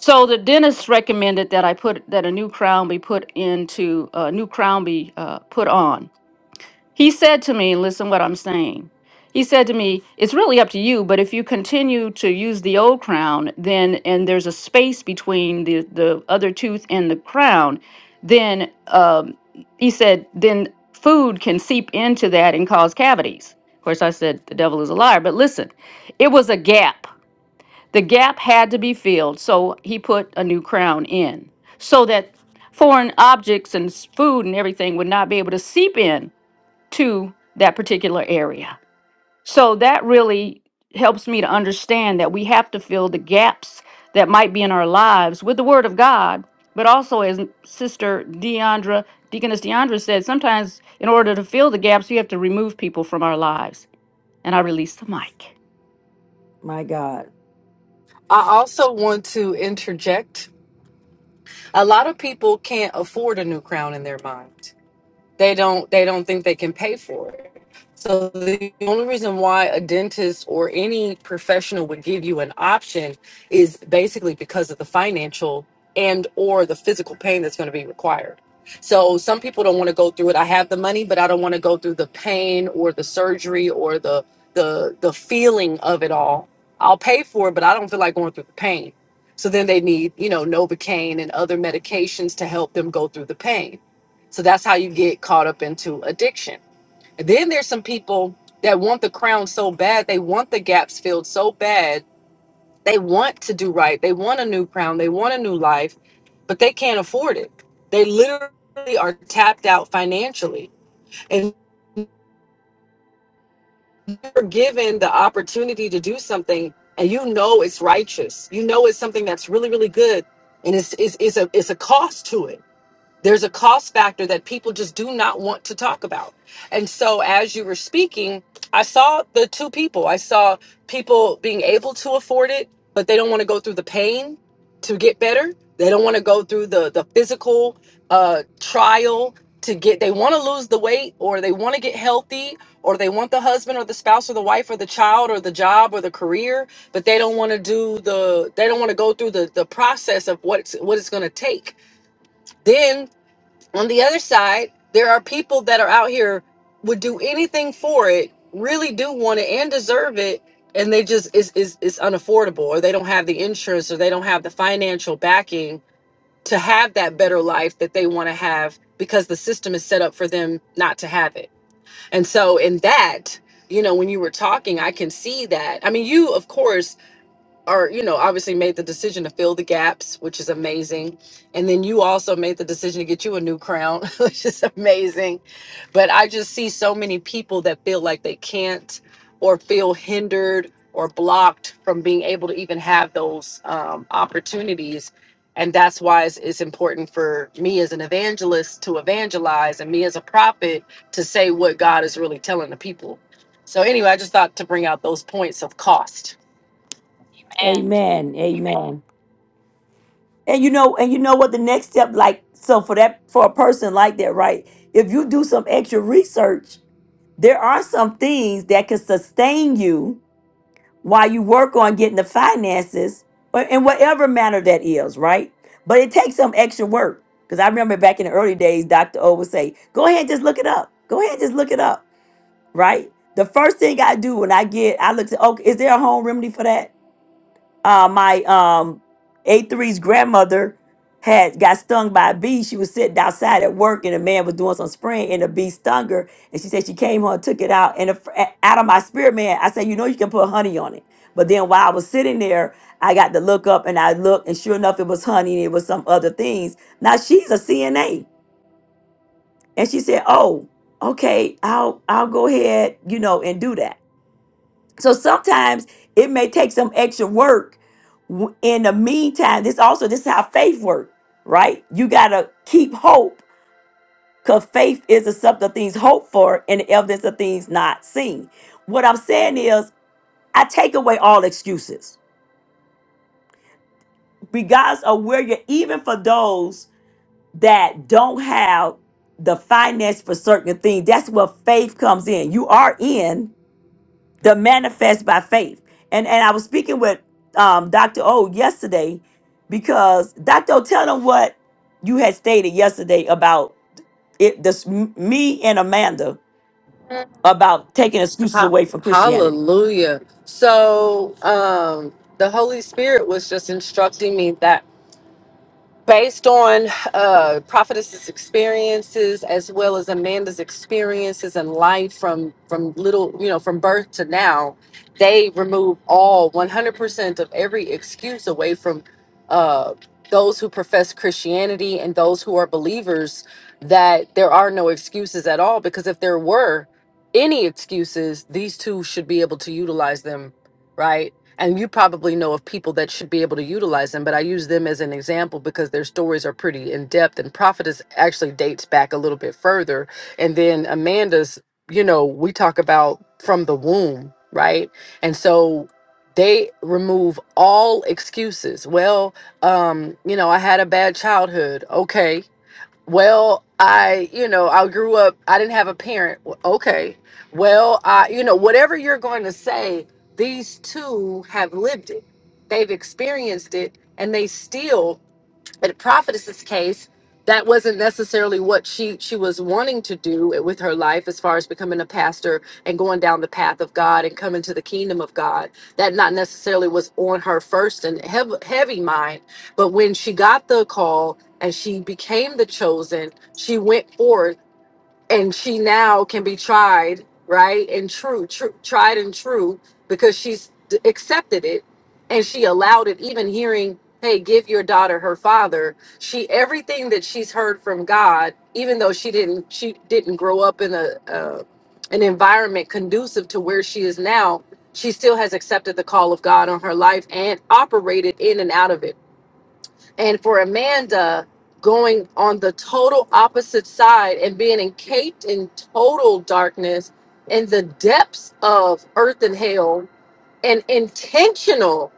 So the dentist recommended that I put that a new crown be put into a new crown be uh, put on. He said to me, listen what I'm saying. He said to me, it's really up to you, but if you continue to use the old crown, then and there's a space between the the other tooth and the crown, then um, he said then food can seep into that and cause cavities. Of course, I said the devil is a liar, but listen, it was a gap. The gap had to be filled, so he put a new crown in so that foreign objects and s- food and everything would not be able to seep in to that particular area. So that really helps me to understand that we have to fill the gaps that might be in our lives with the Word of God, but also as Sister Deandra, Deaconess Deandra said, sometimes in order to fill the gaps, we have to remove people from our lives. And I release the mic.
My God.
i also want to interject a lot of people can't afford a new crown in their mind they don't they don't think they can pay for it so the only reason why a dentist or any professional would give you an option is basically because of the financial and or the physical pain that's going to be required so some people don't want to go through it i have the money but i don't want to go through the pain or the surgery or the the the feeling of it all i'll pay for it but i don't feel like going through the pain so then they need you know novocaine and other medications to help them go through the pain so that's how you get caught up into addiction. And then there's some people that want the crown so bad, they want the gaps filled so bad, they want to do right, they want a new crown, they want a new life, but they can't afford it. They literally are tapped out financially. And you're given the opportunity to do something and you know it's righteous. You know it's something that's really, really good. And it's it's, it's a it's a cost to it there's a cost factor that people just do not want to talk about. And so as you were speaking, I saw the two people. I saw people being able to afford it, but they don't want to go through the pain to get better. They don't want to go through the the physical uh trial to get they want to lose the weight or they want to get healthy or they want the husband or the spouse or the wife or the child or the job or the career but they don't want to do the they don't want to go through the the process of what's what it's going to take then on the other side, there are people that are out here would do anything for it, really do want it and deserve it, and they just is is it's unaffordable, or they don't have the insurance, or they don't have the financial backing to have that better life that they want to have because the system is set up for them not to have it. And so in that, you know, when you were talking, I can see that. I mean, you of course or you know obviously made the decision to fill the gaps which is amazing and then you also made the decision to get you a new crown which is amazing but i just see so many people that feel like they can't or feel hindered or blocked from being able to even have those um, opportunities and that's why it's, it's important for me as an evangelist to evangelize and me as a prophet to say what god is really telling the people so anyway i just thought to bring out those points of cost
Amen. Amen. And you know, and you know what the next step like so for that for a person like that, right? If you do some extra research, there are some things that can sustain you while you work on getting the finances or in whatever manner that is, right? But it takes some extra work. Because I remember back in the early days, Dr. O would say, go ahead and just look it up. Go ahead and just look it up, right? The first thing I do when I get, I look to, okay, is there a home remedy for that? uh, my um, a three's grandmother had got stung by a bee. She was sitting outside at work, and a man was doing some spraying, and a bee stung her. And she said she came home and took it out. And a fr- a- out of my spirit, man, I said, you know, you can put honey on it. But then while I was sitting there, I got to look up, and I looked, and sure enough, it was honey, and it was some other things. Now she's a CNA, and she said, oh, okay, I'll I'll go ahead, you know, and do that. So sometimes it may take some extra work. W- In the meantime, this also this is how faith works, right? You gotta keep hope, cause faith is the substance of things hoped for and the evidence of things not seen. What I'm saying is, I take away all excuses, regardless of where you're. Even for those that don't have the finance for certain things, that's where faith comes in. You are in, the manifest by faith. And and I was speaking with um, Dr. O yesterday because Dr. O, tell them what you had stated yesterday about it. This m- me and Amanda about taking excuses away from Christianity.
Hallelujah. So um the Holy Spirit was just instructing me that based on uh, prophetess's experiences as well as amanda's experiences in life from from little you know from birth to now they remove all 100% of every excuse away from uh, those who profess christianity and those who are believers that there are no excuses at all because if there were any excuses these two should be able to utilize them right and you probably know of people that should be able to utilize them but i use them as an example because their stories are pretty in-depth and prophetess actually dates back a little bit further and then amanda's you know we talk about from the womb right and so they remove all excuses well um you know i had a bad childhood okay well, I, you know, I grew up, I didn't have a parent. W- Okay. Well, I, you know, whatever you're going to say, these two have lived it. They've experienced it and they still but in prophetess's case, that wasn't necessarily what she she was wanting to do with her life as far as becoming a pastor and going down the path of God and coming to the kingdom of God. That not necessarily was on her first and hev- heavy mind, but when she got the call and she became the chosen, she went forth and she now can be tried right and true, true tried and true because she's d- accepted it and she allowed it even hearing hey give your daughter her father she everything that she's heard from god even though she didn't she didn't grow up in a uh, an environment conducive to where she is now she still has accepted the call of god on her life and operated in and out of it and for Amanda going on the total opposite side and being encaped in total darkness in the depths of earth and hell and intentional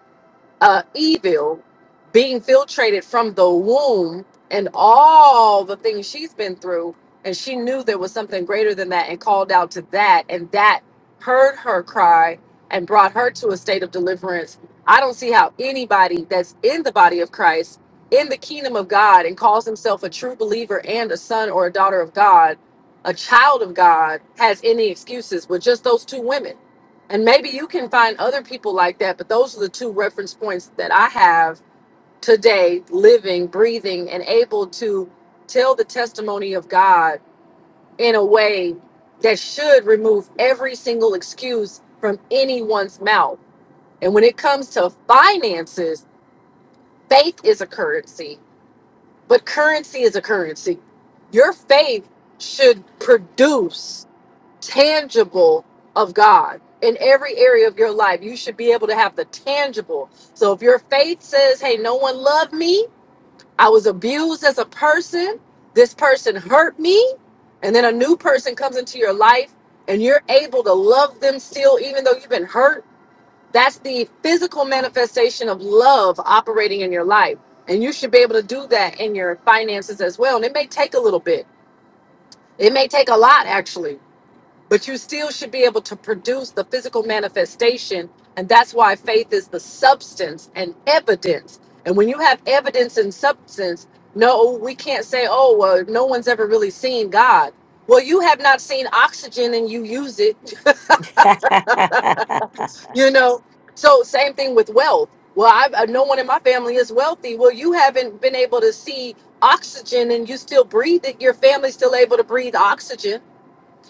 uh, evil being filtrated from the womb and all the things she's been through. And she knew there was something greater than that and called out to that. And that heard her cry and brought her to a state of deliverance. I don't see how anybody that's in the body of Christ, in the kingdom of God, and calls himself a true believer and a son or a daughter of God, a child of God, has any excuses with just those two women and maybe you can find other people like that, but those are the two reference points that I have today, living, breathing, and able to tell the testimony of God in a way that should remove every single excuse from anyone's mouth. And when it comes to finances, faith is a currency, but currency is a currency. Your faith should produce tangible of God in every area of your life. You should be able to have the tangible. So if your faith says, hey, no one loved me, I was abused as a person, this person hurt me, and then a new person comes into your life and you're able to love them still, even though you've been hurt, that's the physical manifestation of love operating in your life. And you should be able to do that in your finances as well. And it may take a little bit. It may take a lot, actually but you still should be able to produce the physical manifestation and that's why faith is the substance and evidence and when you have evidence and substance no we can't say oh well no one's ever really seen god well you have not seen oxygen and you use it
I
you know so same thing with wealth well I've, uh, no one in my family is wealthy well you haven't been able to see oxygen and you still breathe it your family's still able to breathe oxygen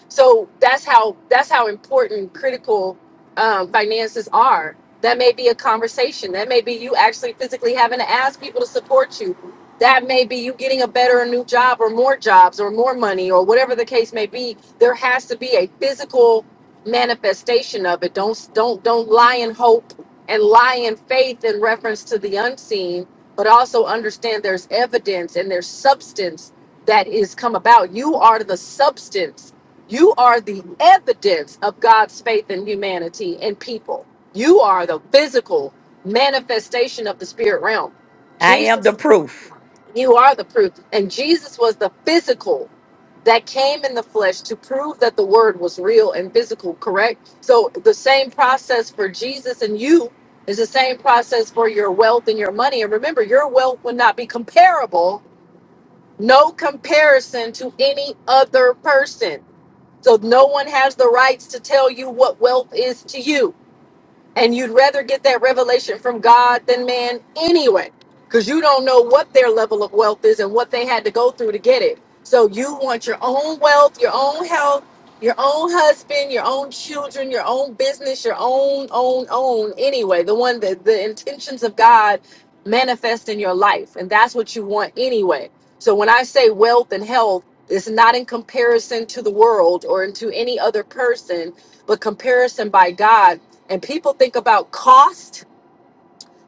so that's how that's how important critical um, finances are. That may be a conversation. That may be you actually physically having to ask people to support you. That may be you getting a better, a new job, or more jobs, or more money, or whatever the case may be. There has to be a physical manifestation of it. Don't don't don't lie in hope and lie in faith in reference to the unseen, but also understand there's evidence and there's substance that is come about. You are the substance you are the evidence of God's faith in humanity and people. You are the physical manifestation of the spirit realm.
am the
Jesus,
proof.
you are the proof. And Jesus was the physical that came in the flesh to prove that the word was real and physical, correct? So the same process for Jesus and you is the same process for your wealth and your money. And remember, your wealth would not be comparable, no comparison to any other person so no one has the rights to tell you what wealth is to you. And you'd rather get that revelation from God than man anyway, because you don't know what their level of wealth is and what they had to go through to get it. So you want your own wealth, your own health, your own husband, your own children, your own business, your own, own, own, anyway, the one that the intentions of God manifest in your life. And that's what you want anyway. So when I say wealth and health, it's not in comparison to the world or into any other person, but comparison by God and people think about cost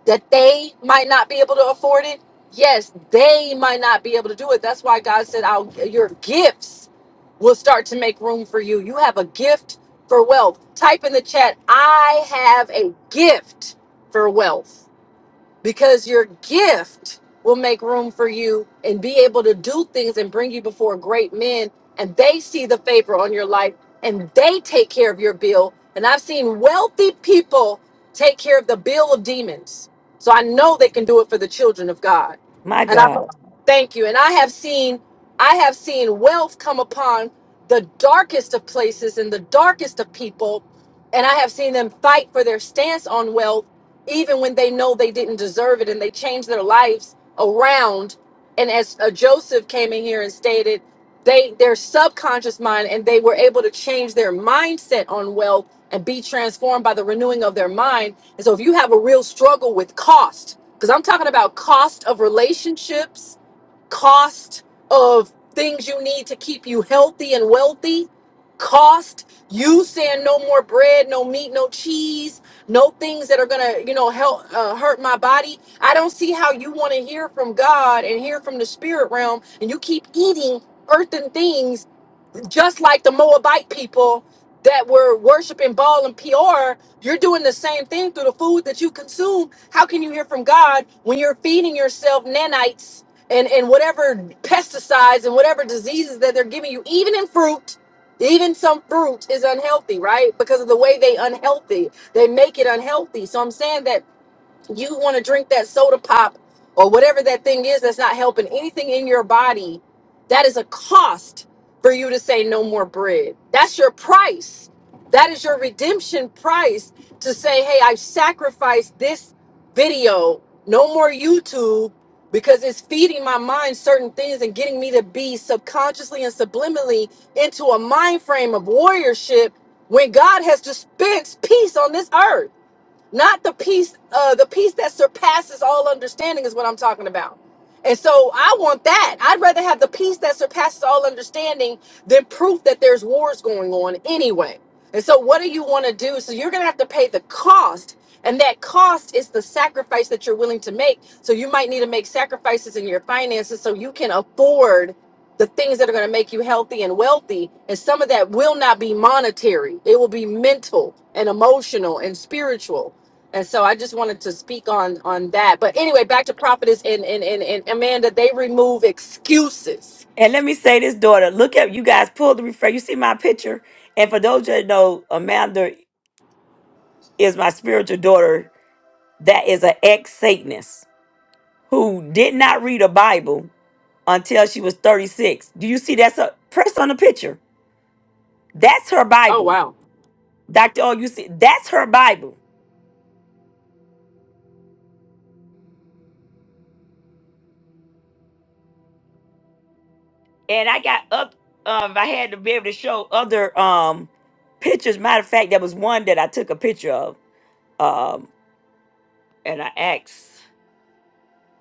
that they might not be able to afford it yes they might not be able to do it that's why god said I'll, your gifts will start to make room for you you have a gift for wealth type in the chat i have a gift for wealth because your gift will make room for you and be able to do things and bring you before great men and they see the favor on your life and they take care of your bill and i've seen wealthy people take care of the bill of demons so i know they can do it for the children of god
My
and i
God.
thank you and i have seen i have seen wealth come upon the darkest of places and the darkest of people and i have seen them fight for their stance on wealth even when they know they didn't deserve it and they change their lives around and as uh, joseph came in here and stated they their subconscious mind and they were able to change their mindset on wealth and be transformed by the renewing of their mind and so if you have a real struggle with cost because i'm talking about cost of relationships cost of things you need to keep you healthy and wealthy, cost you saying no more bread, no meat, no cheese, no things that are gonna you know help uh, hurt my body. I don't see how you want to hear from God and hear from the spirit realm, and you keep eating earthen things just like the Moabite people that were worshiping Baal and Peor, you're doing the same thing through the food that you consume. How can you hear from God when you're feeding yourself nanites and, and whatever pesticides and whatever diseases that they're giving you, even in fruit? Even some fruit is unhealthy, right? Because of the way they unhealthy, they make it unhealthy. So I'm saying that you want to drink that soda pop or whatever that thing is that's not helping anything in your body, that is a cost for you to say no more bread. That's your price. That is your redemption price to say, hey, I've sacrificed this video, no more YouTube, because it's feeding my mind certain things and getting me to be subconsciously and subliminally into a mind frame of warriorship when God has dispensed peace on this earth. Not the peace, uh, the peace that surpasses all understanding is what I'm talking about. And so I want that. I'd rather have the peace that surpasses all understanding than proof that there's wars going on anyway. And so what do you want to do? So you're going to have to pay the cost. And that cost is the sacrifice that you're willing to make. So you might need to make sacrifices in your finances so you can afford the things that are going to make you healthy and wealthy. And some of that will not be monetary, it will be mental and emotional and spiritual and so I just wanted to speak on on that. But anyway, back to prophetess and and and, and Amanda, they remove excuses.
And let me say this, daughter. Look at you guys. Pull the refresh. You see my picture. And for those that know, Amanda is my spiritual daughter. That is an ex Satanist who did not read a Bible until she was 36. Do you see that's a press on the picture? That's her
Oh
Bible.
wow.
Dr. Oh, you see, that's her Bible. And I got up, Um, I had to be able to show other um pictures. Matter of fact, there was one that I took a picture of. Um, and I asked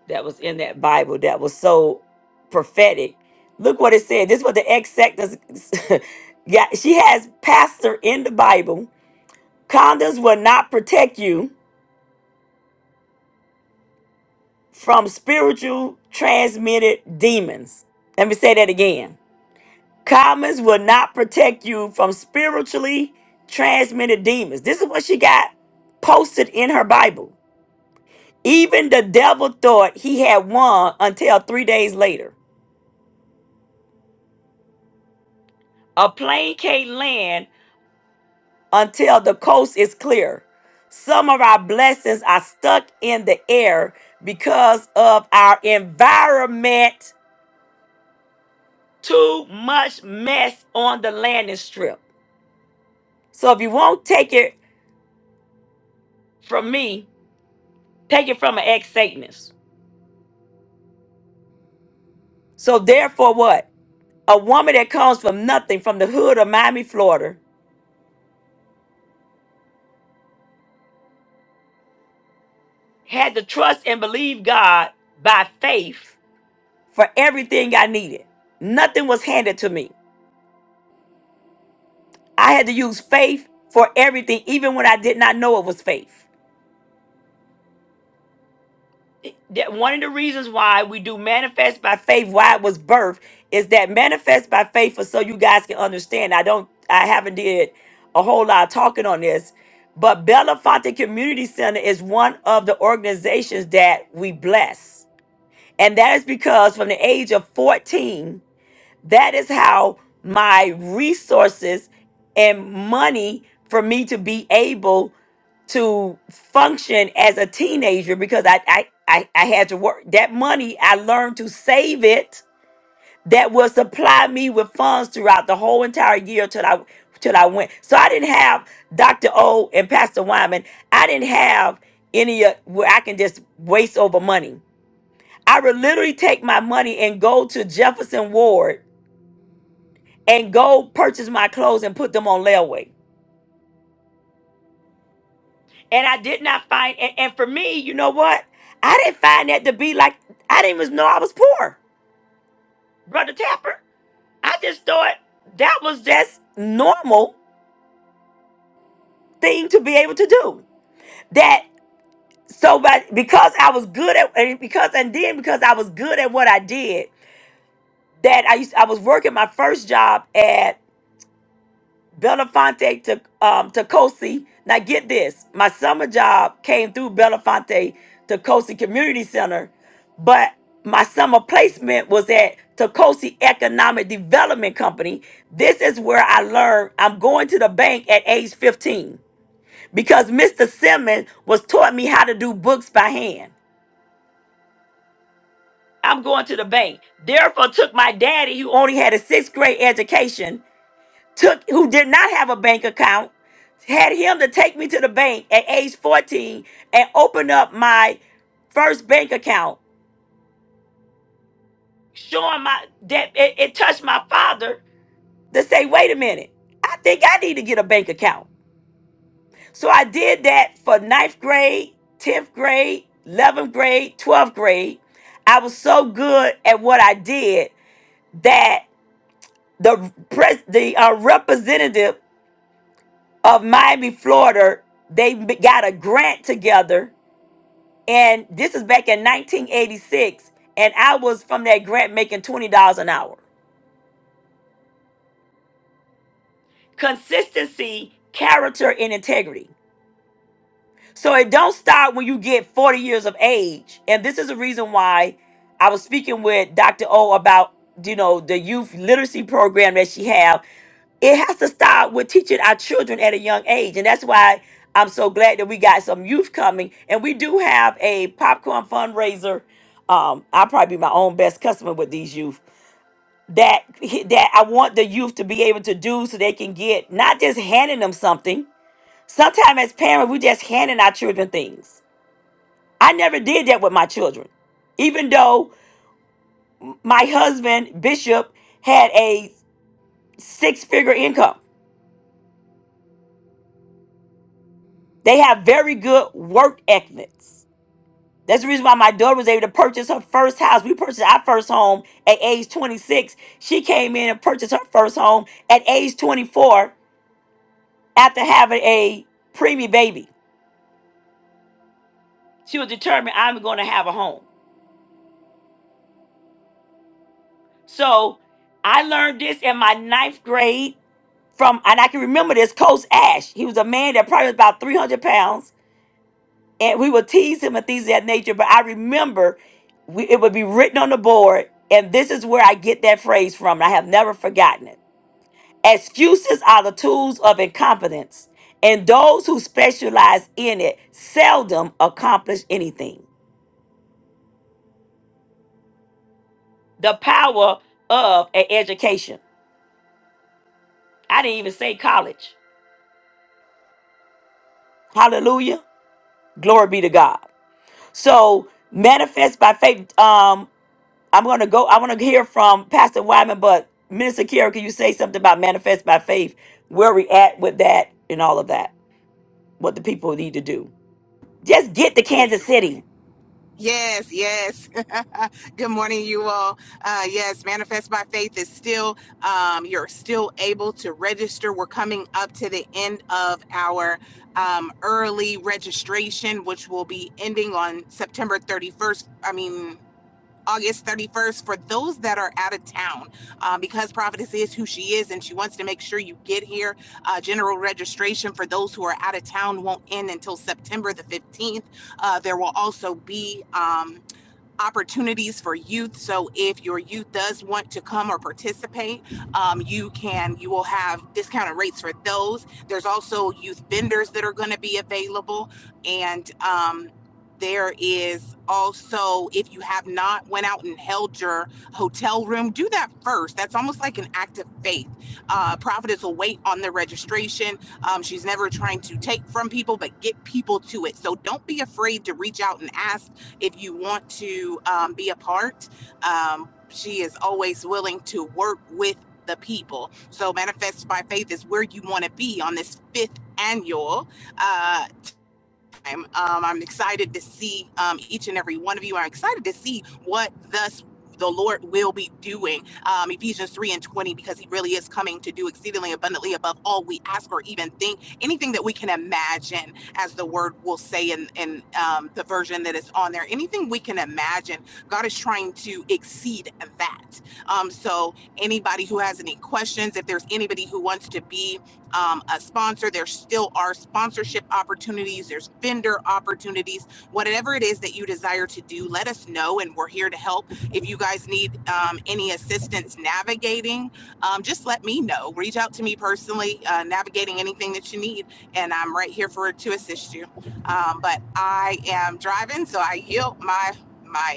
that was in that Bible that was so prophetic. Look what it said. This is what the ex sectors yeah, she has pastor in the Bible. Condoms will not protect you. from spiritual transmitted demons. Let me say that again. Commons will not protect you from spiritually transmitted demons. This is what she got posted in her Bible. Even the devil thought he had won until three days later. A plane can't land until the coast is clear. Some of our blessings are stuck in the air because of our environment too much mess on the landing strip. So if you won't take it from me, take it from an ex Satanist. So therefore, what? A woman that comes from nothing, from the hood of Miami, Florida, had to trust and believe God by faith for everything I needed. Nothing was handed to me. I had to use faith for everything, even when I did not know it was faith. that one of the reasons why we do manifest by faith why it was birth is that manifest by faith for so you guys can understand i don't i haven't did a whole lot of talking on this but belafonte community center is one of the organizations that we bless and that is because from the age of 14 that is how my resources and money for me to be able to function as a teenager because I, I, I, I had to work. That money, I learned to save it that will supply me with funds throughout the whole entire year till I till I went. So I didn't have Dr. O and Pastor Wyman. I didn't have any uh, where I can just waste over money. I would literally take my money and go to Jefferson Ward and go purchase my clothes and put them on layaway. And I did not find, and, and for me, you know what? I didn't find that to be like, I didn't even know I was poor, Brother Tapper. I just thought that was just normal thing to be able to do. That, so, but because I was good at, and because, and then because I was good at what I did, that I used, I was working my first job Belafonte to um Tacosi. Now get this. My summer job came through Belafonte Tacosi Community Center, but my summer placement was at Tacosi Economic Development Company. This is where I learned I'm going to the bank at age 15 because Mr. Simmons was taught me how to do books by hand. I'm going to the bank. Therefore, took my daddy, who only had a sixth grade education. took who did not have a bank account had him to take me to the bank at age 14 and open up my first bank account showing my that it, it touched my father to say wait a minute i think i need to get a bank account so i did that for ninth grade 10th grade 11th grade 12th grade i was so good at what i did that the pres the uh, representative of Miami, Florida, they b- got a grant together. And this is back in 1986. And I was from that grant making $20 an hour. Consistency, character, and integrity. So it don't stop when you get 40 years of age. And this is a reason why I was speaking with Dr. O about, you know, the youth literacy program that she have. It has to start with teaching our children at a young age. And that's why I'm so glad that we got some youth coming. And we do have a popcorn fundraiser. Um, I'll probably be my own best customer with these youth. That that I want the youth to be able to do so they can get not just handing them something. Sometimes as parents, we just handing our children things I never did that with my children. Even though my husband, Bishop, had a six figure income, they have very good work ethics. That's the reason why my daughter was able to purchase her first house. We purchased our first home at age 26. She came in and purchased her first home at age 24 after having a preemie baby. She was determined I'm going to have a home. So I learned this in my ninth grade from and I can remember this Coach Ash. He was a man that probably was about 300 pounds, and we would tease him and things of that nature. But I remember we, it would be written on the board, and this is where I get that phrase from. And I have never forgotten it. Excuses are the tools of incompetence, and those who specialize in it seldom accomplish anything. The power of an education. I didn't even say college. Hallelujah. Glory be to God. So manifest by faith. Um, I'm going to go. I want to hear from Pastor Wyman, but Minister Kira, can you say something about manifest by faith? Where we at with that and all of that? What the people need to do? Just get to
Yes,
Kansas
ma'am.
City.
Yes, yes. Good morning, you all. Uh, yes, Manifest by Faith is still, um, you're still able to register. We're coming up to the end of our um, early registration, which will be ending on September 31st. I mean, August 31st for those that are out of town um, because Prophetess is who she is and she wants to make sure you get here. Uh, general registration for those who are out of town won't end until September the 15th. Uh, there will also be um, opportunities for youth. So if your youth does want to come or participate, um, you can, you will have discounted rates for those. There's also youth vendors that are going to be available. And um, there is also, if you have not went out and held your hotel room, do that first. That's almost like an act of faith. Uh, Prophetess will wait on the registration. Um, she's never trying to take from people, but get people to it. So don't be afraid to reach out and ask if you want to um, be a part, um, she is always willing to work with the people. So, Manifest by Faith is where you want to be on this fifth annual. Uh, um, I'm excited to see um, each and every one of you. I'm excited to see what thus the Lord will be doing. Um, Ephesians 3 and 20, because he really is coming to do exceedingly abundantly above all we ask or even think, anything that we can imagine, as the word will say in, in um, the version that is on there, anything we can imagine, God is trying to exceed that. Um, so, anybody who has any questions, if there's anybody who wants to be um, a sponsor. There still are sponsorship opportunities, there's vendor opportunities, whatever it is that you desire to do, let us know and we're here to help. If you guys need um, any assistance navigating, um, just let me know. Reach out to me personally, uh, navigating anything that you need, and I'm right here for to assist you. Um, but I am driving, so I yield my my.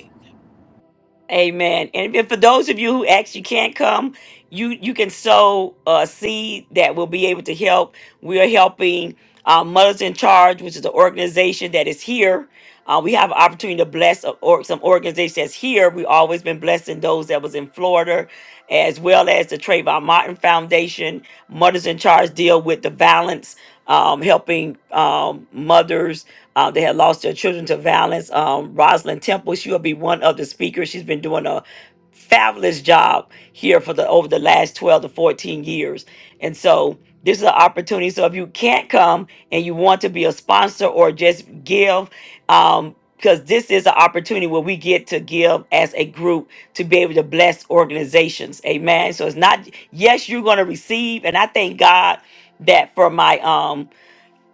Amen. And if for those of you who actually can't come, you you can sow a seed that will be able to help. We are helping uh, Mothers in Charge, which is an organization that is here. Uh, we have an opportunity to bless a, or some organizations that's here. We've always been blessing those that was in Florida, as well as the Trayvon Martin Foundation. Mothers in Charge deal with the violence um, helping um, mothers uh, that had lost their children to violence. Um, Rosalind Temple, she will be one of the speakers. She's been doing a fabulous job here for the over the last 12 to 14 years. And so this is an opportunity. So if you can't come and you want to be a sponsor or just give, um, because this is an opportunity where we get to give as a group to be able to bless organizations. Amen. So it's not, yes, you're going to receive. And I thank God that for my um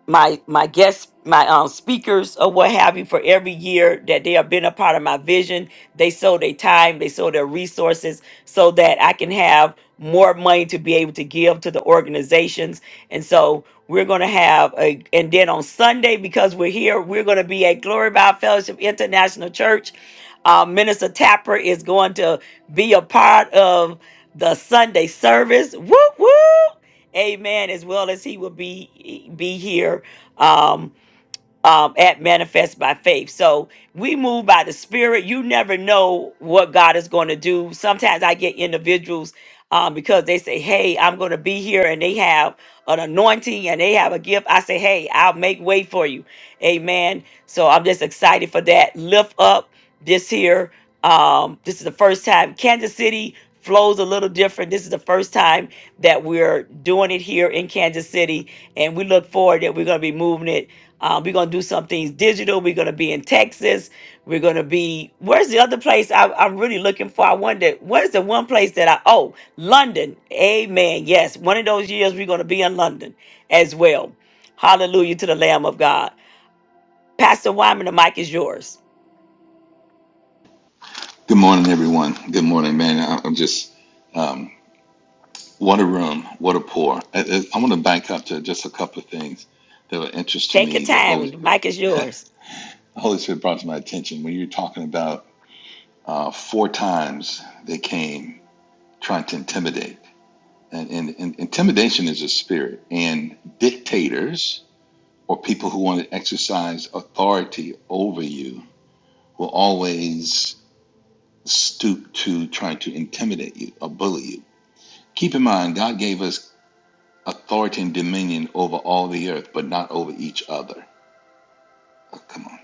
my my guests my um speakers or what have you for every year that they have been a part of my vision they sold their time they sold their resources so that i can have more money to be able to give to the organizations and so we're going to have a and then on sunday because we're here we're going to be at glory by fellowship international church uh, minister tapper is going to be a part of the sunday service woo woo. Amen. As well as he will be be here. Um, um, at Manifest by Faith. So we move by the Spirit. You never know what God is going to do. Sometimes I get individuals um, because they say, Hey, I'm going to be here, and they have an anointing and they have a gift. I say, Hey, I'll make way for you. Amen. So I'm just excited for that. Lift up this here. Um, this is the first time Kansas City flows a little different. This is the first time that we're doing it here in Kansas City, and we look forward that we're going to be moving it uh, we're gonna do some things digital. We're gonna be in Texas. We're gonna be where's the other place I, I'm really looking for? I wonder what is the one place that I oh London. Amen. Yes, one of those years we're gonna be in London as well. Hallelujah to the Lamb of God. Pastor Wyman, the mic is yours.
Good morning, everyone. Good morning, man. I- I'm just, um, what a room, what a pour. I, I I want to back up to just a couple of things that were interest to
Take your
me that
time.
Holy,
The mic is yours.
Holy Spirit brought to my attention. When you're talking about uh, four times they came trying to intimidate, and, and, and intimidation is a spirit, and dictators or people who want to exercise authority over you will always stoop to trying to intimidate you or bully you keep in mind, God gave us authority and dominion over all the earth, but not over each other. Oh, come on.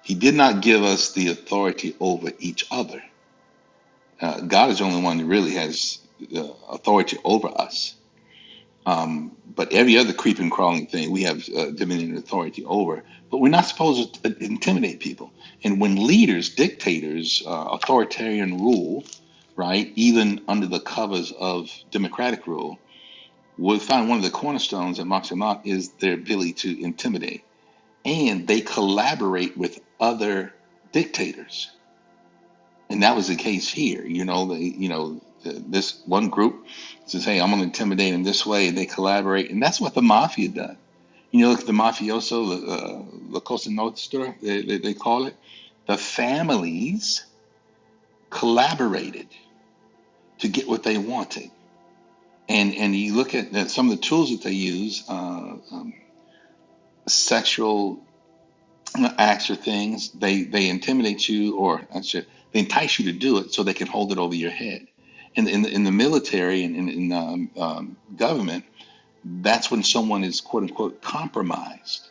He did not give us the authority over each other. Uh, God is the only one that really has uh, authority over us. Um, but every other creeping, crawling thing we have uh, dominion and authority over. But we're not supposed to t- intimidate people. And when leaders, dictators, uh, authoritarian rule, right, even under the covers of democratic rule, we find one of the cornerstones at Moxie Mott is their ability to intimidate and they collaborate with other dictators. And that was the case here. You know, the, you know, th- this one group says, "Hey, I'm going to intimidate them this way," and they collaborate, and that's what the mafia does. You know, look at the mafioso, uh, La Cosa Nostra, they, they, they call it. The families collaborated to get what they wanted, and and you look at, at some of the tools that they use, uh, um, sexual acts or things, they they intimidate you, or I should, they entice you to do it so they can hold it over your head. And in, in, the- in the military and in, in um, um, government, that's when someone is quote unquote compromised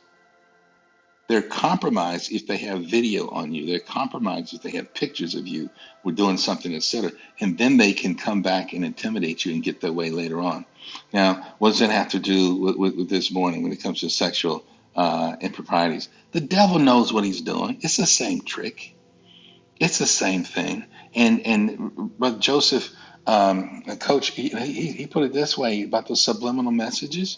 they're compromised if they have video on you. They're compromised if they have pictures of you or doing something, etc. And then they can come back and intimidate you and get their way later on. Now, what does that have to do with, with, with this morning when it comes to sexual uh, improprieties? The devil knows what he's doing. It's the same trick. It's the same thing. And and Brother Joseph, um, Coach, he, he, he put it this way about the subliminal messages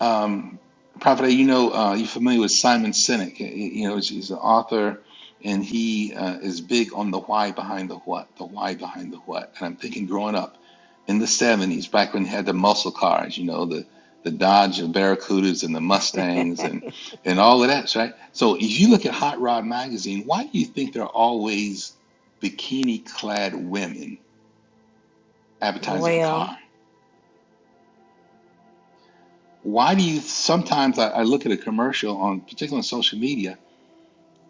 um, Prophet, you know, uh, you're familiar with Simon Sinek. You know, he's an author, and he uh, is big on the why behind the what, the why behind the what. And I'm thinking, growing up in the '70s, back when you had the muscle cars, you know, the the Dodge and Barracudas and the Mustangs and and all of that, right? So if you look at Hot Rod magazine, why do you think there are always bikini-clad women advertising a
Well,
car? Why do you sometimes I, I look at a commercial on, particularly on social media?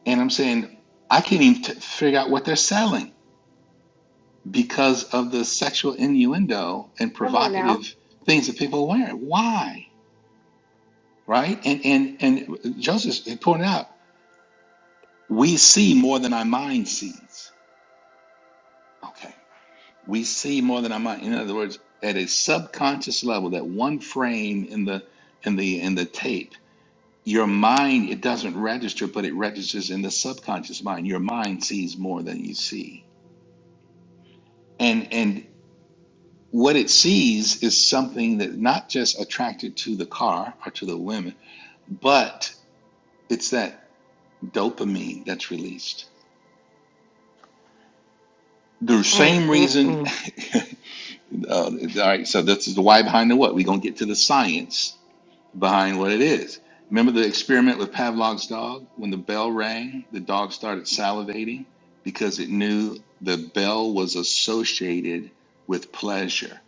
And I'm saying, I can't even t- figure out what they're selling because of the sexual innuendo and provocative things that people wear. Why? Right? And and and Joseph he pointed out, we see more than our mind sees. Okay. We see more than our mind. In other words, at a subconscious level, that one frame in the in the in the tape, your mind, it doesn't register, but it registers in the subconscious mind. Your mind sees more than you see And and. what it sees is something that not just attracted to the car or to the women, but it's that dopamine that's released. The
mm,
same
mm,
reason,
mm,
uh, all right, so this is the why behind the what. We're going to get to the science behind what it is. Remember the experiment with Pavlov's dog? When the bell rang, the dog started salivating because it knew the bell was associated with pleasure.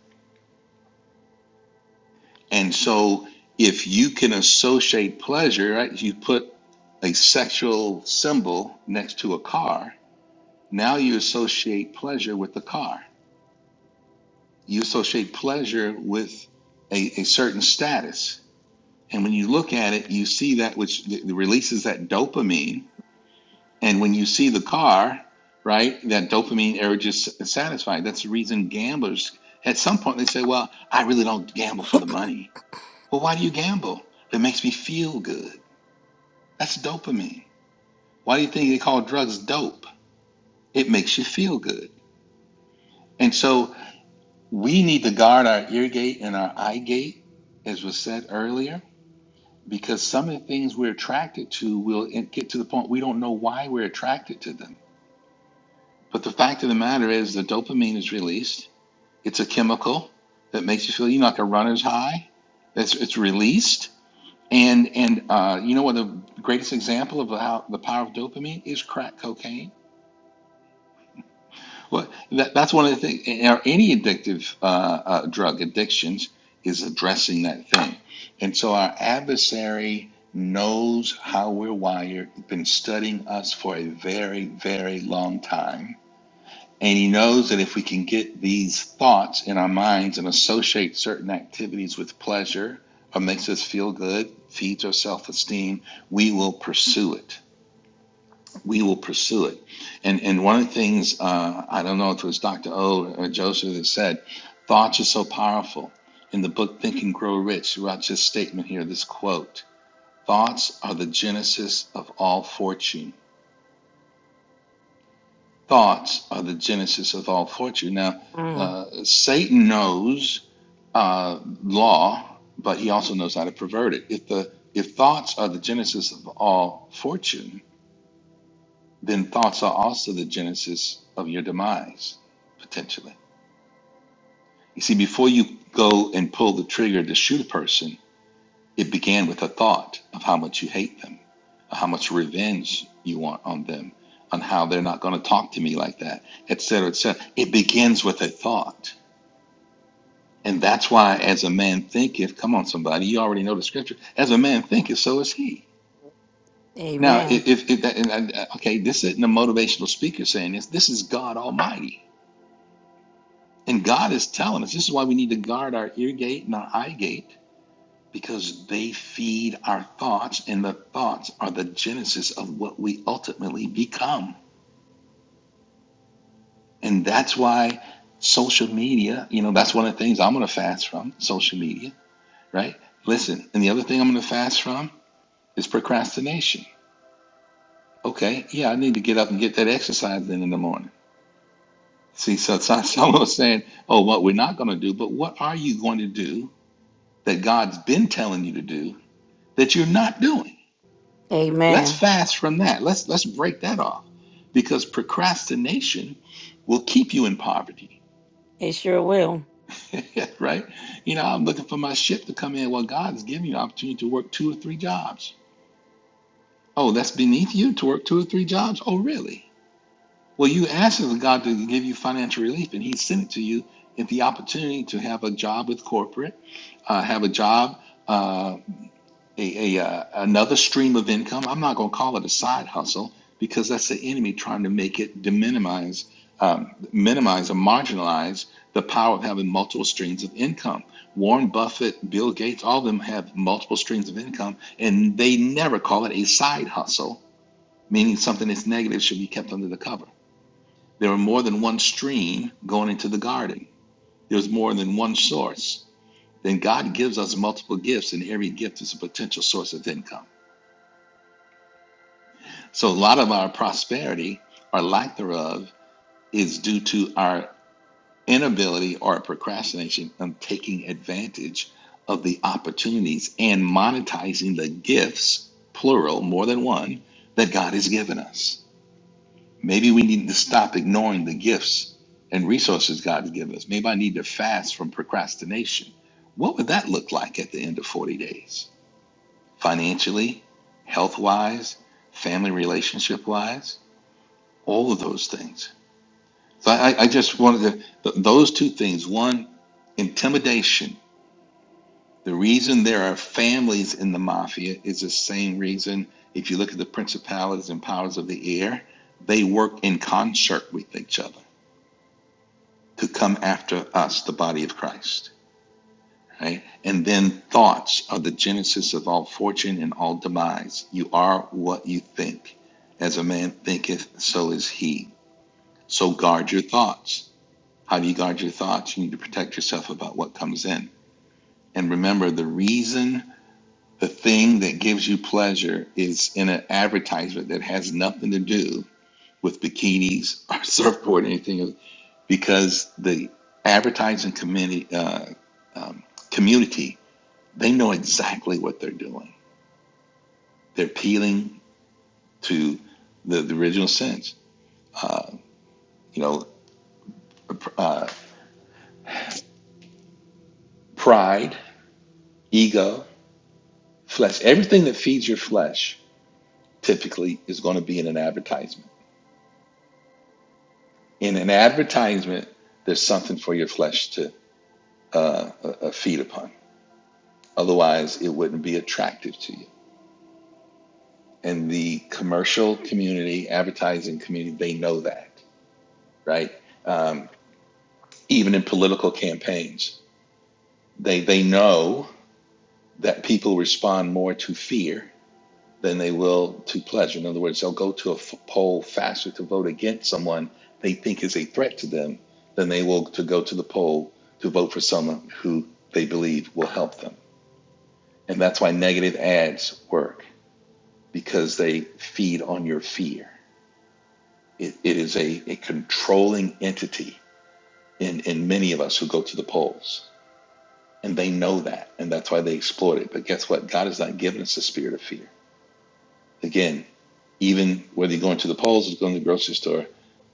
And so if you can associate pleasure, right? You put a sexual symbol next to a car, now you associate pleasure with the car. You associate pleasure with a, a certain status. And when you look at it, you see that which th- releases that dopamine. And when you see the car, right, that dopamine urge is s- satisfied. That's the reason gamblers, at some point, they say, Well, I really don't gamble for the money. Well, why do you gamble? It makes me feel good. That's dopamine. Why do you think they call drugs dope? It makes you feel good. And so we need to guard our ear gate and our eye gate, as was said earlier, because some of the things we're attracted to will it get to the point we don't know why we're attracted to them. But the fact of the matter is, the dopamine is released. It's a chemical that makes you feel you know like a runner's high. It's it's released, and and uh, you know what the greatest example of how the power of dopamine is crack cocaine Well, that, that's one of the things. In our, any addictive uh, uh, drug addictions is addressing that thing. And so our adversary knows how we're wired, He's been studying us for a very, very long time. And he knows that if we can get these thoughts in our minds and associate certain activities with pleasure or makes us feel good, feeds our self esteem, we will pursue it we will pursue it. And and one of the things uh, I don't know if it was Dr. O or Joseph that said, thoughts are so powerful. In the book Think and Grow Rich, throughout this statement here, this quote: Thoughts are the genesis of all fortune. Thoughts are the genesis of all fortune. Now,
mm.
uh, Satan knows uh, law, but he also knows how to pervert it. If the if thoughts are the genesis of all fortune, then thoughts are also the genesis of your demise, potentially. You see, before you go and pull the trigger to shoot a person, it began with a thought of how much you hate them, how much revenge you want on them, on how they're not going to talk to me like that, et cetera, et cetera. It begins with a thought. And that's why, as a man thinketh, come on, somebody, you already know the scripture, as a man thinketh, so is he. Now, if, if, if that, and I, okay, this isn't a motivational speaker saying this, this is God Almighty And God is telling us this is why we need to guard our ear gate and our eye gate because they feed our thoughts, and the thoughts are the genesis of what we ultimately become. And that's why social media, you know, that's one of the things I'm going to fast from social media, right? Listen, and the other thing I'm going to fast from is procrastination. Okay, yeah, I need to get up and get that exercise in in the morning. See, so it's not someone saying, oh, what we're not going to do, but what are you going to do that God's been telling you to do that you're not doing. Let's
amen.
fast from that. Let's let's break that off because procrastination will keep you in poverty.
It sure will.
right? You know, I'm looking for my ship to come in. Well, God's giving you an opportunity to work two or three jobs. Oh, that's beneath you to work two or three jobs? Oh, really? Well, you asked God to give you financial relief and he sent it to you in the opportunity to have a job with corporate, uh, have a job uh, a, a uh, another stream of income. I'm not going to call it a side hustle because that's the enemy trying to make it de minimize, um, minimize or marginalize the power of having multiple streams of income. Warren Buffett, Bill Gates, all of them have multiple streams of income, and they never call it a side hustle, meaning something that's negative should be kept under the cover. There are more than one stream going into the garden. There's more than one source. Then God gives us multiple gifts, and every gift is a potential source of income. So a lot of our prosperity or lack thereof is due to our inability or procrastination of taking advantage of the opportunities and monetizing the gifts, plural, more than one, that God has given us. Maybe we need to stop ignoring the gifts and resources God has given us. Maybe I need to fast from procrastination. What would that look like at the end of 40 days? Financially, health wise, family relationship wise? all of those things. So I, I I just wanted to, th- those two things. One, intimidation. The reason there are families in the mafia is the same reason if you look at the principalities and powers of the air, they work in concert with each other to come after us, the body of Christ. Right? And then thoughts are the genesis of all fortune and all demise. You are what you think. As a man thinketh, so is he. So guard your thoughts How do you guard your thoughts? You need to protect yourself about what comes in. And remember, the reason the thing that gives you pleasure is in an advertisement that has nothing to do with bikinis or surfboard or anything, else, because the advertising committee, uh, um, community, they know exactly what they're doing. They're appealing to the, the original sins, you know, uh, pride, ego, flesh, everything that feeds your flesh typically is going to be in an advertisement. In an advertisement, there's something for your flesh to uh, uh, uh, feed upon. Otherwise, it wouldn't be attractive to you. And the commercial community, advertising community, they know that, right? Um, even in political campaigns, they they know that people respond more to fear than they will to pleasure. In other words, they'll go to a f- poll faster to vote against someone they think is a threat to them than they will to go to the poll to vote for someone who they believe will help them. And that's why negative ads work because they feed on your fear. It, it is a, a controlling entity in, in many of us who go to the polls. And they know that. And that's why they exploit it. But guess what? God has not given us a spirit of fear. Again, Even whether you're going to the polls or going to the grocery store,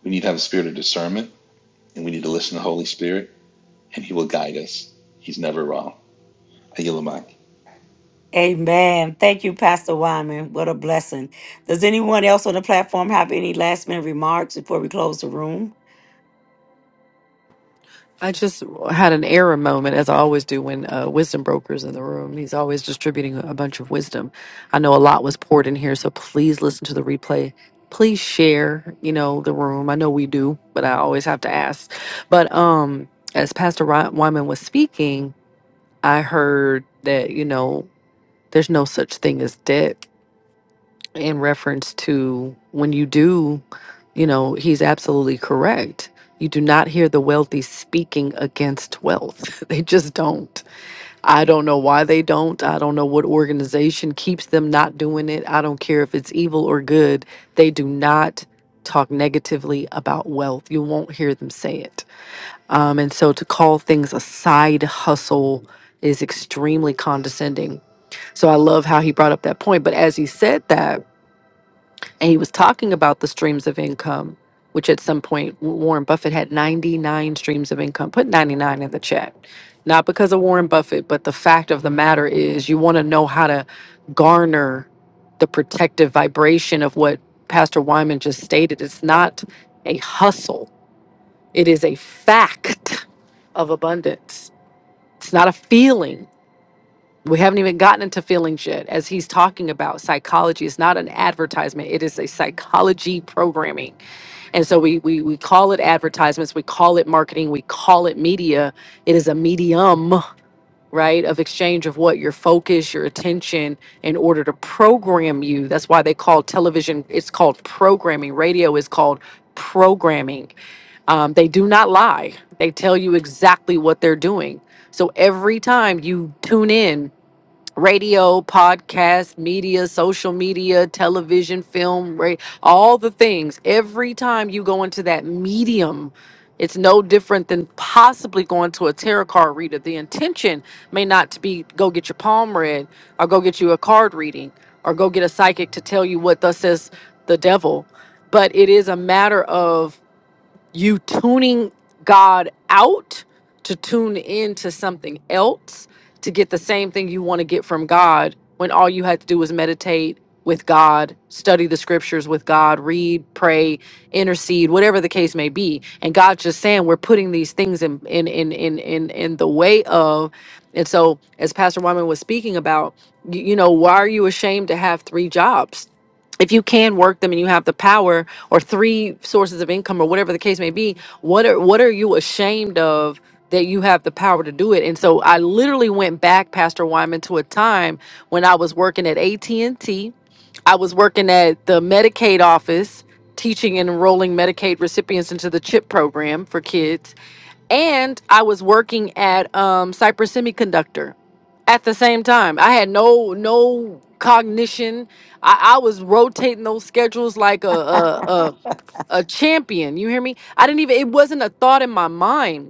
we need to have a spirit of discernment and we need to listen to the Holy Spirit and He will guide us. He's never wrong. I yield the mic.
Amen. Thank you, Pastor Wyman. What a blessing. Does anyone else on the platform have any last minute remarks before we close the room?
I just had an error moment, as I always do when uh, wisdom brokers in the room. He's always distributing a bunch of wisdom. I know a lot was poured in here, so please listen to the replay. Please share, you know, the room. I know we do, but I always have to ask. But um, as Pastor Ry- Wyman was speaking, I heard that you know there's no such thing as debt in reference to when you do, you know, he's absolutely correct. You do not hear the wealthy speaking against wealth. They just don't. I don't know why they don't. I don't know what organization keeps them not doing it. I don't care if it's evil or good. They do not talk negatively about wealth. You won't hear them say it. Um, and so to call things a side hustle is extremely condescending. So I love how he brought up that point. But as he said that, and he was talking about the streams of income, which at some point Warren Buffett had 99 streams of income. Put 99 in the chat. Not because of Warren Buffett, but the fact of the matter is you want to know how to garner the protective vibration of what Pastor Wyman just stated. It's not a hustle, it is a fact of abundance. It's not a feeling we haven't even gotten into feelings yet. As he's talking about psychology, it's not an advertisement, it is a psychology programming. And so we, we we call it advertisements, we call it marketing, we call it media. It is a medium, right, of exchange of what your focus, your attention, in order to program you. That's why they call television. It's called programming. Radio is called programming. Um, they do not lie. They tell you exactly what they're doing. So every time you tune in radio, podcast, media, social media, television, film, ra- all the things. Every time you go into that medium, it's no different than possibly going to a tarot card reader. The intention may not to be go get your palm read or go get you a card reading or go get a psychic to tell you what thus says the devil, but it is a matter of you tuning God out to tune into something else to get the same thing you want to get from God when all you had to do was meditate with God, study the scriptures with God, read, pray, intercede, whatever the case may be. And God's just saying we're putting these things in in in in in, in the way of and so as Pastor Wyman was speaking about, you, you know, why are you ashamed to have three jobs? if you can work them and you have the power or three sources of income or whatever the case may be what are what are you ashamed of that you have the power to do it and so i literally went back pastor wyman to a time when i was working at at and T. I was working at the medicaid office teaching and enrolling medicaid recipients into the chip program for kids and I was working at um, Cypress Semiconductor at the same time. I had no no cognition. I, I was rotating those schedules like a a, a a champion. You hear me? I didn't even. It wasn't a thought in my mind.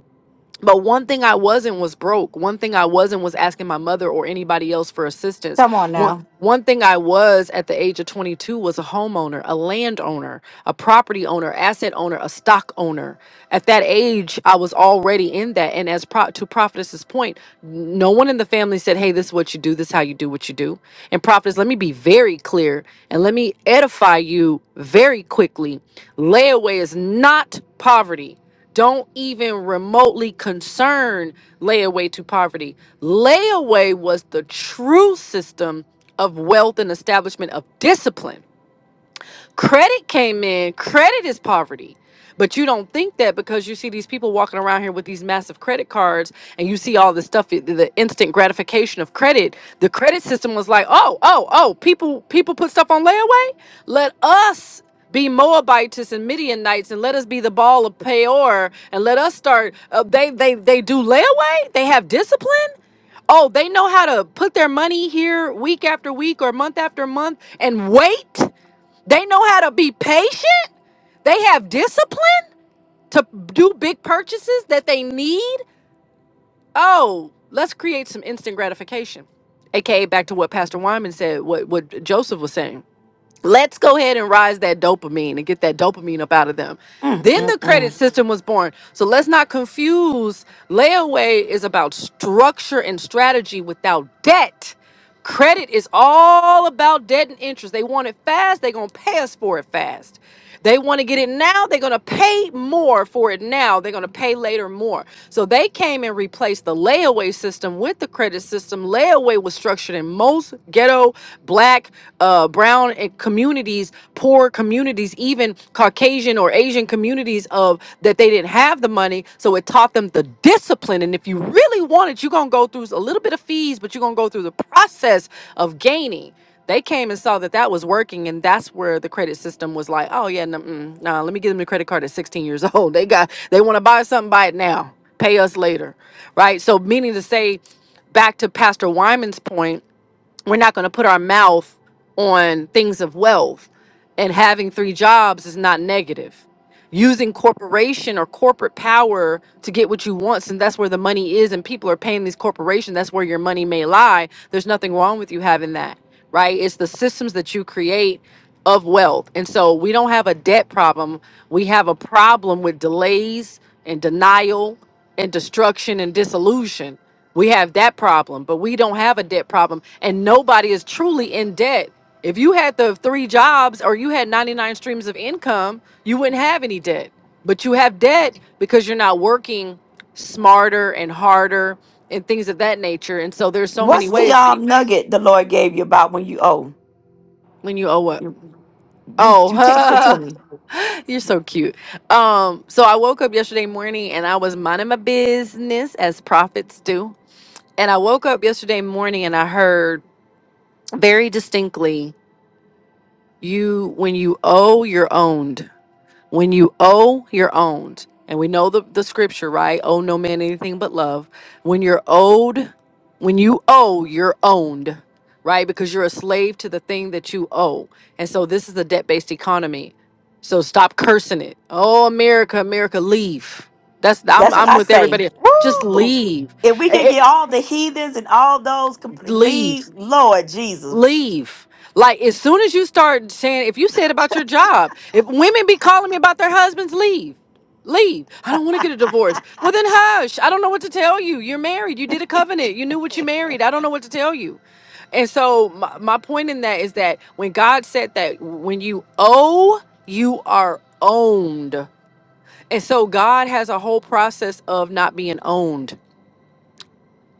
But one thing I wasn't was broke. One thing I wasn't was asking my mother or anybody else for assistance.
Come on
One Mhm.
now.
one thing I was at the age of 22 was a homeowner, a landowner, a property owner, asset owner, a stock owner. At that age, I was already in that. And as pro- to Prophetess's point, no one in the family said, "Hey, this is what you do. This is how you do what you do." And Prophetess, let me be very clear and let me edify you very quickly. Layaway is not poverty don't even remotely concern layaway to poverty. Layaway was the true system of wealth and establishment of discipline Credit came in. Credit is poverty. But you don't think that because you see these people walking around here with these massive credit cards and you see all this stuff, the the instant gratification of credit. The credit system was like, oh, oh, oh, people people put stuff on layaway. Let us be Moabites and Midianites, and let us be the ball of Peor, and let us start. Uh, they they they do layaway. They have discipline. Oh, they know how to put their money here week after week or month after month and wait. They know how to be patient. They have discipline to do big purchases that they need. Oh, let's create some instant gratification. AKA back to what Pastor Wyman said, what, what Joseph was saying let's go ahead and rise that dopamine and get that dopamine up out of them.
Mm,
Then
mm,
the credit
mm.
system was born. So let's not confuse layaway is about structure and strategy without debt. Credit is all about debt and interest. They want it fast, they're going to pay us for it fast. They want to get it now. They're going to pay more for it now. They're going to pay later more. So they came and replaced the layaway system with the credit system. Layaway was structured in most ghetto, black, uh, brown eh, communities, poor communities, even Caucasian or Asian communities of that they didn't have the money. So it taught them the discipline. And if you really want it, you're going to go through a little bit of fees, but you're going to go through the process of gaining. They came and saw that that was working, and that's where the credit system was like, "Oh yeah, no, mm, nah, let me give them the credit card at 16 years old. They got they want to buy something, buy it now, pay us later, right?" So, meaning to say, back to Pastor Wyman's point we're not going to put our mouth on things of wealth and having three jobs is not negative using corporation or corporate power to get what you want since that's where the money is and people are paying these corporations that's where your money may lie there's nothing wrong with you having that right it's the systems that you create of wealth and so we don't have a debt problem we have a problem with delays and denial and destruction and dissolution. We have that problem, but we don't have a debt problem. And nobody is truly in debt. If you had the three jobs or you had 99 streams of income, you wouldn't have any debt. But you have debt because you're not working smarter and harder and things of that nature. And so there's so many
What's the
ways
um nugget the Lord gave you about when you owe?
when you owe up.
You you, you text it to
Oh,
me.
you're so cute. Um, so I woke up yesterday morning and I was minding my business as prophets do And I woke up yesterday morning and I heard very distinctly you when you owe you're owned. When you owe you're owned. And we know the, the scripture, right? Owe no man anything but love. When you're owed, when you owe, you're owned, right? Because you're a slave to the thing that you owe. And so this is a debt based economy. So stop cursing it. Oh America, America, leave. That's I'm
That's what
I'm
I
with
say.
everybody. Just
Woo!
leave.
If we can
Eh, eh,
get all the heathens and all those comp-
leave.
leave, Lord Jesus,
leave. Like as soon as you start saying, if you said about your job, if women be calling me about their husbands, leave. Leave. I don't want to get a divorce. Well then hush. I don't know what to tell you. You're married. You did a covenant. You knew what you married. I don't know what to tell you. And so my, my point in that is that when God said that when you owe, you are owned. And so God has a whole process of not being owned.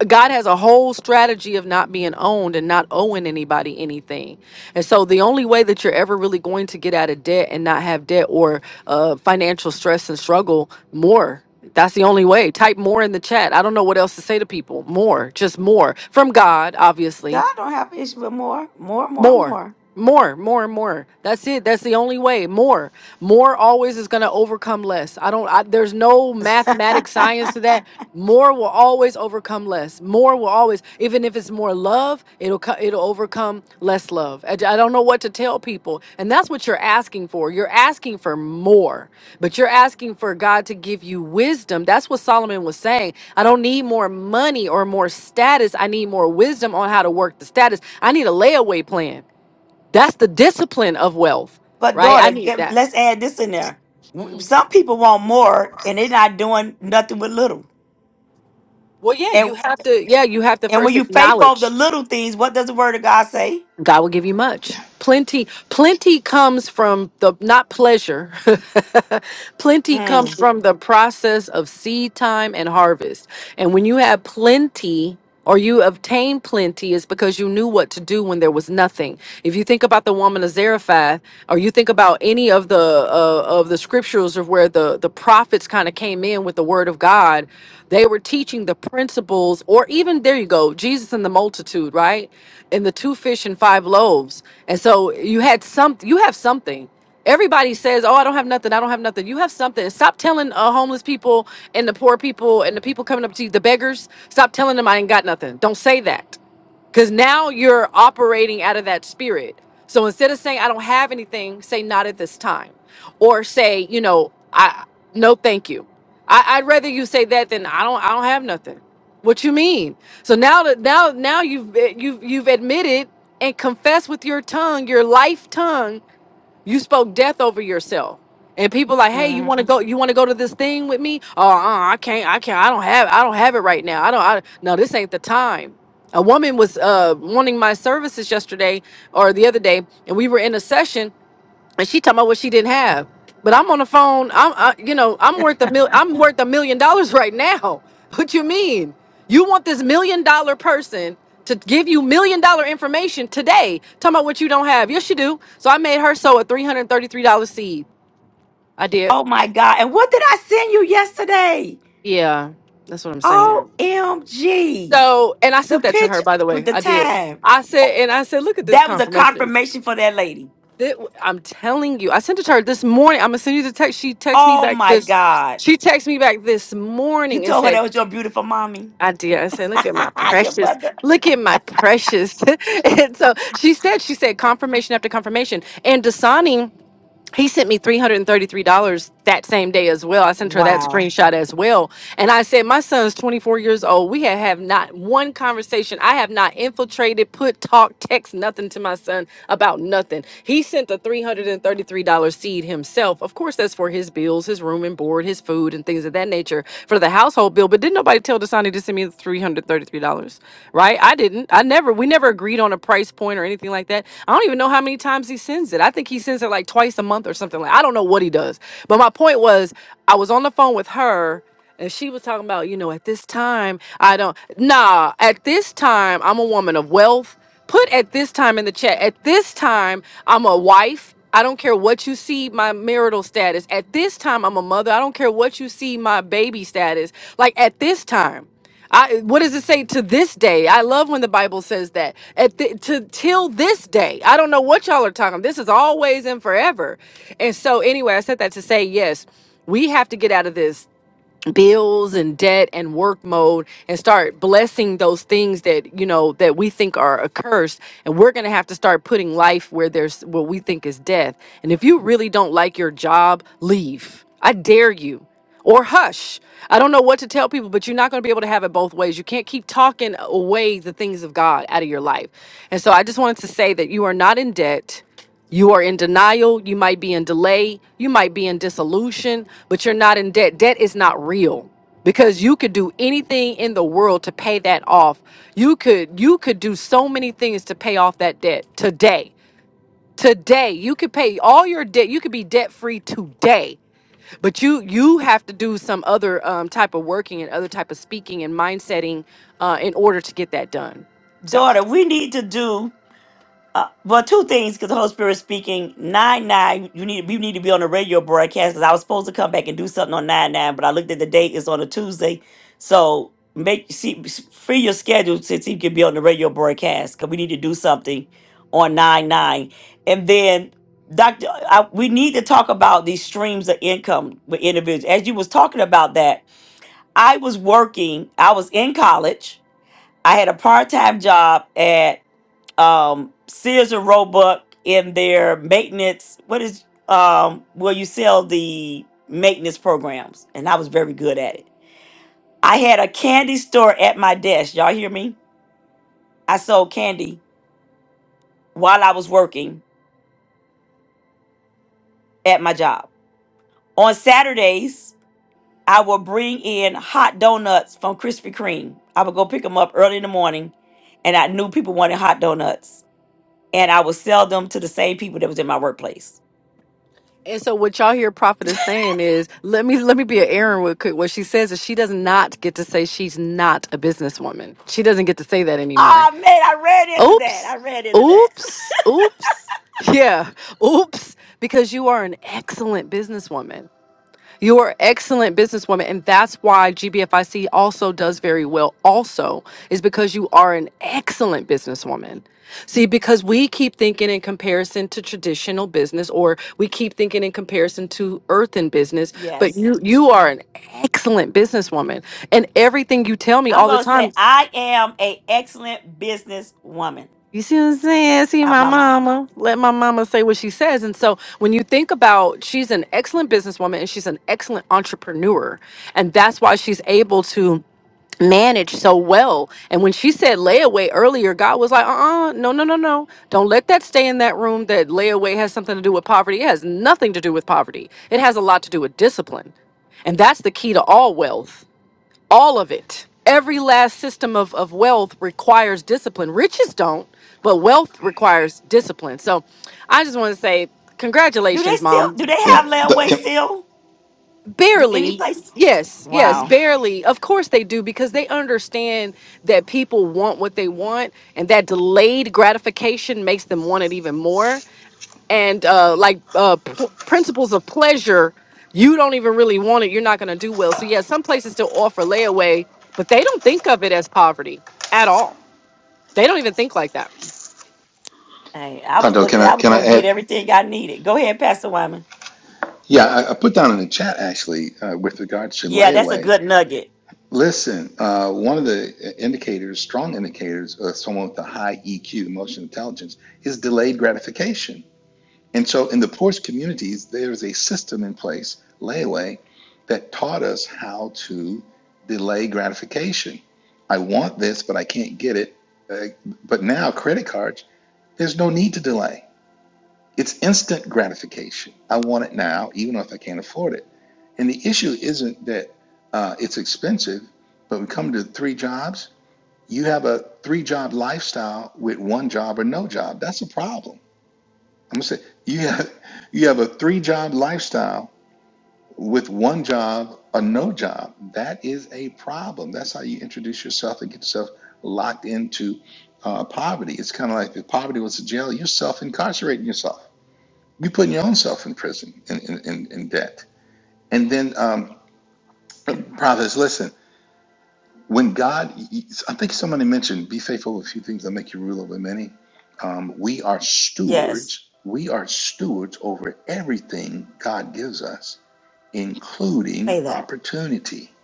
God has a whole strategy of not being owned and not owing anybody anything. And so the only way that you're ever really going to get out of debt and not have debt or uh, financial stress and struggle more. That's the only way. Type more in the chat. I don't know what else to say to people. More, just more from God, obviously.
God don't have an issue with more, more, more,
More,
more.
more, more, more. That's it. That's the only way. More, more always is going to overcome less. I don't, I, there's no mathematic science to that. More will always overcome less. More will always, even if it's more love, it'll, co- it'll overcome less love. I, I don't know what to tell people. And that's what you're asking for. You're asking for more, but you're asking for God to give you wisdom. That's what Solomon was saying. I don't need more money or more status. I need more wisdom on how to work the status. I need a layaway plan. That's the discipline of wealth,
But
right? I
daughter,
need
get-
that.
let's add this in there. W-
Mhm.
Some people want more, and they're not doing nothing with little.
Well, yeah,
And
you have to, yeah, you have to
and when
first
you faithful of the
acknowledge
little things, what does the word of God say?
God will give you much. Plenty, plenty comes from the not pleasure. Plenty comes
Mm,
from the process of seed time and harvest. And when you have plenty or you obtain plenty, it's because you knew what to do when there was nothing. If you think about the woman of Zarephath, or you think about any of the uh, of the scriptures of where the the prophets kind of came in with the word of God, they were teaching the principles, or even there you go, Jesus and the multitude, right? And the two fish and five loaves. And so you had some, you have something. Everybody says, "Oh, I don't have nothing. I don't have nothing." You have something. Stop telling uh, homeless people and the poor people and the people coming up to you, the beggars. Stop telling them I ain't got nothing. Don't say that, because now you're operating out of that spirit. So instead of saying I don't have anything, say not at this time, or say you know I no thank you. I, I'd rather you say that than I don't I don't have nothing. What you mean? So now that now now you've eh, you've you've admitted and confessed with your tongue, your life tongue you spoke death over yourself. And people like, hey, you want to
mhm.
go? You want to go to this thing with me? Oh, uh, I can't. I can't. I don't have. I don't have it right now. I don't. I, no, this ain't the time. A woman was uh, wanting my services yesterday or the other day, and we were in a session and she talking about what she didn't have. But I'm on the phone. I'm, I, you know, I'm worth a mil. I'm worth a million dollars right now. What you mean? You want this million dollar person to give you million dollar information today? Talking about what you don't have. Yes, you do. So I made her sow a three hundred thirty three dollar seed. I did.
Oh my God! And what did I send you yesterday?
Yeah, that's what I'm saying.
Omg,
So, and I
the
sent that to her.
picture
By the
with
way,
the
I did.
time.
I said, and I said, look at this
That was a
confirmation.
confirmation for that lady.
That, I'm telling you, I sent it to her this morning. I'm gonna send you the text. She texted me
Oh
back
my
this.
God!
She texted me back this
You
morning and
told her
said,
that was your beautiful mommy,
"Idea." I said, "Look at my
your
precious.
mother.
Look at my precious." and so she said, "She said confirmation after confirmation." And Dasani he sent me $333 that same day as well. I sent her that
Wow,
screenshot as well. And I said, My son's 24 years old. We have, have not one conversation. I have not infiltrated, put, talk, text nothing to my son about nothing. He sent the $333 seed himself. Of course, that's for his bills, his room and board, his food, and things of that nature for the household bill. But didn't nobody tell the Dasani to send me three hundred thirty-three dollars, right? I didn't. I never. We never agreed on a price point or anything like that. I don't even know how many times he sends it. I think he sends it like twice a month or something like. I don't know what he does. But my point was, I was on the phone with her. And she was talking about, you know, at this time, I don't, nah, at this time, I'm a woman of wealth. Put at this time in the chat. At this time, I'm a wife. I don't care what you see my marital status. At this time, I'm a mother. I don't care what you see my baby status. Like at this time, I what does it say to this day? I love when the Bible says that. At the, to till this day. I don't know what y'all are talking. This is always and forever. And so anyway, I said that to say yes, we have to get out of this bills and debt and work mode and start blessing those things that you know that we think are accursed and we're going to have to start putting life where there's what we think is death and if you really don't like your job leave i dare you or hush i don't know what to tell people but you're not going to be able to have it both ways you can't keep talking away the things of god out of your life and so i just wanted to say that you are not in debt you are in denial. You might be in delay. You might be in dissolution, but you're not in debt. Debt is not real because you could do anything in the world to pay that off. You could you could do so many things to pay off that debt today. Today you could pay all your debt. You could be debt free today. But you you have to do some other um, type of working and other type of speaking and mindsetting uh, in order to get that done. So.
daughter, we need to do. Uh, well, two things because the Holy Spirit is speaking. Nine nine, you need you need to be on the radio broadcast because I was supposed to come back and do something on nine nine, but I looked at the date; it's on a Tuesday. So make see free your schedule since you can be on the radio broadcast because we need to do something on nine nine, and then Doctor, I, we need to talk about these streams of income with individuals. As you was talking about that, I was working. I was in college. I had a part time job um, Sears and Roebuck in their maintenance. What is um, where you sell the maintenance programs? And I was very good at it. I had a candy store at my desk. Y'all hear me? I sold candy while I was working at my job. On Saturdays, I would bring in hot donuts from Krispy Kreme. I would go pick them up early in the morning, and I knew people wanted hot donuts, and I would sell them to the same people that was in my workplace.
And so what y'all hear Prophet is saying is, let me let me be an Aaron with quick. What she says is she does not get to say she's not a businesswoman. She doesn't get to say that anymore.
Ah, man, I ran into that.
Oops.
I ran into that.
Oops. Oops. Yeah. Oops. Because you are an excellent businesswoman. You're an excellent businesswoman. And that's why GBFIC also does very well, also, is because you are an excellent businesswoman. See, because we keep thinking in comparison to traditional business, or we keep thinking in comparison to earthen business, but
Yes.
you you are an excellent businesswoman. And everything you tell me
I'm
all the
going to say
time.
I am a excellent business woman
You see what I'm saying? See
out
my
my mouth.
mama. Let my mama say what she says. And so when you think about she's an excellent businesswoman and she's an excellent entrepreneur. And that's why she's able to manage so well. And when she said layaway earlier, God was like, uh-uh, no, no, no, no. Don't let that stay in that room that layaway has something to do with poverty. It has nothing to do with poverty. It has a lot to do with discipline. And that's the key to all wealth all of it. Every last system of, of wealth requires discipline. Riches don't, but wealth requires discipline. So I just want to say,
Do they
congratulations,
still,
mom.
do they
Yeah.
have layaway
Can,
still? Do any
Barely.
place?
Yes, yes,
um,
Wow.
barely. Of course they do because they understand that people want what they want and that delayed gratification makes them want it even more. And uh like uh pl- principles of pleasure, you don't even really want it, you're not going to do well. So yeah, some places still offer layaway, but they don't think of it as poverty at all. They don't even think like that.
Hey, I was
Tonto,
looking,
can
I
I
was
can I
going to get
add?
everything I needed. Go ahead, Pastor Wyman.
Yeah, I, I put down in the chat actually uh, with regards to
Yeah, that's a
layaway.
good nugget.
Listen, uh, one of the indicators, strong indicators of someone with a high EQ, emotional intelligence, is delayed gratification. And so in the poorest communities, there's a system in place, layaway, that taught us how to delay gratification. I want this, but I can't get it. Uh, but now, credit cards, there's no need to delay. It's instant gratification. I want it now, even if I can't afford it. And the issue isn't that uh, it's expensive, but we come to three jobs. You have a three job lifestyle with one job or no job. That's a problem I'm gonna say you have you have a three job lifestyle with one job or no job. That is a problem. That's how you introduce yourself and get yourself locked into uh, poverty. It's kind of like if poverty was a jail, you're self incarcerating yourself. You're putting your own self in prison in, in, in, in debt. And then, um, prophets, listen. when God, I think somebody mentioned, be faithful with a few things that make you rule over many. Um, we are
Yes.
stewards. We are stewards over everything God gives us,
Say
including
that.
opportunity.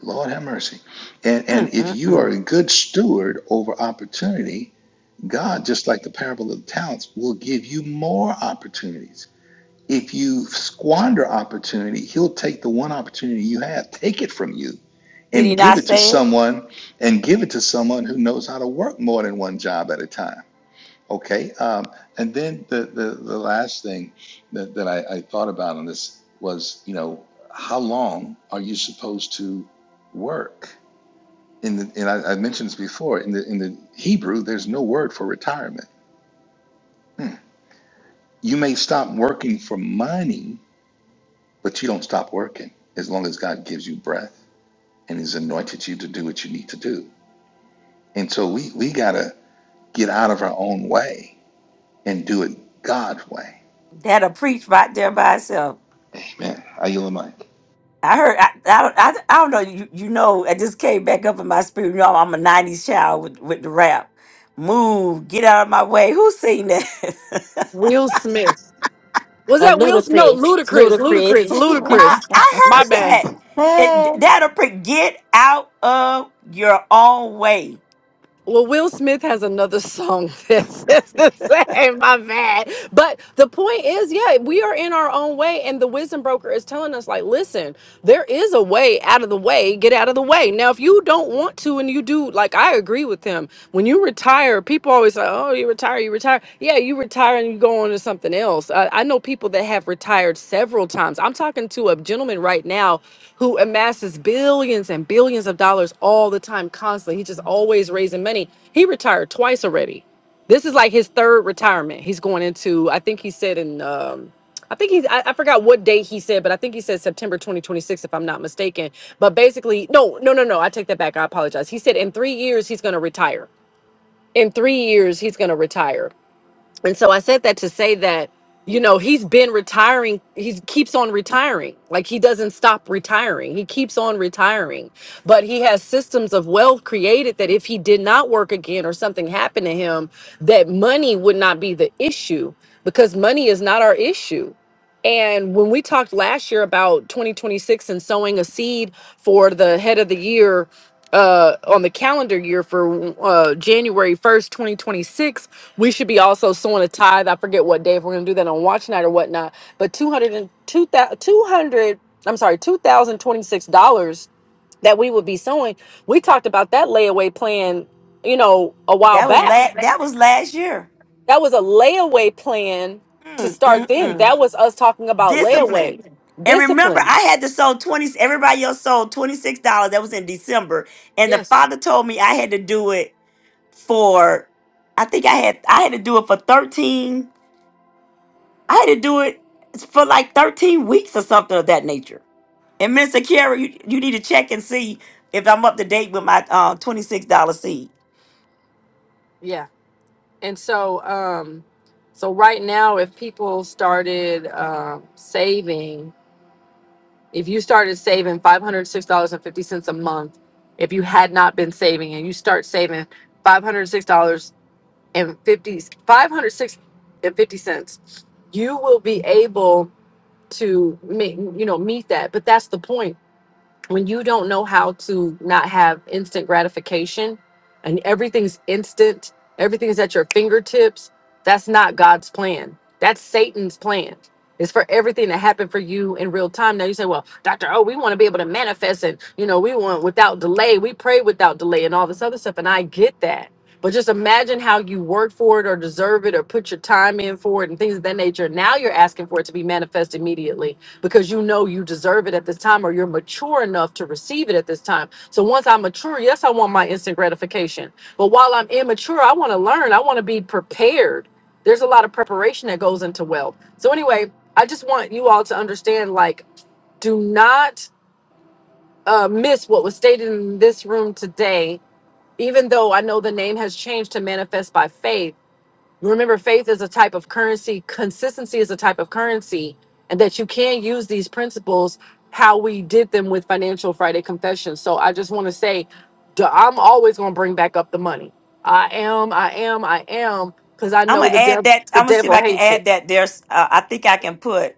Lord have mercy. And, and if you are
Mm-mm-mm.
a good steward over opportunity, God, just like the parable of the talents, will give you more opportunities. If you squander opportunity, He'll take the one opportunity you have, take it from you
Did he
and give
not
it to
say it?
someone and give it to someone who knows how to work more than one job at a time okay um, and then the, the the last thing that, that I, I thought about on this was you know how long are you supposed to work in the and I, I mentioned this before in the in the hebrew there's no word for retirement you may stop working for money but you don't stop working as long as god gives you breath and has anointed you to do what you need to do and so we we got to get out of our own way and do it God's way.
That'll preach right there by itself.
Amen. I yield the mic.
I heard. I, I, don't- I, I don't know. You, you know. I just came back up in my spirit. You know, I'm a '90s child with with the rap. Move, get out of my way. Who seen that?
Will Smith. Was
A
that Will Smith? No,
ludicrous.
ludicrous,
Ludicrous.
ludicrous,
Why?
ludicrous.
I
My
heard
bad.
that.
Hey.
It, that'll pre- get out of your own way.
Well, Will Smith has another song that says the same. My bad. But the point is, yeah, we are in our own way, and the wisdom broker is telling us, like, listen, there is a way out of the way. Get out of the way. Now, if you don't want to, and you do, like, I agree with him. When you retire, people always say, oh, you retire, you retire. Yeah, you retire and you go on to something else. I, I know people that have retired several times times. I'm talking to a gentleman right now who amasses billions and billions of dollars all the time, constantly. He's just always raising money. He retired twice already. This is like his third retirement. He's going into, I think he said in, um, I think he's, I, I forgot what date he said, but I think he said September 2026, if I'm not mistaken. But basically, no, no, no, no. I take that back. I apologize. He said in three years, he's going to retire. In three years, he's going to retire. And so I said that to say that, you know, he's been retiring. He keeps on retiring. Like he doesn't stop retiring. He keeps on retiring. But he has systems of wealth created that if he did not work again or something happened to him, that money would not be the issue because money is not our issue. And when we talked last year about 2026 and sowing a seed for the head of the year uh, on the calendar year for uh, January 1st, 2026, we should be also sowing a tithe. I forget what day, if we're going to do that on watch night or whatnot, but 200, and- 200 I'm sorry, $2,026 that we would be sowing. We talked about that layaway plan, you know, a while
That was
back.
last. That was last year.
That was a layaway plan to
Mm,
start
mm,
then.
mm.
That was us talking about
Discipline.
layaway
And remember,
discipline.
I had to sold twenty. Everybody else sold twenty six dollars. That was in December, and the
Yes.
father told me I had to do it for I think I had I had to do it for 13. I had to do it for like 13 weeks or something of that nature. And Mr. Carey, you, you need to check and see if I'm up to date with my uh, $26 seed.
Yeah. And so, um, so right now, if people started um, saving, if you started saving five hundred six dollars and fifty cents a month, if you had not been saving, and you start saving five hundred six dollars and fifty five hundred six and fifty cents, you will be able to make you know meet that. But that's the point when you don't know how to not have instant gratification and everything's instant, everything is at your fingertips, that's not God's plan. That's Satan's plan. It's for everything to happen for you in real time. Now you say, well, Dr. Oh, we want to be able to manifest and, you know, we want without delay. We pray without delay and all this other stuff. And I get that. But just imagine how you work for it or deserve it or put your time in for it and things of that nature. Now you're asking for it to be manifest immediately because you know you deserve it at this time or you're mature enough to receive it at this time. So once I'm mature, yes, I want my instant gratification. But while I'm immature, I want to learn, I want to be prepared. There's a lot of preparation that goes into wealth. So anyway, I just want you all to understand like do not uh, miss what was stated in this room today. Even though I know the name has changed to manifest by faith, remember faith is a type of currency consistency is a type of currency and that you can use these principles how we did them with financial friday confession so i just want to say duh, i'm always going to bring back up the money i am i am i am because i
I'm
know
gonna
the
add
devil
that.
the
I'm gonna see if
devil
I can
hates it
add that. There's, uh, I think I can put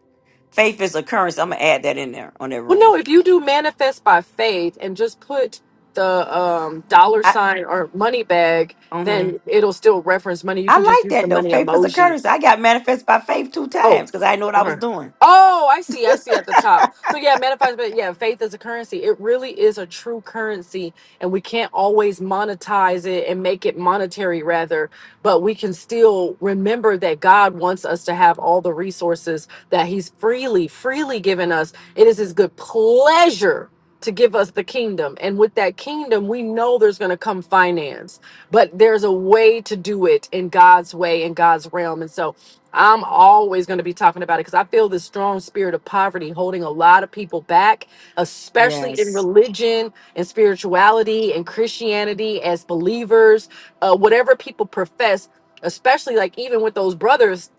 faith is a currency. I'm gonna add that in there on that
well
room.
no if you do manifest by faith and just put the um, dollar
I,
sign or money bag
hmm
then it'll still reference money you
I
can just
like
use the
that though.
money
Faith is a
emoji
currency. I got manifest by faith two
Oh,
times because I didn't know what I was
okay.
doing.
Oh, I see. I see at the top. So yeah, manifest, but yeah, faith is a currency. It really is a true currency, and we can't always monetize it and make it monetary, rather. But we can still remember that God wants us to have all the resources that He's freely, freely given us. It is His good pleasure to give us the kingdom, and with that kingdom, we know there's going to come finance but there's a way to do it in God's way in God's realm. And so I'm always going to be talking about it because I feel this strong spirit of poverty holding a lot of people back, especially in
Yes,
religion and spirituality and Christianity as believers, uh, whatever people profess, especially like even with those brothers.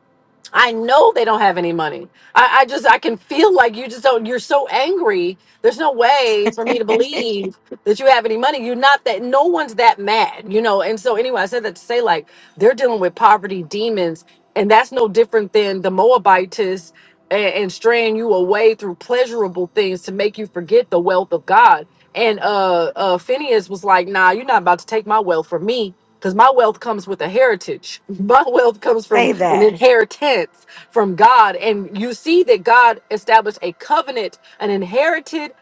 I know they don't have any money. I, I just I can feel like you just don't. You're so angry. There's no way for me to believe that you have any money. You're not that. No one's that mad, you know. And so anyway, I said that to say like they're dealing with poverty demons, and that's no different than the Moabitess and, and straying you away through pleasurable things to make you forget the wealth of God. And uh, uh, Phineas was like, "Nah, you're not about to take my wealth from me." Because my wealth comes with a heritage. My wealth comes
say
from an
that.
inheritance from God. And you see that God established a covenant, an inherited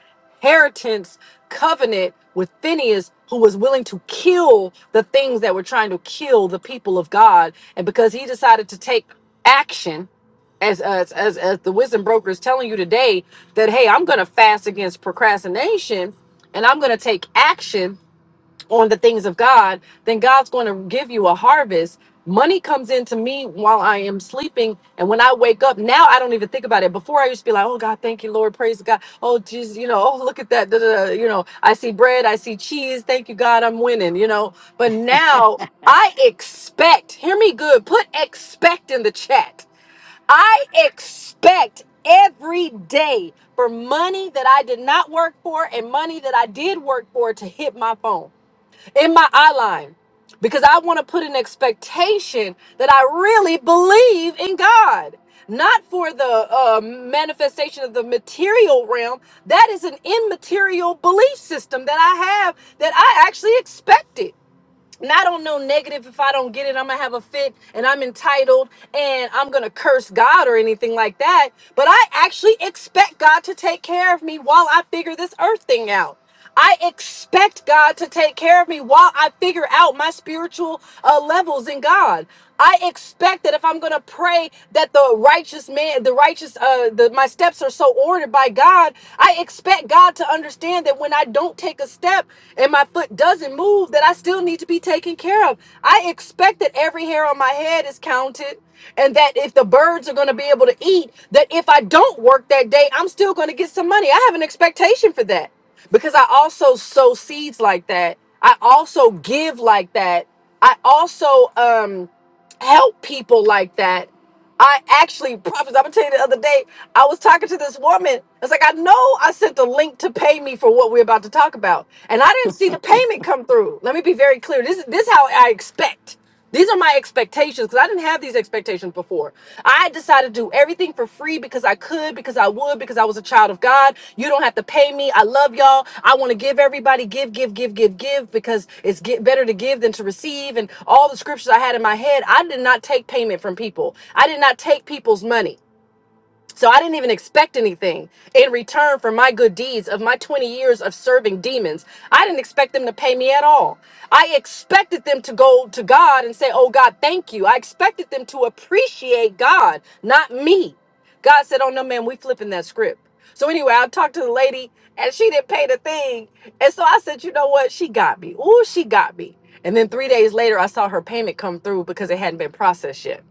inheritance covenant with Phineas, who was willing to kill the things that were trying to kill the people of God. And because he decided to take action, as as as, as the wisdom broker is telling you today, that hey, I'm going to fast against procrastination, and I'm going to take action on the things of God, then God's going to give you a harvest. Money comes into me while I am sleeping. And when I wake up, now I don't even think about it. Before I used to be like, oh God, thank you, Lord. Praise God. Oh, Jesus, you know, oh, look at that. da, da, da," You know, I see bread, I see cheese. Thank you, God, I'm winning, you know. But now I expect, hear me good, put expect in the chat. I expect every day for money that I did not work for and money that I did work for to hit my phone in my outline because I want to put an expectation that I really believe in God, not for the uh, manifestation of the material realm. That is an immaterial belief system that I have that I actually expected. And I don't know negative if I don't get it, I'm gonna have a fit and I'm entitled and I'm gonna curse God or anything like that. But I actually expect God to take care of me while I figure this earth thing out. I expect God to take care of me while I figure out my spiritual uh, levels in God. I expect that if I'm going to pray that the righteous man, the righteous, uh, the, my steps are so ordered by God God, I expect God to understand that when I don't take a step and my foot doesn't move, that I still need to be taken care of. I expect that every hair on my head is counted and that if the birds are going to be able to eat, that if I don't work that day, I'm still going to get some money. I have an expectation for that because I also sow seeds like that. I also give like that. I also um help people like that. I actually prophets. I'm gonna tell you the other day, I was talking to this woman. I was like, I know I sent the link to pay me for what we're about to talk about, and I didn't see the payment come through. Let me be very clear. This is this is how I expect. These are my expectations because I didn't have these expectations before for. I decided to do everything for free because I could, because I would, because I was a child of God. You don't have to pay me. I love y'all. I want to give everybody give, give, give, give, give because it's get better to give than to receive. And all the scriptures I had in my head, I did not take payment from people. I did not take people's money. So I didn't even expect anything in return for my good deeds of my 20 years of serving demons. I didn't expect them to pay me at all. I expected them to go to God and say, Oh, God, thank you. I expected them to appreciate God, not me. God said, Oh, no, man, we flipping that script. So anyway, I talked to the lady and she didn't pay the thing. And so I said, You know what? She got me. Ooh, she got me. And then three days later, I saw her payment come through because it hadn't been processed yet.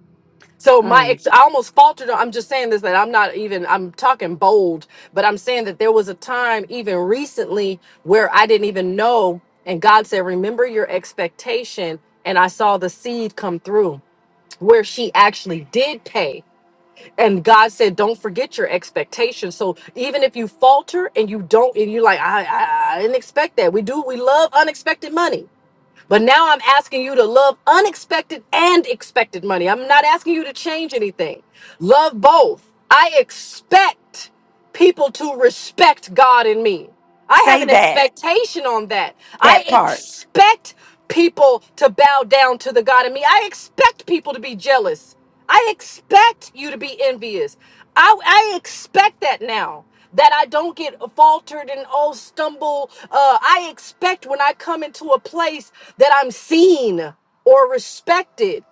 So my
Mm.
ex, I almost faltered. I'm just saying this that I'm not even. I'm talking bold, but I'm saying that there was a time, even recently, where I didn't even know, and God said, "Remember your expectation," and I saw the seed come through, where she actually did pay. And God said, "Don't forget your expectation." So even if you falter and you don't, and you're like, "I, I, I didn't expect that," we do. We love unexpected money but now I'm asking you to love unexpected and expected money. I'm not asking you to change anything. Love both. I expect people to respect God in me. I have
Say
an
that.
expectation on that. I
That part.
expect people to bow down to the God in me. I expect people to be jealous. I expect you to be envious. I, I expect that now that I don't get faltered and all stumble. Uh, I expect when I come into a place that I'm seen or respected.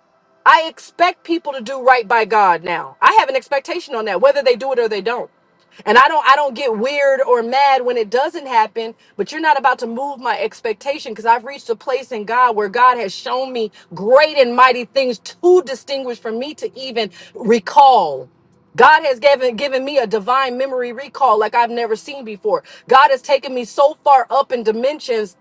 I expect people to do right by God now. I have an expectation on that, whether they do it or they don't. And I don't I don't get weird or mad when it doesn't happen, but you're not about to move my expectation because I've reached a place in God where God has shown me great and mighty things too distinguished for me to even recall. God has given given me a divine memory recall like I've never seen before. God has taken me so far up in dimensions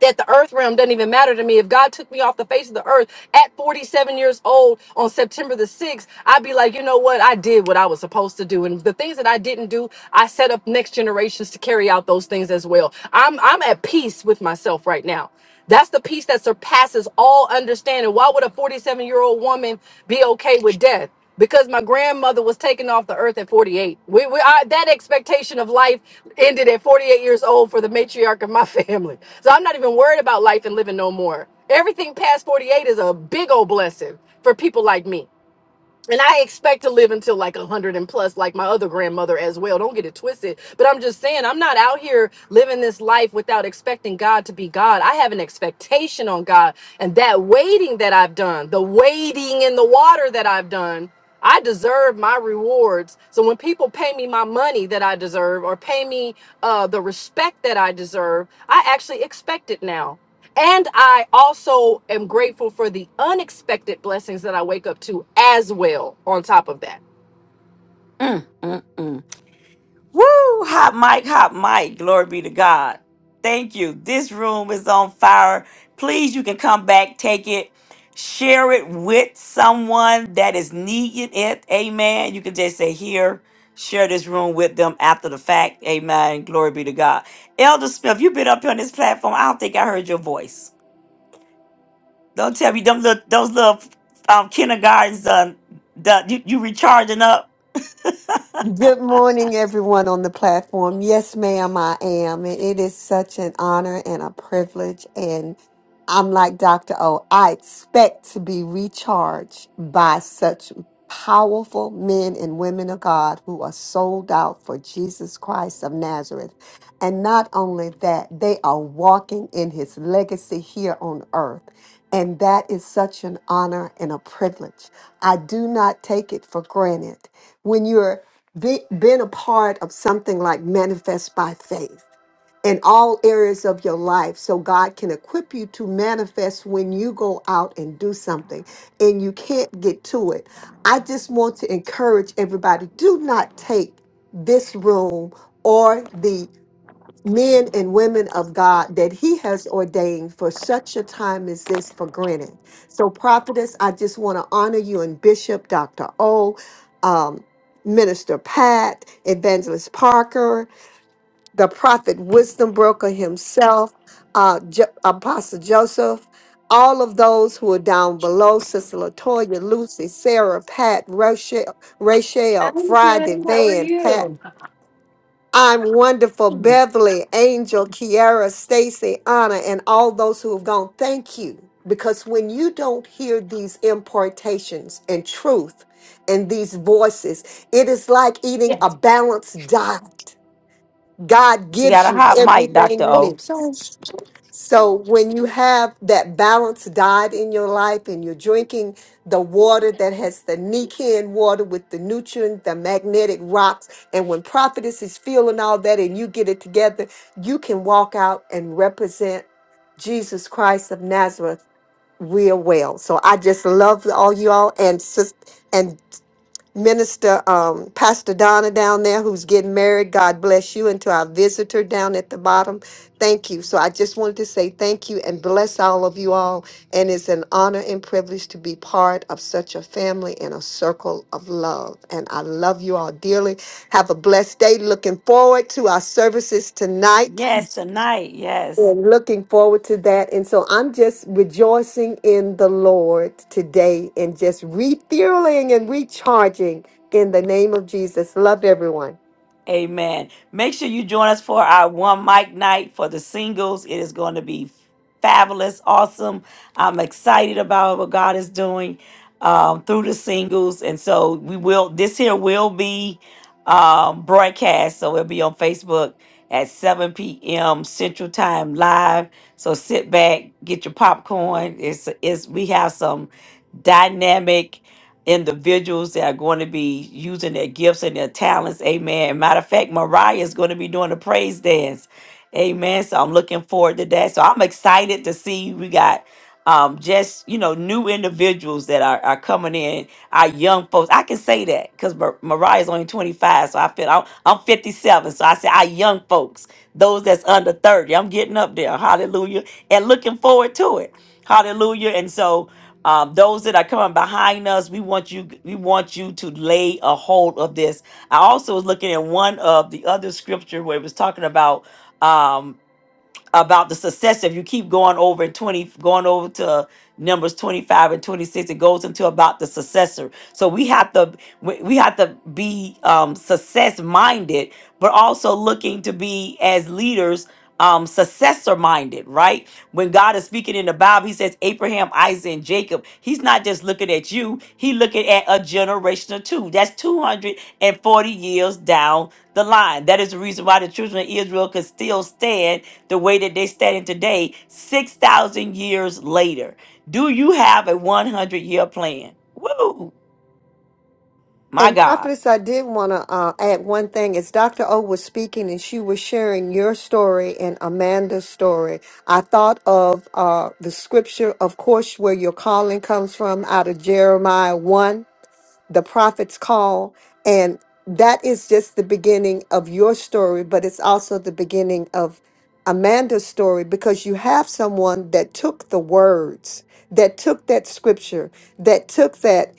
that the earth realm doesn't even matter to me. If God took me off the face of the earth at 47 years old on September the 6th, I'd be like, you know what? I did what I was supposed to do. And the things that I didn't do, I set up next generations to carry out those things as well. I'm I'm at peace with myself right now. That's the peace that surpasses all understanding. Why would a 47 year old woman be okay with death? because my grandmother was taken off the earth at 48. We, we I, that expectation of life ended at 48 years old for the matriarch of my family. So I'm not even worried about life and living no more. Everything past 48 is a big old blessing for people like me and I expect to live until like a hundred and plus, like my other grandmother as well. Don't get it twisted. But I'm just saying, I'm not out here living this life without expecting God to be God. I have an expectation on God, and that waiting that I've done, the wading in the water that I've done, I deserve my rewards. So when people pay me my money that I deserve, or pay me uh, the respect that I deserve, I actually expect it now. And I also am grateful for the unexpected blessings that I wake up to as well, on top of that.
Mm, mm, mm. Woo! Hot mic, hot mic. Glory be to God. Thank you. This room is on fire. Please, you can come back, take it, share it with someone that is needing it. Amen. You can just say, here, share this room with them after the fact. Amen. Glory be to God. Elder Smith, you've been up here on this platform. I don't think I heard your voice. Don't tell me them little, those little um, kindergartens done, done you, you recharging up.
Good morning, everyone on the platform. Yes, ma'am, I am. And it is such an honor and a privilege. And I'm like Dr. O, I expect to be recharged by such powerful men and women of God who are sold out for Jesus Christ of Nazareth. And not only that, they are walking in his legacy here on earth. And that is such an honor and a privilege. I do not take it for granted when you're be, been a part of something like manifest by faith in all areas of your life so God can equip you to manifest when you go out and do something and you can't get to it. I just want to encourage everybody do not take this room or the men and women of God that He has ordained for such a time as this for granted. So, prophetess, I just want to honor you and Bishop Dr. O, um, Minister Pat, Evangelist Parker, the prophet Wisdom Broker himself, uh, Jo- Apostle Joseph. All of those who are down below, Sister Latoya, Lucy, Sarah, Pat, Rochelle,
Hi,
Rachel, Friday,
Jen. How are
Van, Pat,
you?
I'm wonderful, Beverly, Angel, Kiara, Stacy, Anna, and all those who have gone. Thank you. Because when you don't hear these importations and truth and these voices, it is like eating a
Yes.
balanced diet. God
You got
gives
a
you
hot mic, Dr.
everything you
O.
need. So when you have that balanced diet in your life and you're drinking the water that has the Nican water with the nutrient, the magnetic rocks, and when prophetess is feeling all that and you get it together, you can walk out and represent Jesus Christ of Nazareth real well. So I just love all you all and sis Minister um, Pastor Donna down there who's getting married. God bless you. And to our visitor down at the bottom, thank you. So I just wanted to say thank you and bless all of you all. And it's an honor and privilege to be part of such a family and a circle of love. And I love you all dearly. Have a blessed day. Looking forward to our services tonight
Yes, tonight. Yes.
and looking forward to that. And so I'm just rejoicing in the Lord today and just refueling and recharging in the name of Jesus. Love everyone.
Amen. Make sure you join us for our one mic night for the singles. It is going to be fabulous, awesome. I'm excited about what God is doing um, through the singles, and so we will. This here will be um, broadcast, so it'll be on Facebook at 7 p.m. Central Time live. So sit back, get your popcorn. It's it's we have some dynamic individuals that are going to be using their gifts and their talents. Amen. Matter of fact, Mariah is going to be doing a praise dance. Amen. So I'm looking forward to that. So I'm excited to see we got um, just, you know, new individuals that are, are coming in, our young folks. I can say that because Mar- Mariah's only 25. So I feel I'm, I'm 57. So I say our young folks, those that's under 30. I'm getting up there. Hallelujah. And looking forward to it. Hallelujah. And so um, those that are coming behind us, we want you. We want you to lay a hold of this. I also was looking at one of the other scripture where it was talking about. um, about the success if you keep going over in 20 going over to numbers 25 and 26 it goes into about the successor so we have to we we have to be um success minded but also looking to be as leaders um successor minded right when god is speaking in the bible he says abraham isaac and jacob he's not just looking at you he looking at a generation or two that's 240 years down the line that is the reason why the children of israel could still stand the way that they standing today, 6,000 years later. Do you have a 100 year plan? Woo, my
And
God.
prophetess, I did want to uh, add one thing. As Dr. O was speaking and she was sharing your story and Amanda's story, I thought of uh, the scripture, of course, where your calling comes from out of Jeremiah 1, the prophet's call. And that is just the beginning of your story, but it's also the beginning of Amanda's story because you have someone that took the words, that took that scripture, that took that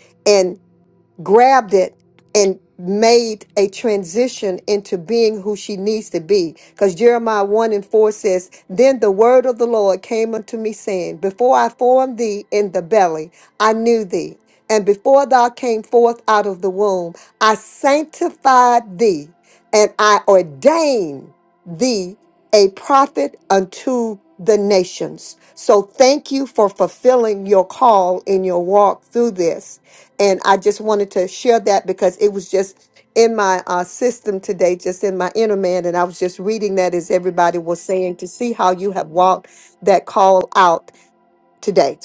grabbed it and made a transition into being who she needs to be. Because Jeremiah 1 and 4 says, Then the word of the Lord came unto me, saying, Before I formed thee in the belly, I knew thee. And before thou came forth out of the womb, I sanctified thee, and I ordained thee a prophet unto the nations. So thank you for fulfilling your call in your walk through this and I just wanted to share that because it was just in my uh, system today, just in my inner man, and I was just reading that as everybody was saying to see how you have walked that call out today.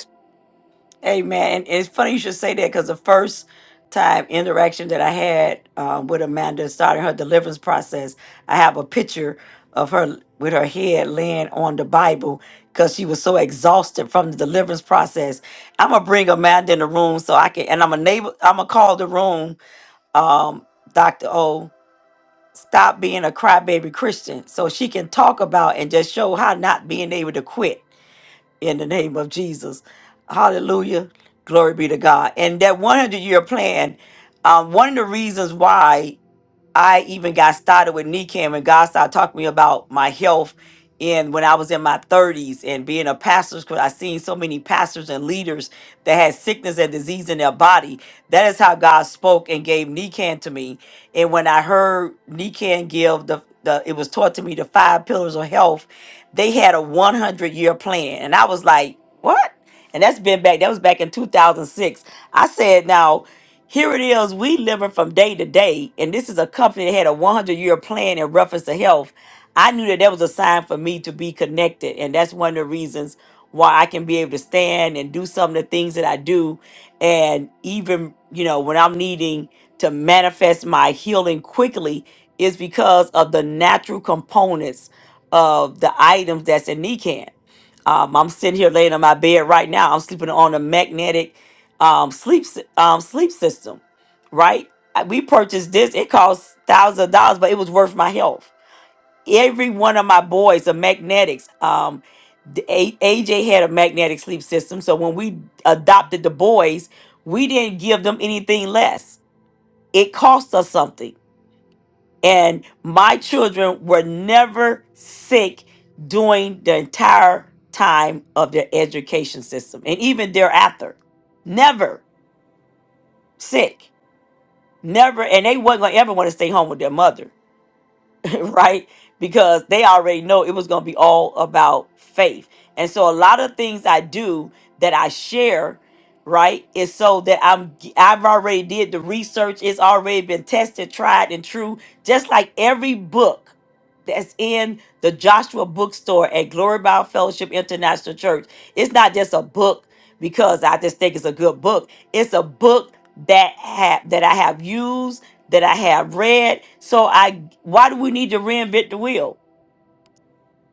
Amen. And it's funny you should say that because the first time interaction that I had um, with Amanda starting her deliverance process, I have a picture of her with her head laying on the Bible because she was so exhausted from the deliverance process. I'm gonna bring Amanda in the room so I can, and I'm gonna enable, I'm gonna call the room, um, Doctor O stop being a crybaby Christian so she can talk about and just show how not being able to quit in the name of Jesus. Hallelujah. Glory be to God. And that 100 year plan, um, one of the reasons why. I even got started with knee cam and God started talking to me about my health and when I was in my 30s and being a pastor because I seen so many pastors and leaders that had sickness and disease in their body. That is how God spoke and gave Nican to me. And when I heard Nican give the, the it was taught to me the five pillars of health, they had a 100 year plan. And I was like, what? and that's been back that was back in 2006 i said now here it is we living from day to day and this is a company that had a 100 year plan in reference to health i knew that that was a sign for me to be connected and that's one of the reasons why i can be able to stand and do some of the things that i do and even you know when i'm needing to manifest my healing quickly is because of the natural components of the items that's in NECAN. Um, I'm sitting here laying on my bed right now. I'm sleeping on a magnetic um, sleep sy- um, sleep system, right? I- We purchased this. It cost thousands of dollars, but it was worth my health. Every one of my boys are magnetics. Um, the A- AJ had a magnetic sleep system, so when we adopted the boys, we didn't give them anything less. It cost us something. And my children were never sick during the entire time of their education system and even thereafter. Never sick. Never. And they wasn't going to ever want to stay home with their mother. right? Because they already know it was going to be all about faith. And so a lot of things I do that I share, right, is so that I'm I've already did the research. It's already been tested, tried and true, just like every book that's in the Joshua bookstore at Glory Bound Fellowship International Church. It's not just a book because I just think it's a good book. It's a book that have that I have used, that I have read. So I why do we need to reinvent the wheel?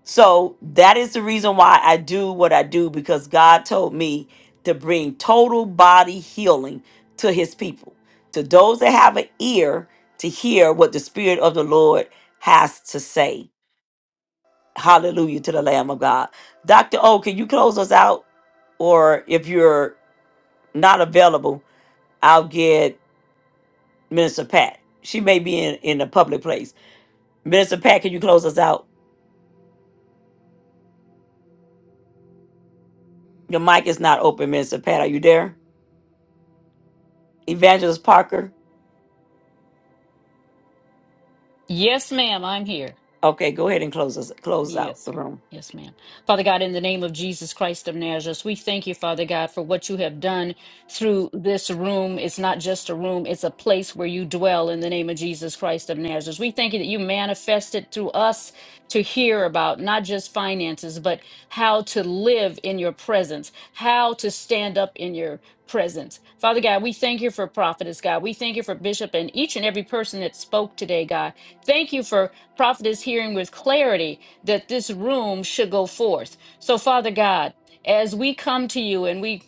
So that is the reason why I do what I do because God told me to bring total body healing to his people, to those that have an ear to hear what the spirit of the Lord has to say. Hallelujah to the Lamb of God. Dr. O, can you close us out? Or if you're not available, I'll get Minister Pat. She may be in, in a public place. Minister Pat, can you close us out? Your mic is not open, Minister Pat. Are you there? Evangelist Parker.
Yes, ma'am, I'm here.
Okay, go ahead and close us close out
Yes,
the
ma'am.
room.
yes, ma'am. Father God, in the name of Jesus Christ of Nazareth, we thank you, Father God, for what you have done through this room. It's not just a room, it's a place where you dwell in the name of Jesus Christ of Nazareth. We thank you that you manifested through us to hear about not just finances, but how to live in your presence, how to stand up in your presence. Father God, we thank you for prophetess, God. We thank you for bishop and each and every person that spoke today, God. Thank you for prophetess hearing with clarity that this room should go forth. So, Father God, as we come to you and we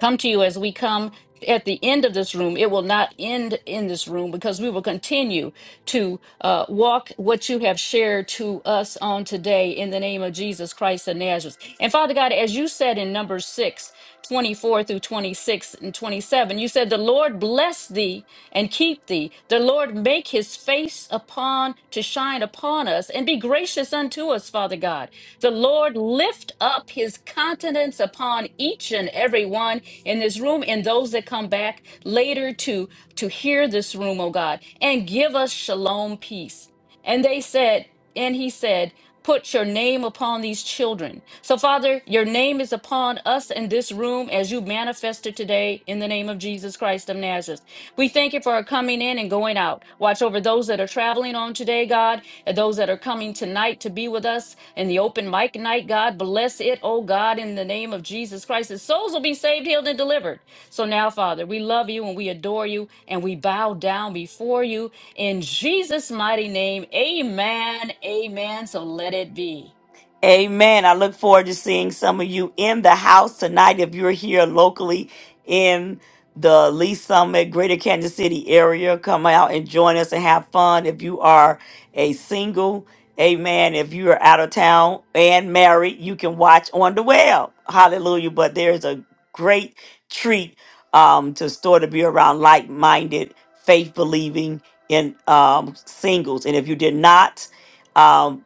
come to you as we come at the end of this room, it will not end in this room because we will continue to uh, walk what you have shared to us on today in the name of Jesus Christ of Nazareth. And Father God, as you said in Numbers six twenty-four through 26 and 27, you said, The Lord bless thee and keep thee. The Lord make his face upon to shine upon us and be gracious unto us, Father God. The Lord lift up his countenance upon each and every one in this room and those that come back later to to hear this room, oh God, and give us shalom peace. And they said, and he said, Put your name upon these children. So, Father, your name is upon us in this room as you manifested today in the name of Jesus Christ of Nazareth. We thank you for our coming in and going out. Watch over those that are traveling on today, God, and those that are coming tonight to be with us in the open mic night, God. Bless it, oh God, in the name of Jesus Christ. His souls will be saved, healed, and delivered. So now, Father, we love you and we adore you and we bow down before you in Jesus' mighty name, amen, amen. So let it be.
Amen. I look forward to seeing some of you in the house tonight. If you're here locally in the Lee Summit, Greater Kansas City area, come out and join us and have fun. If you are a single, amen. If you are out of town and married, you can watch on the web. Hallelujah. But there's a great treat um, to store to be around like minded, faith believing in um, singles. And if you did not, um,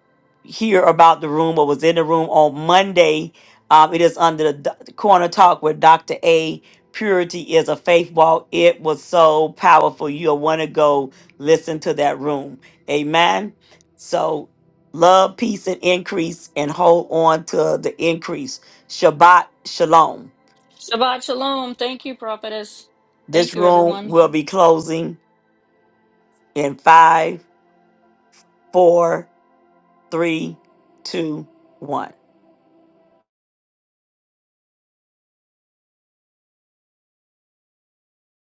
hear about the room or was in the room on Monday, um, it is under the Do- corner talk with Dr. A. Purity is a faith walk. It was so powerful. You'll want to go listen to that room. Amen. So, love, peace, and increase, and hold on to the increase. Shabbat shalom.
Shabbat shalom. Thank you, prophetess. Thank
This
you,
room
everyone.
will be closing in five, four, three, two, one.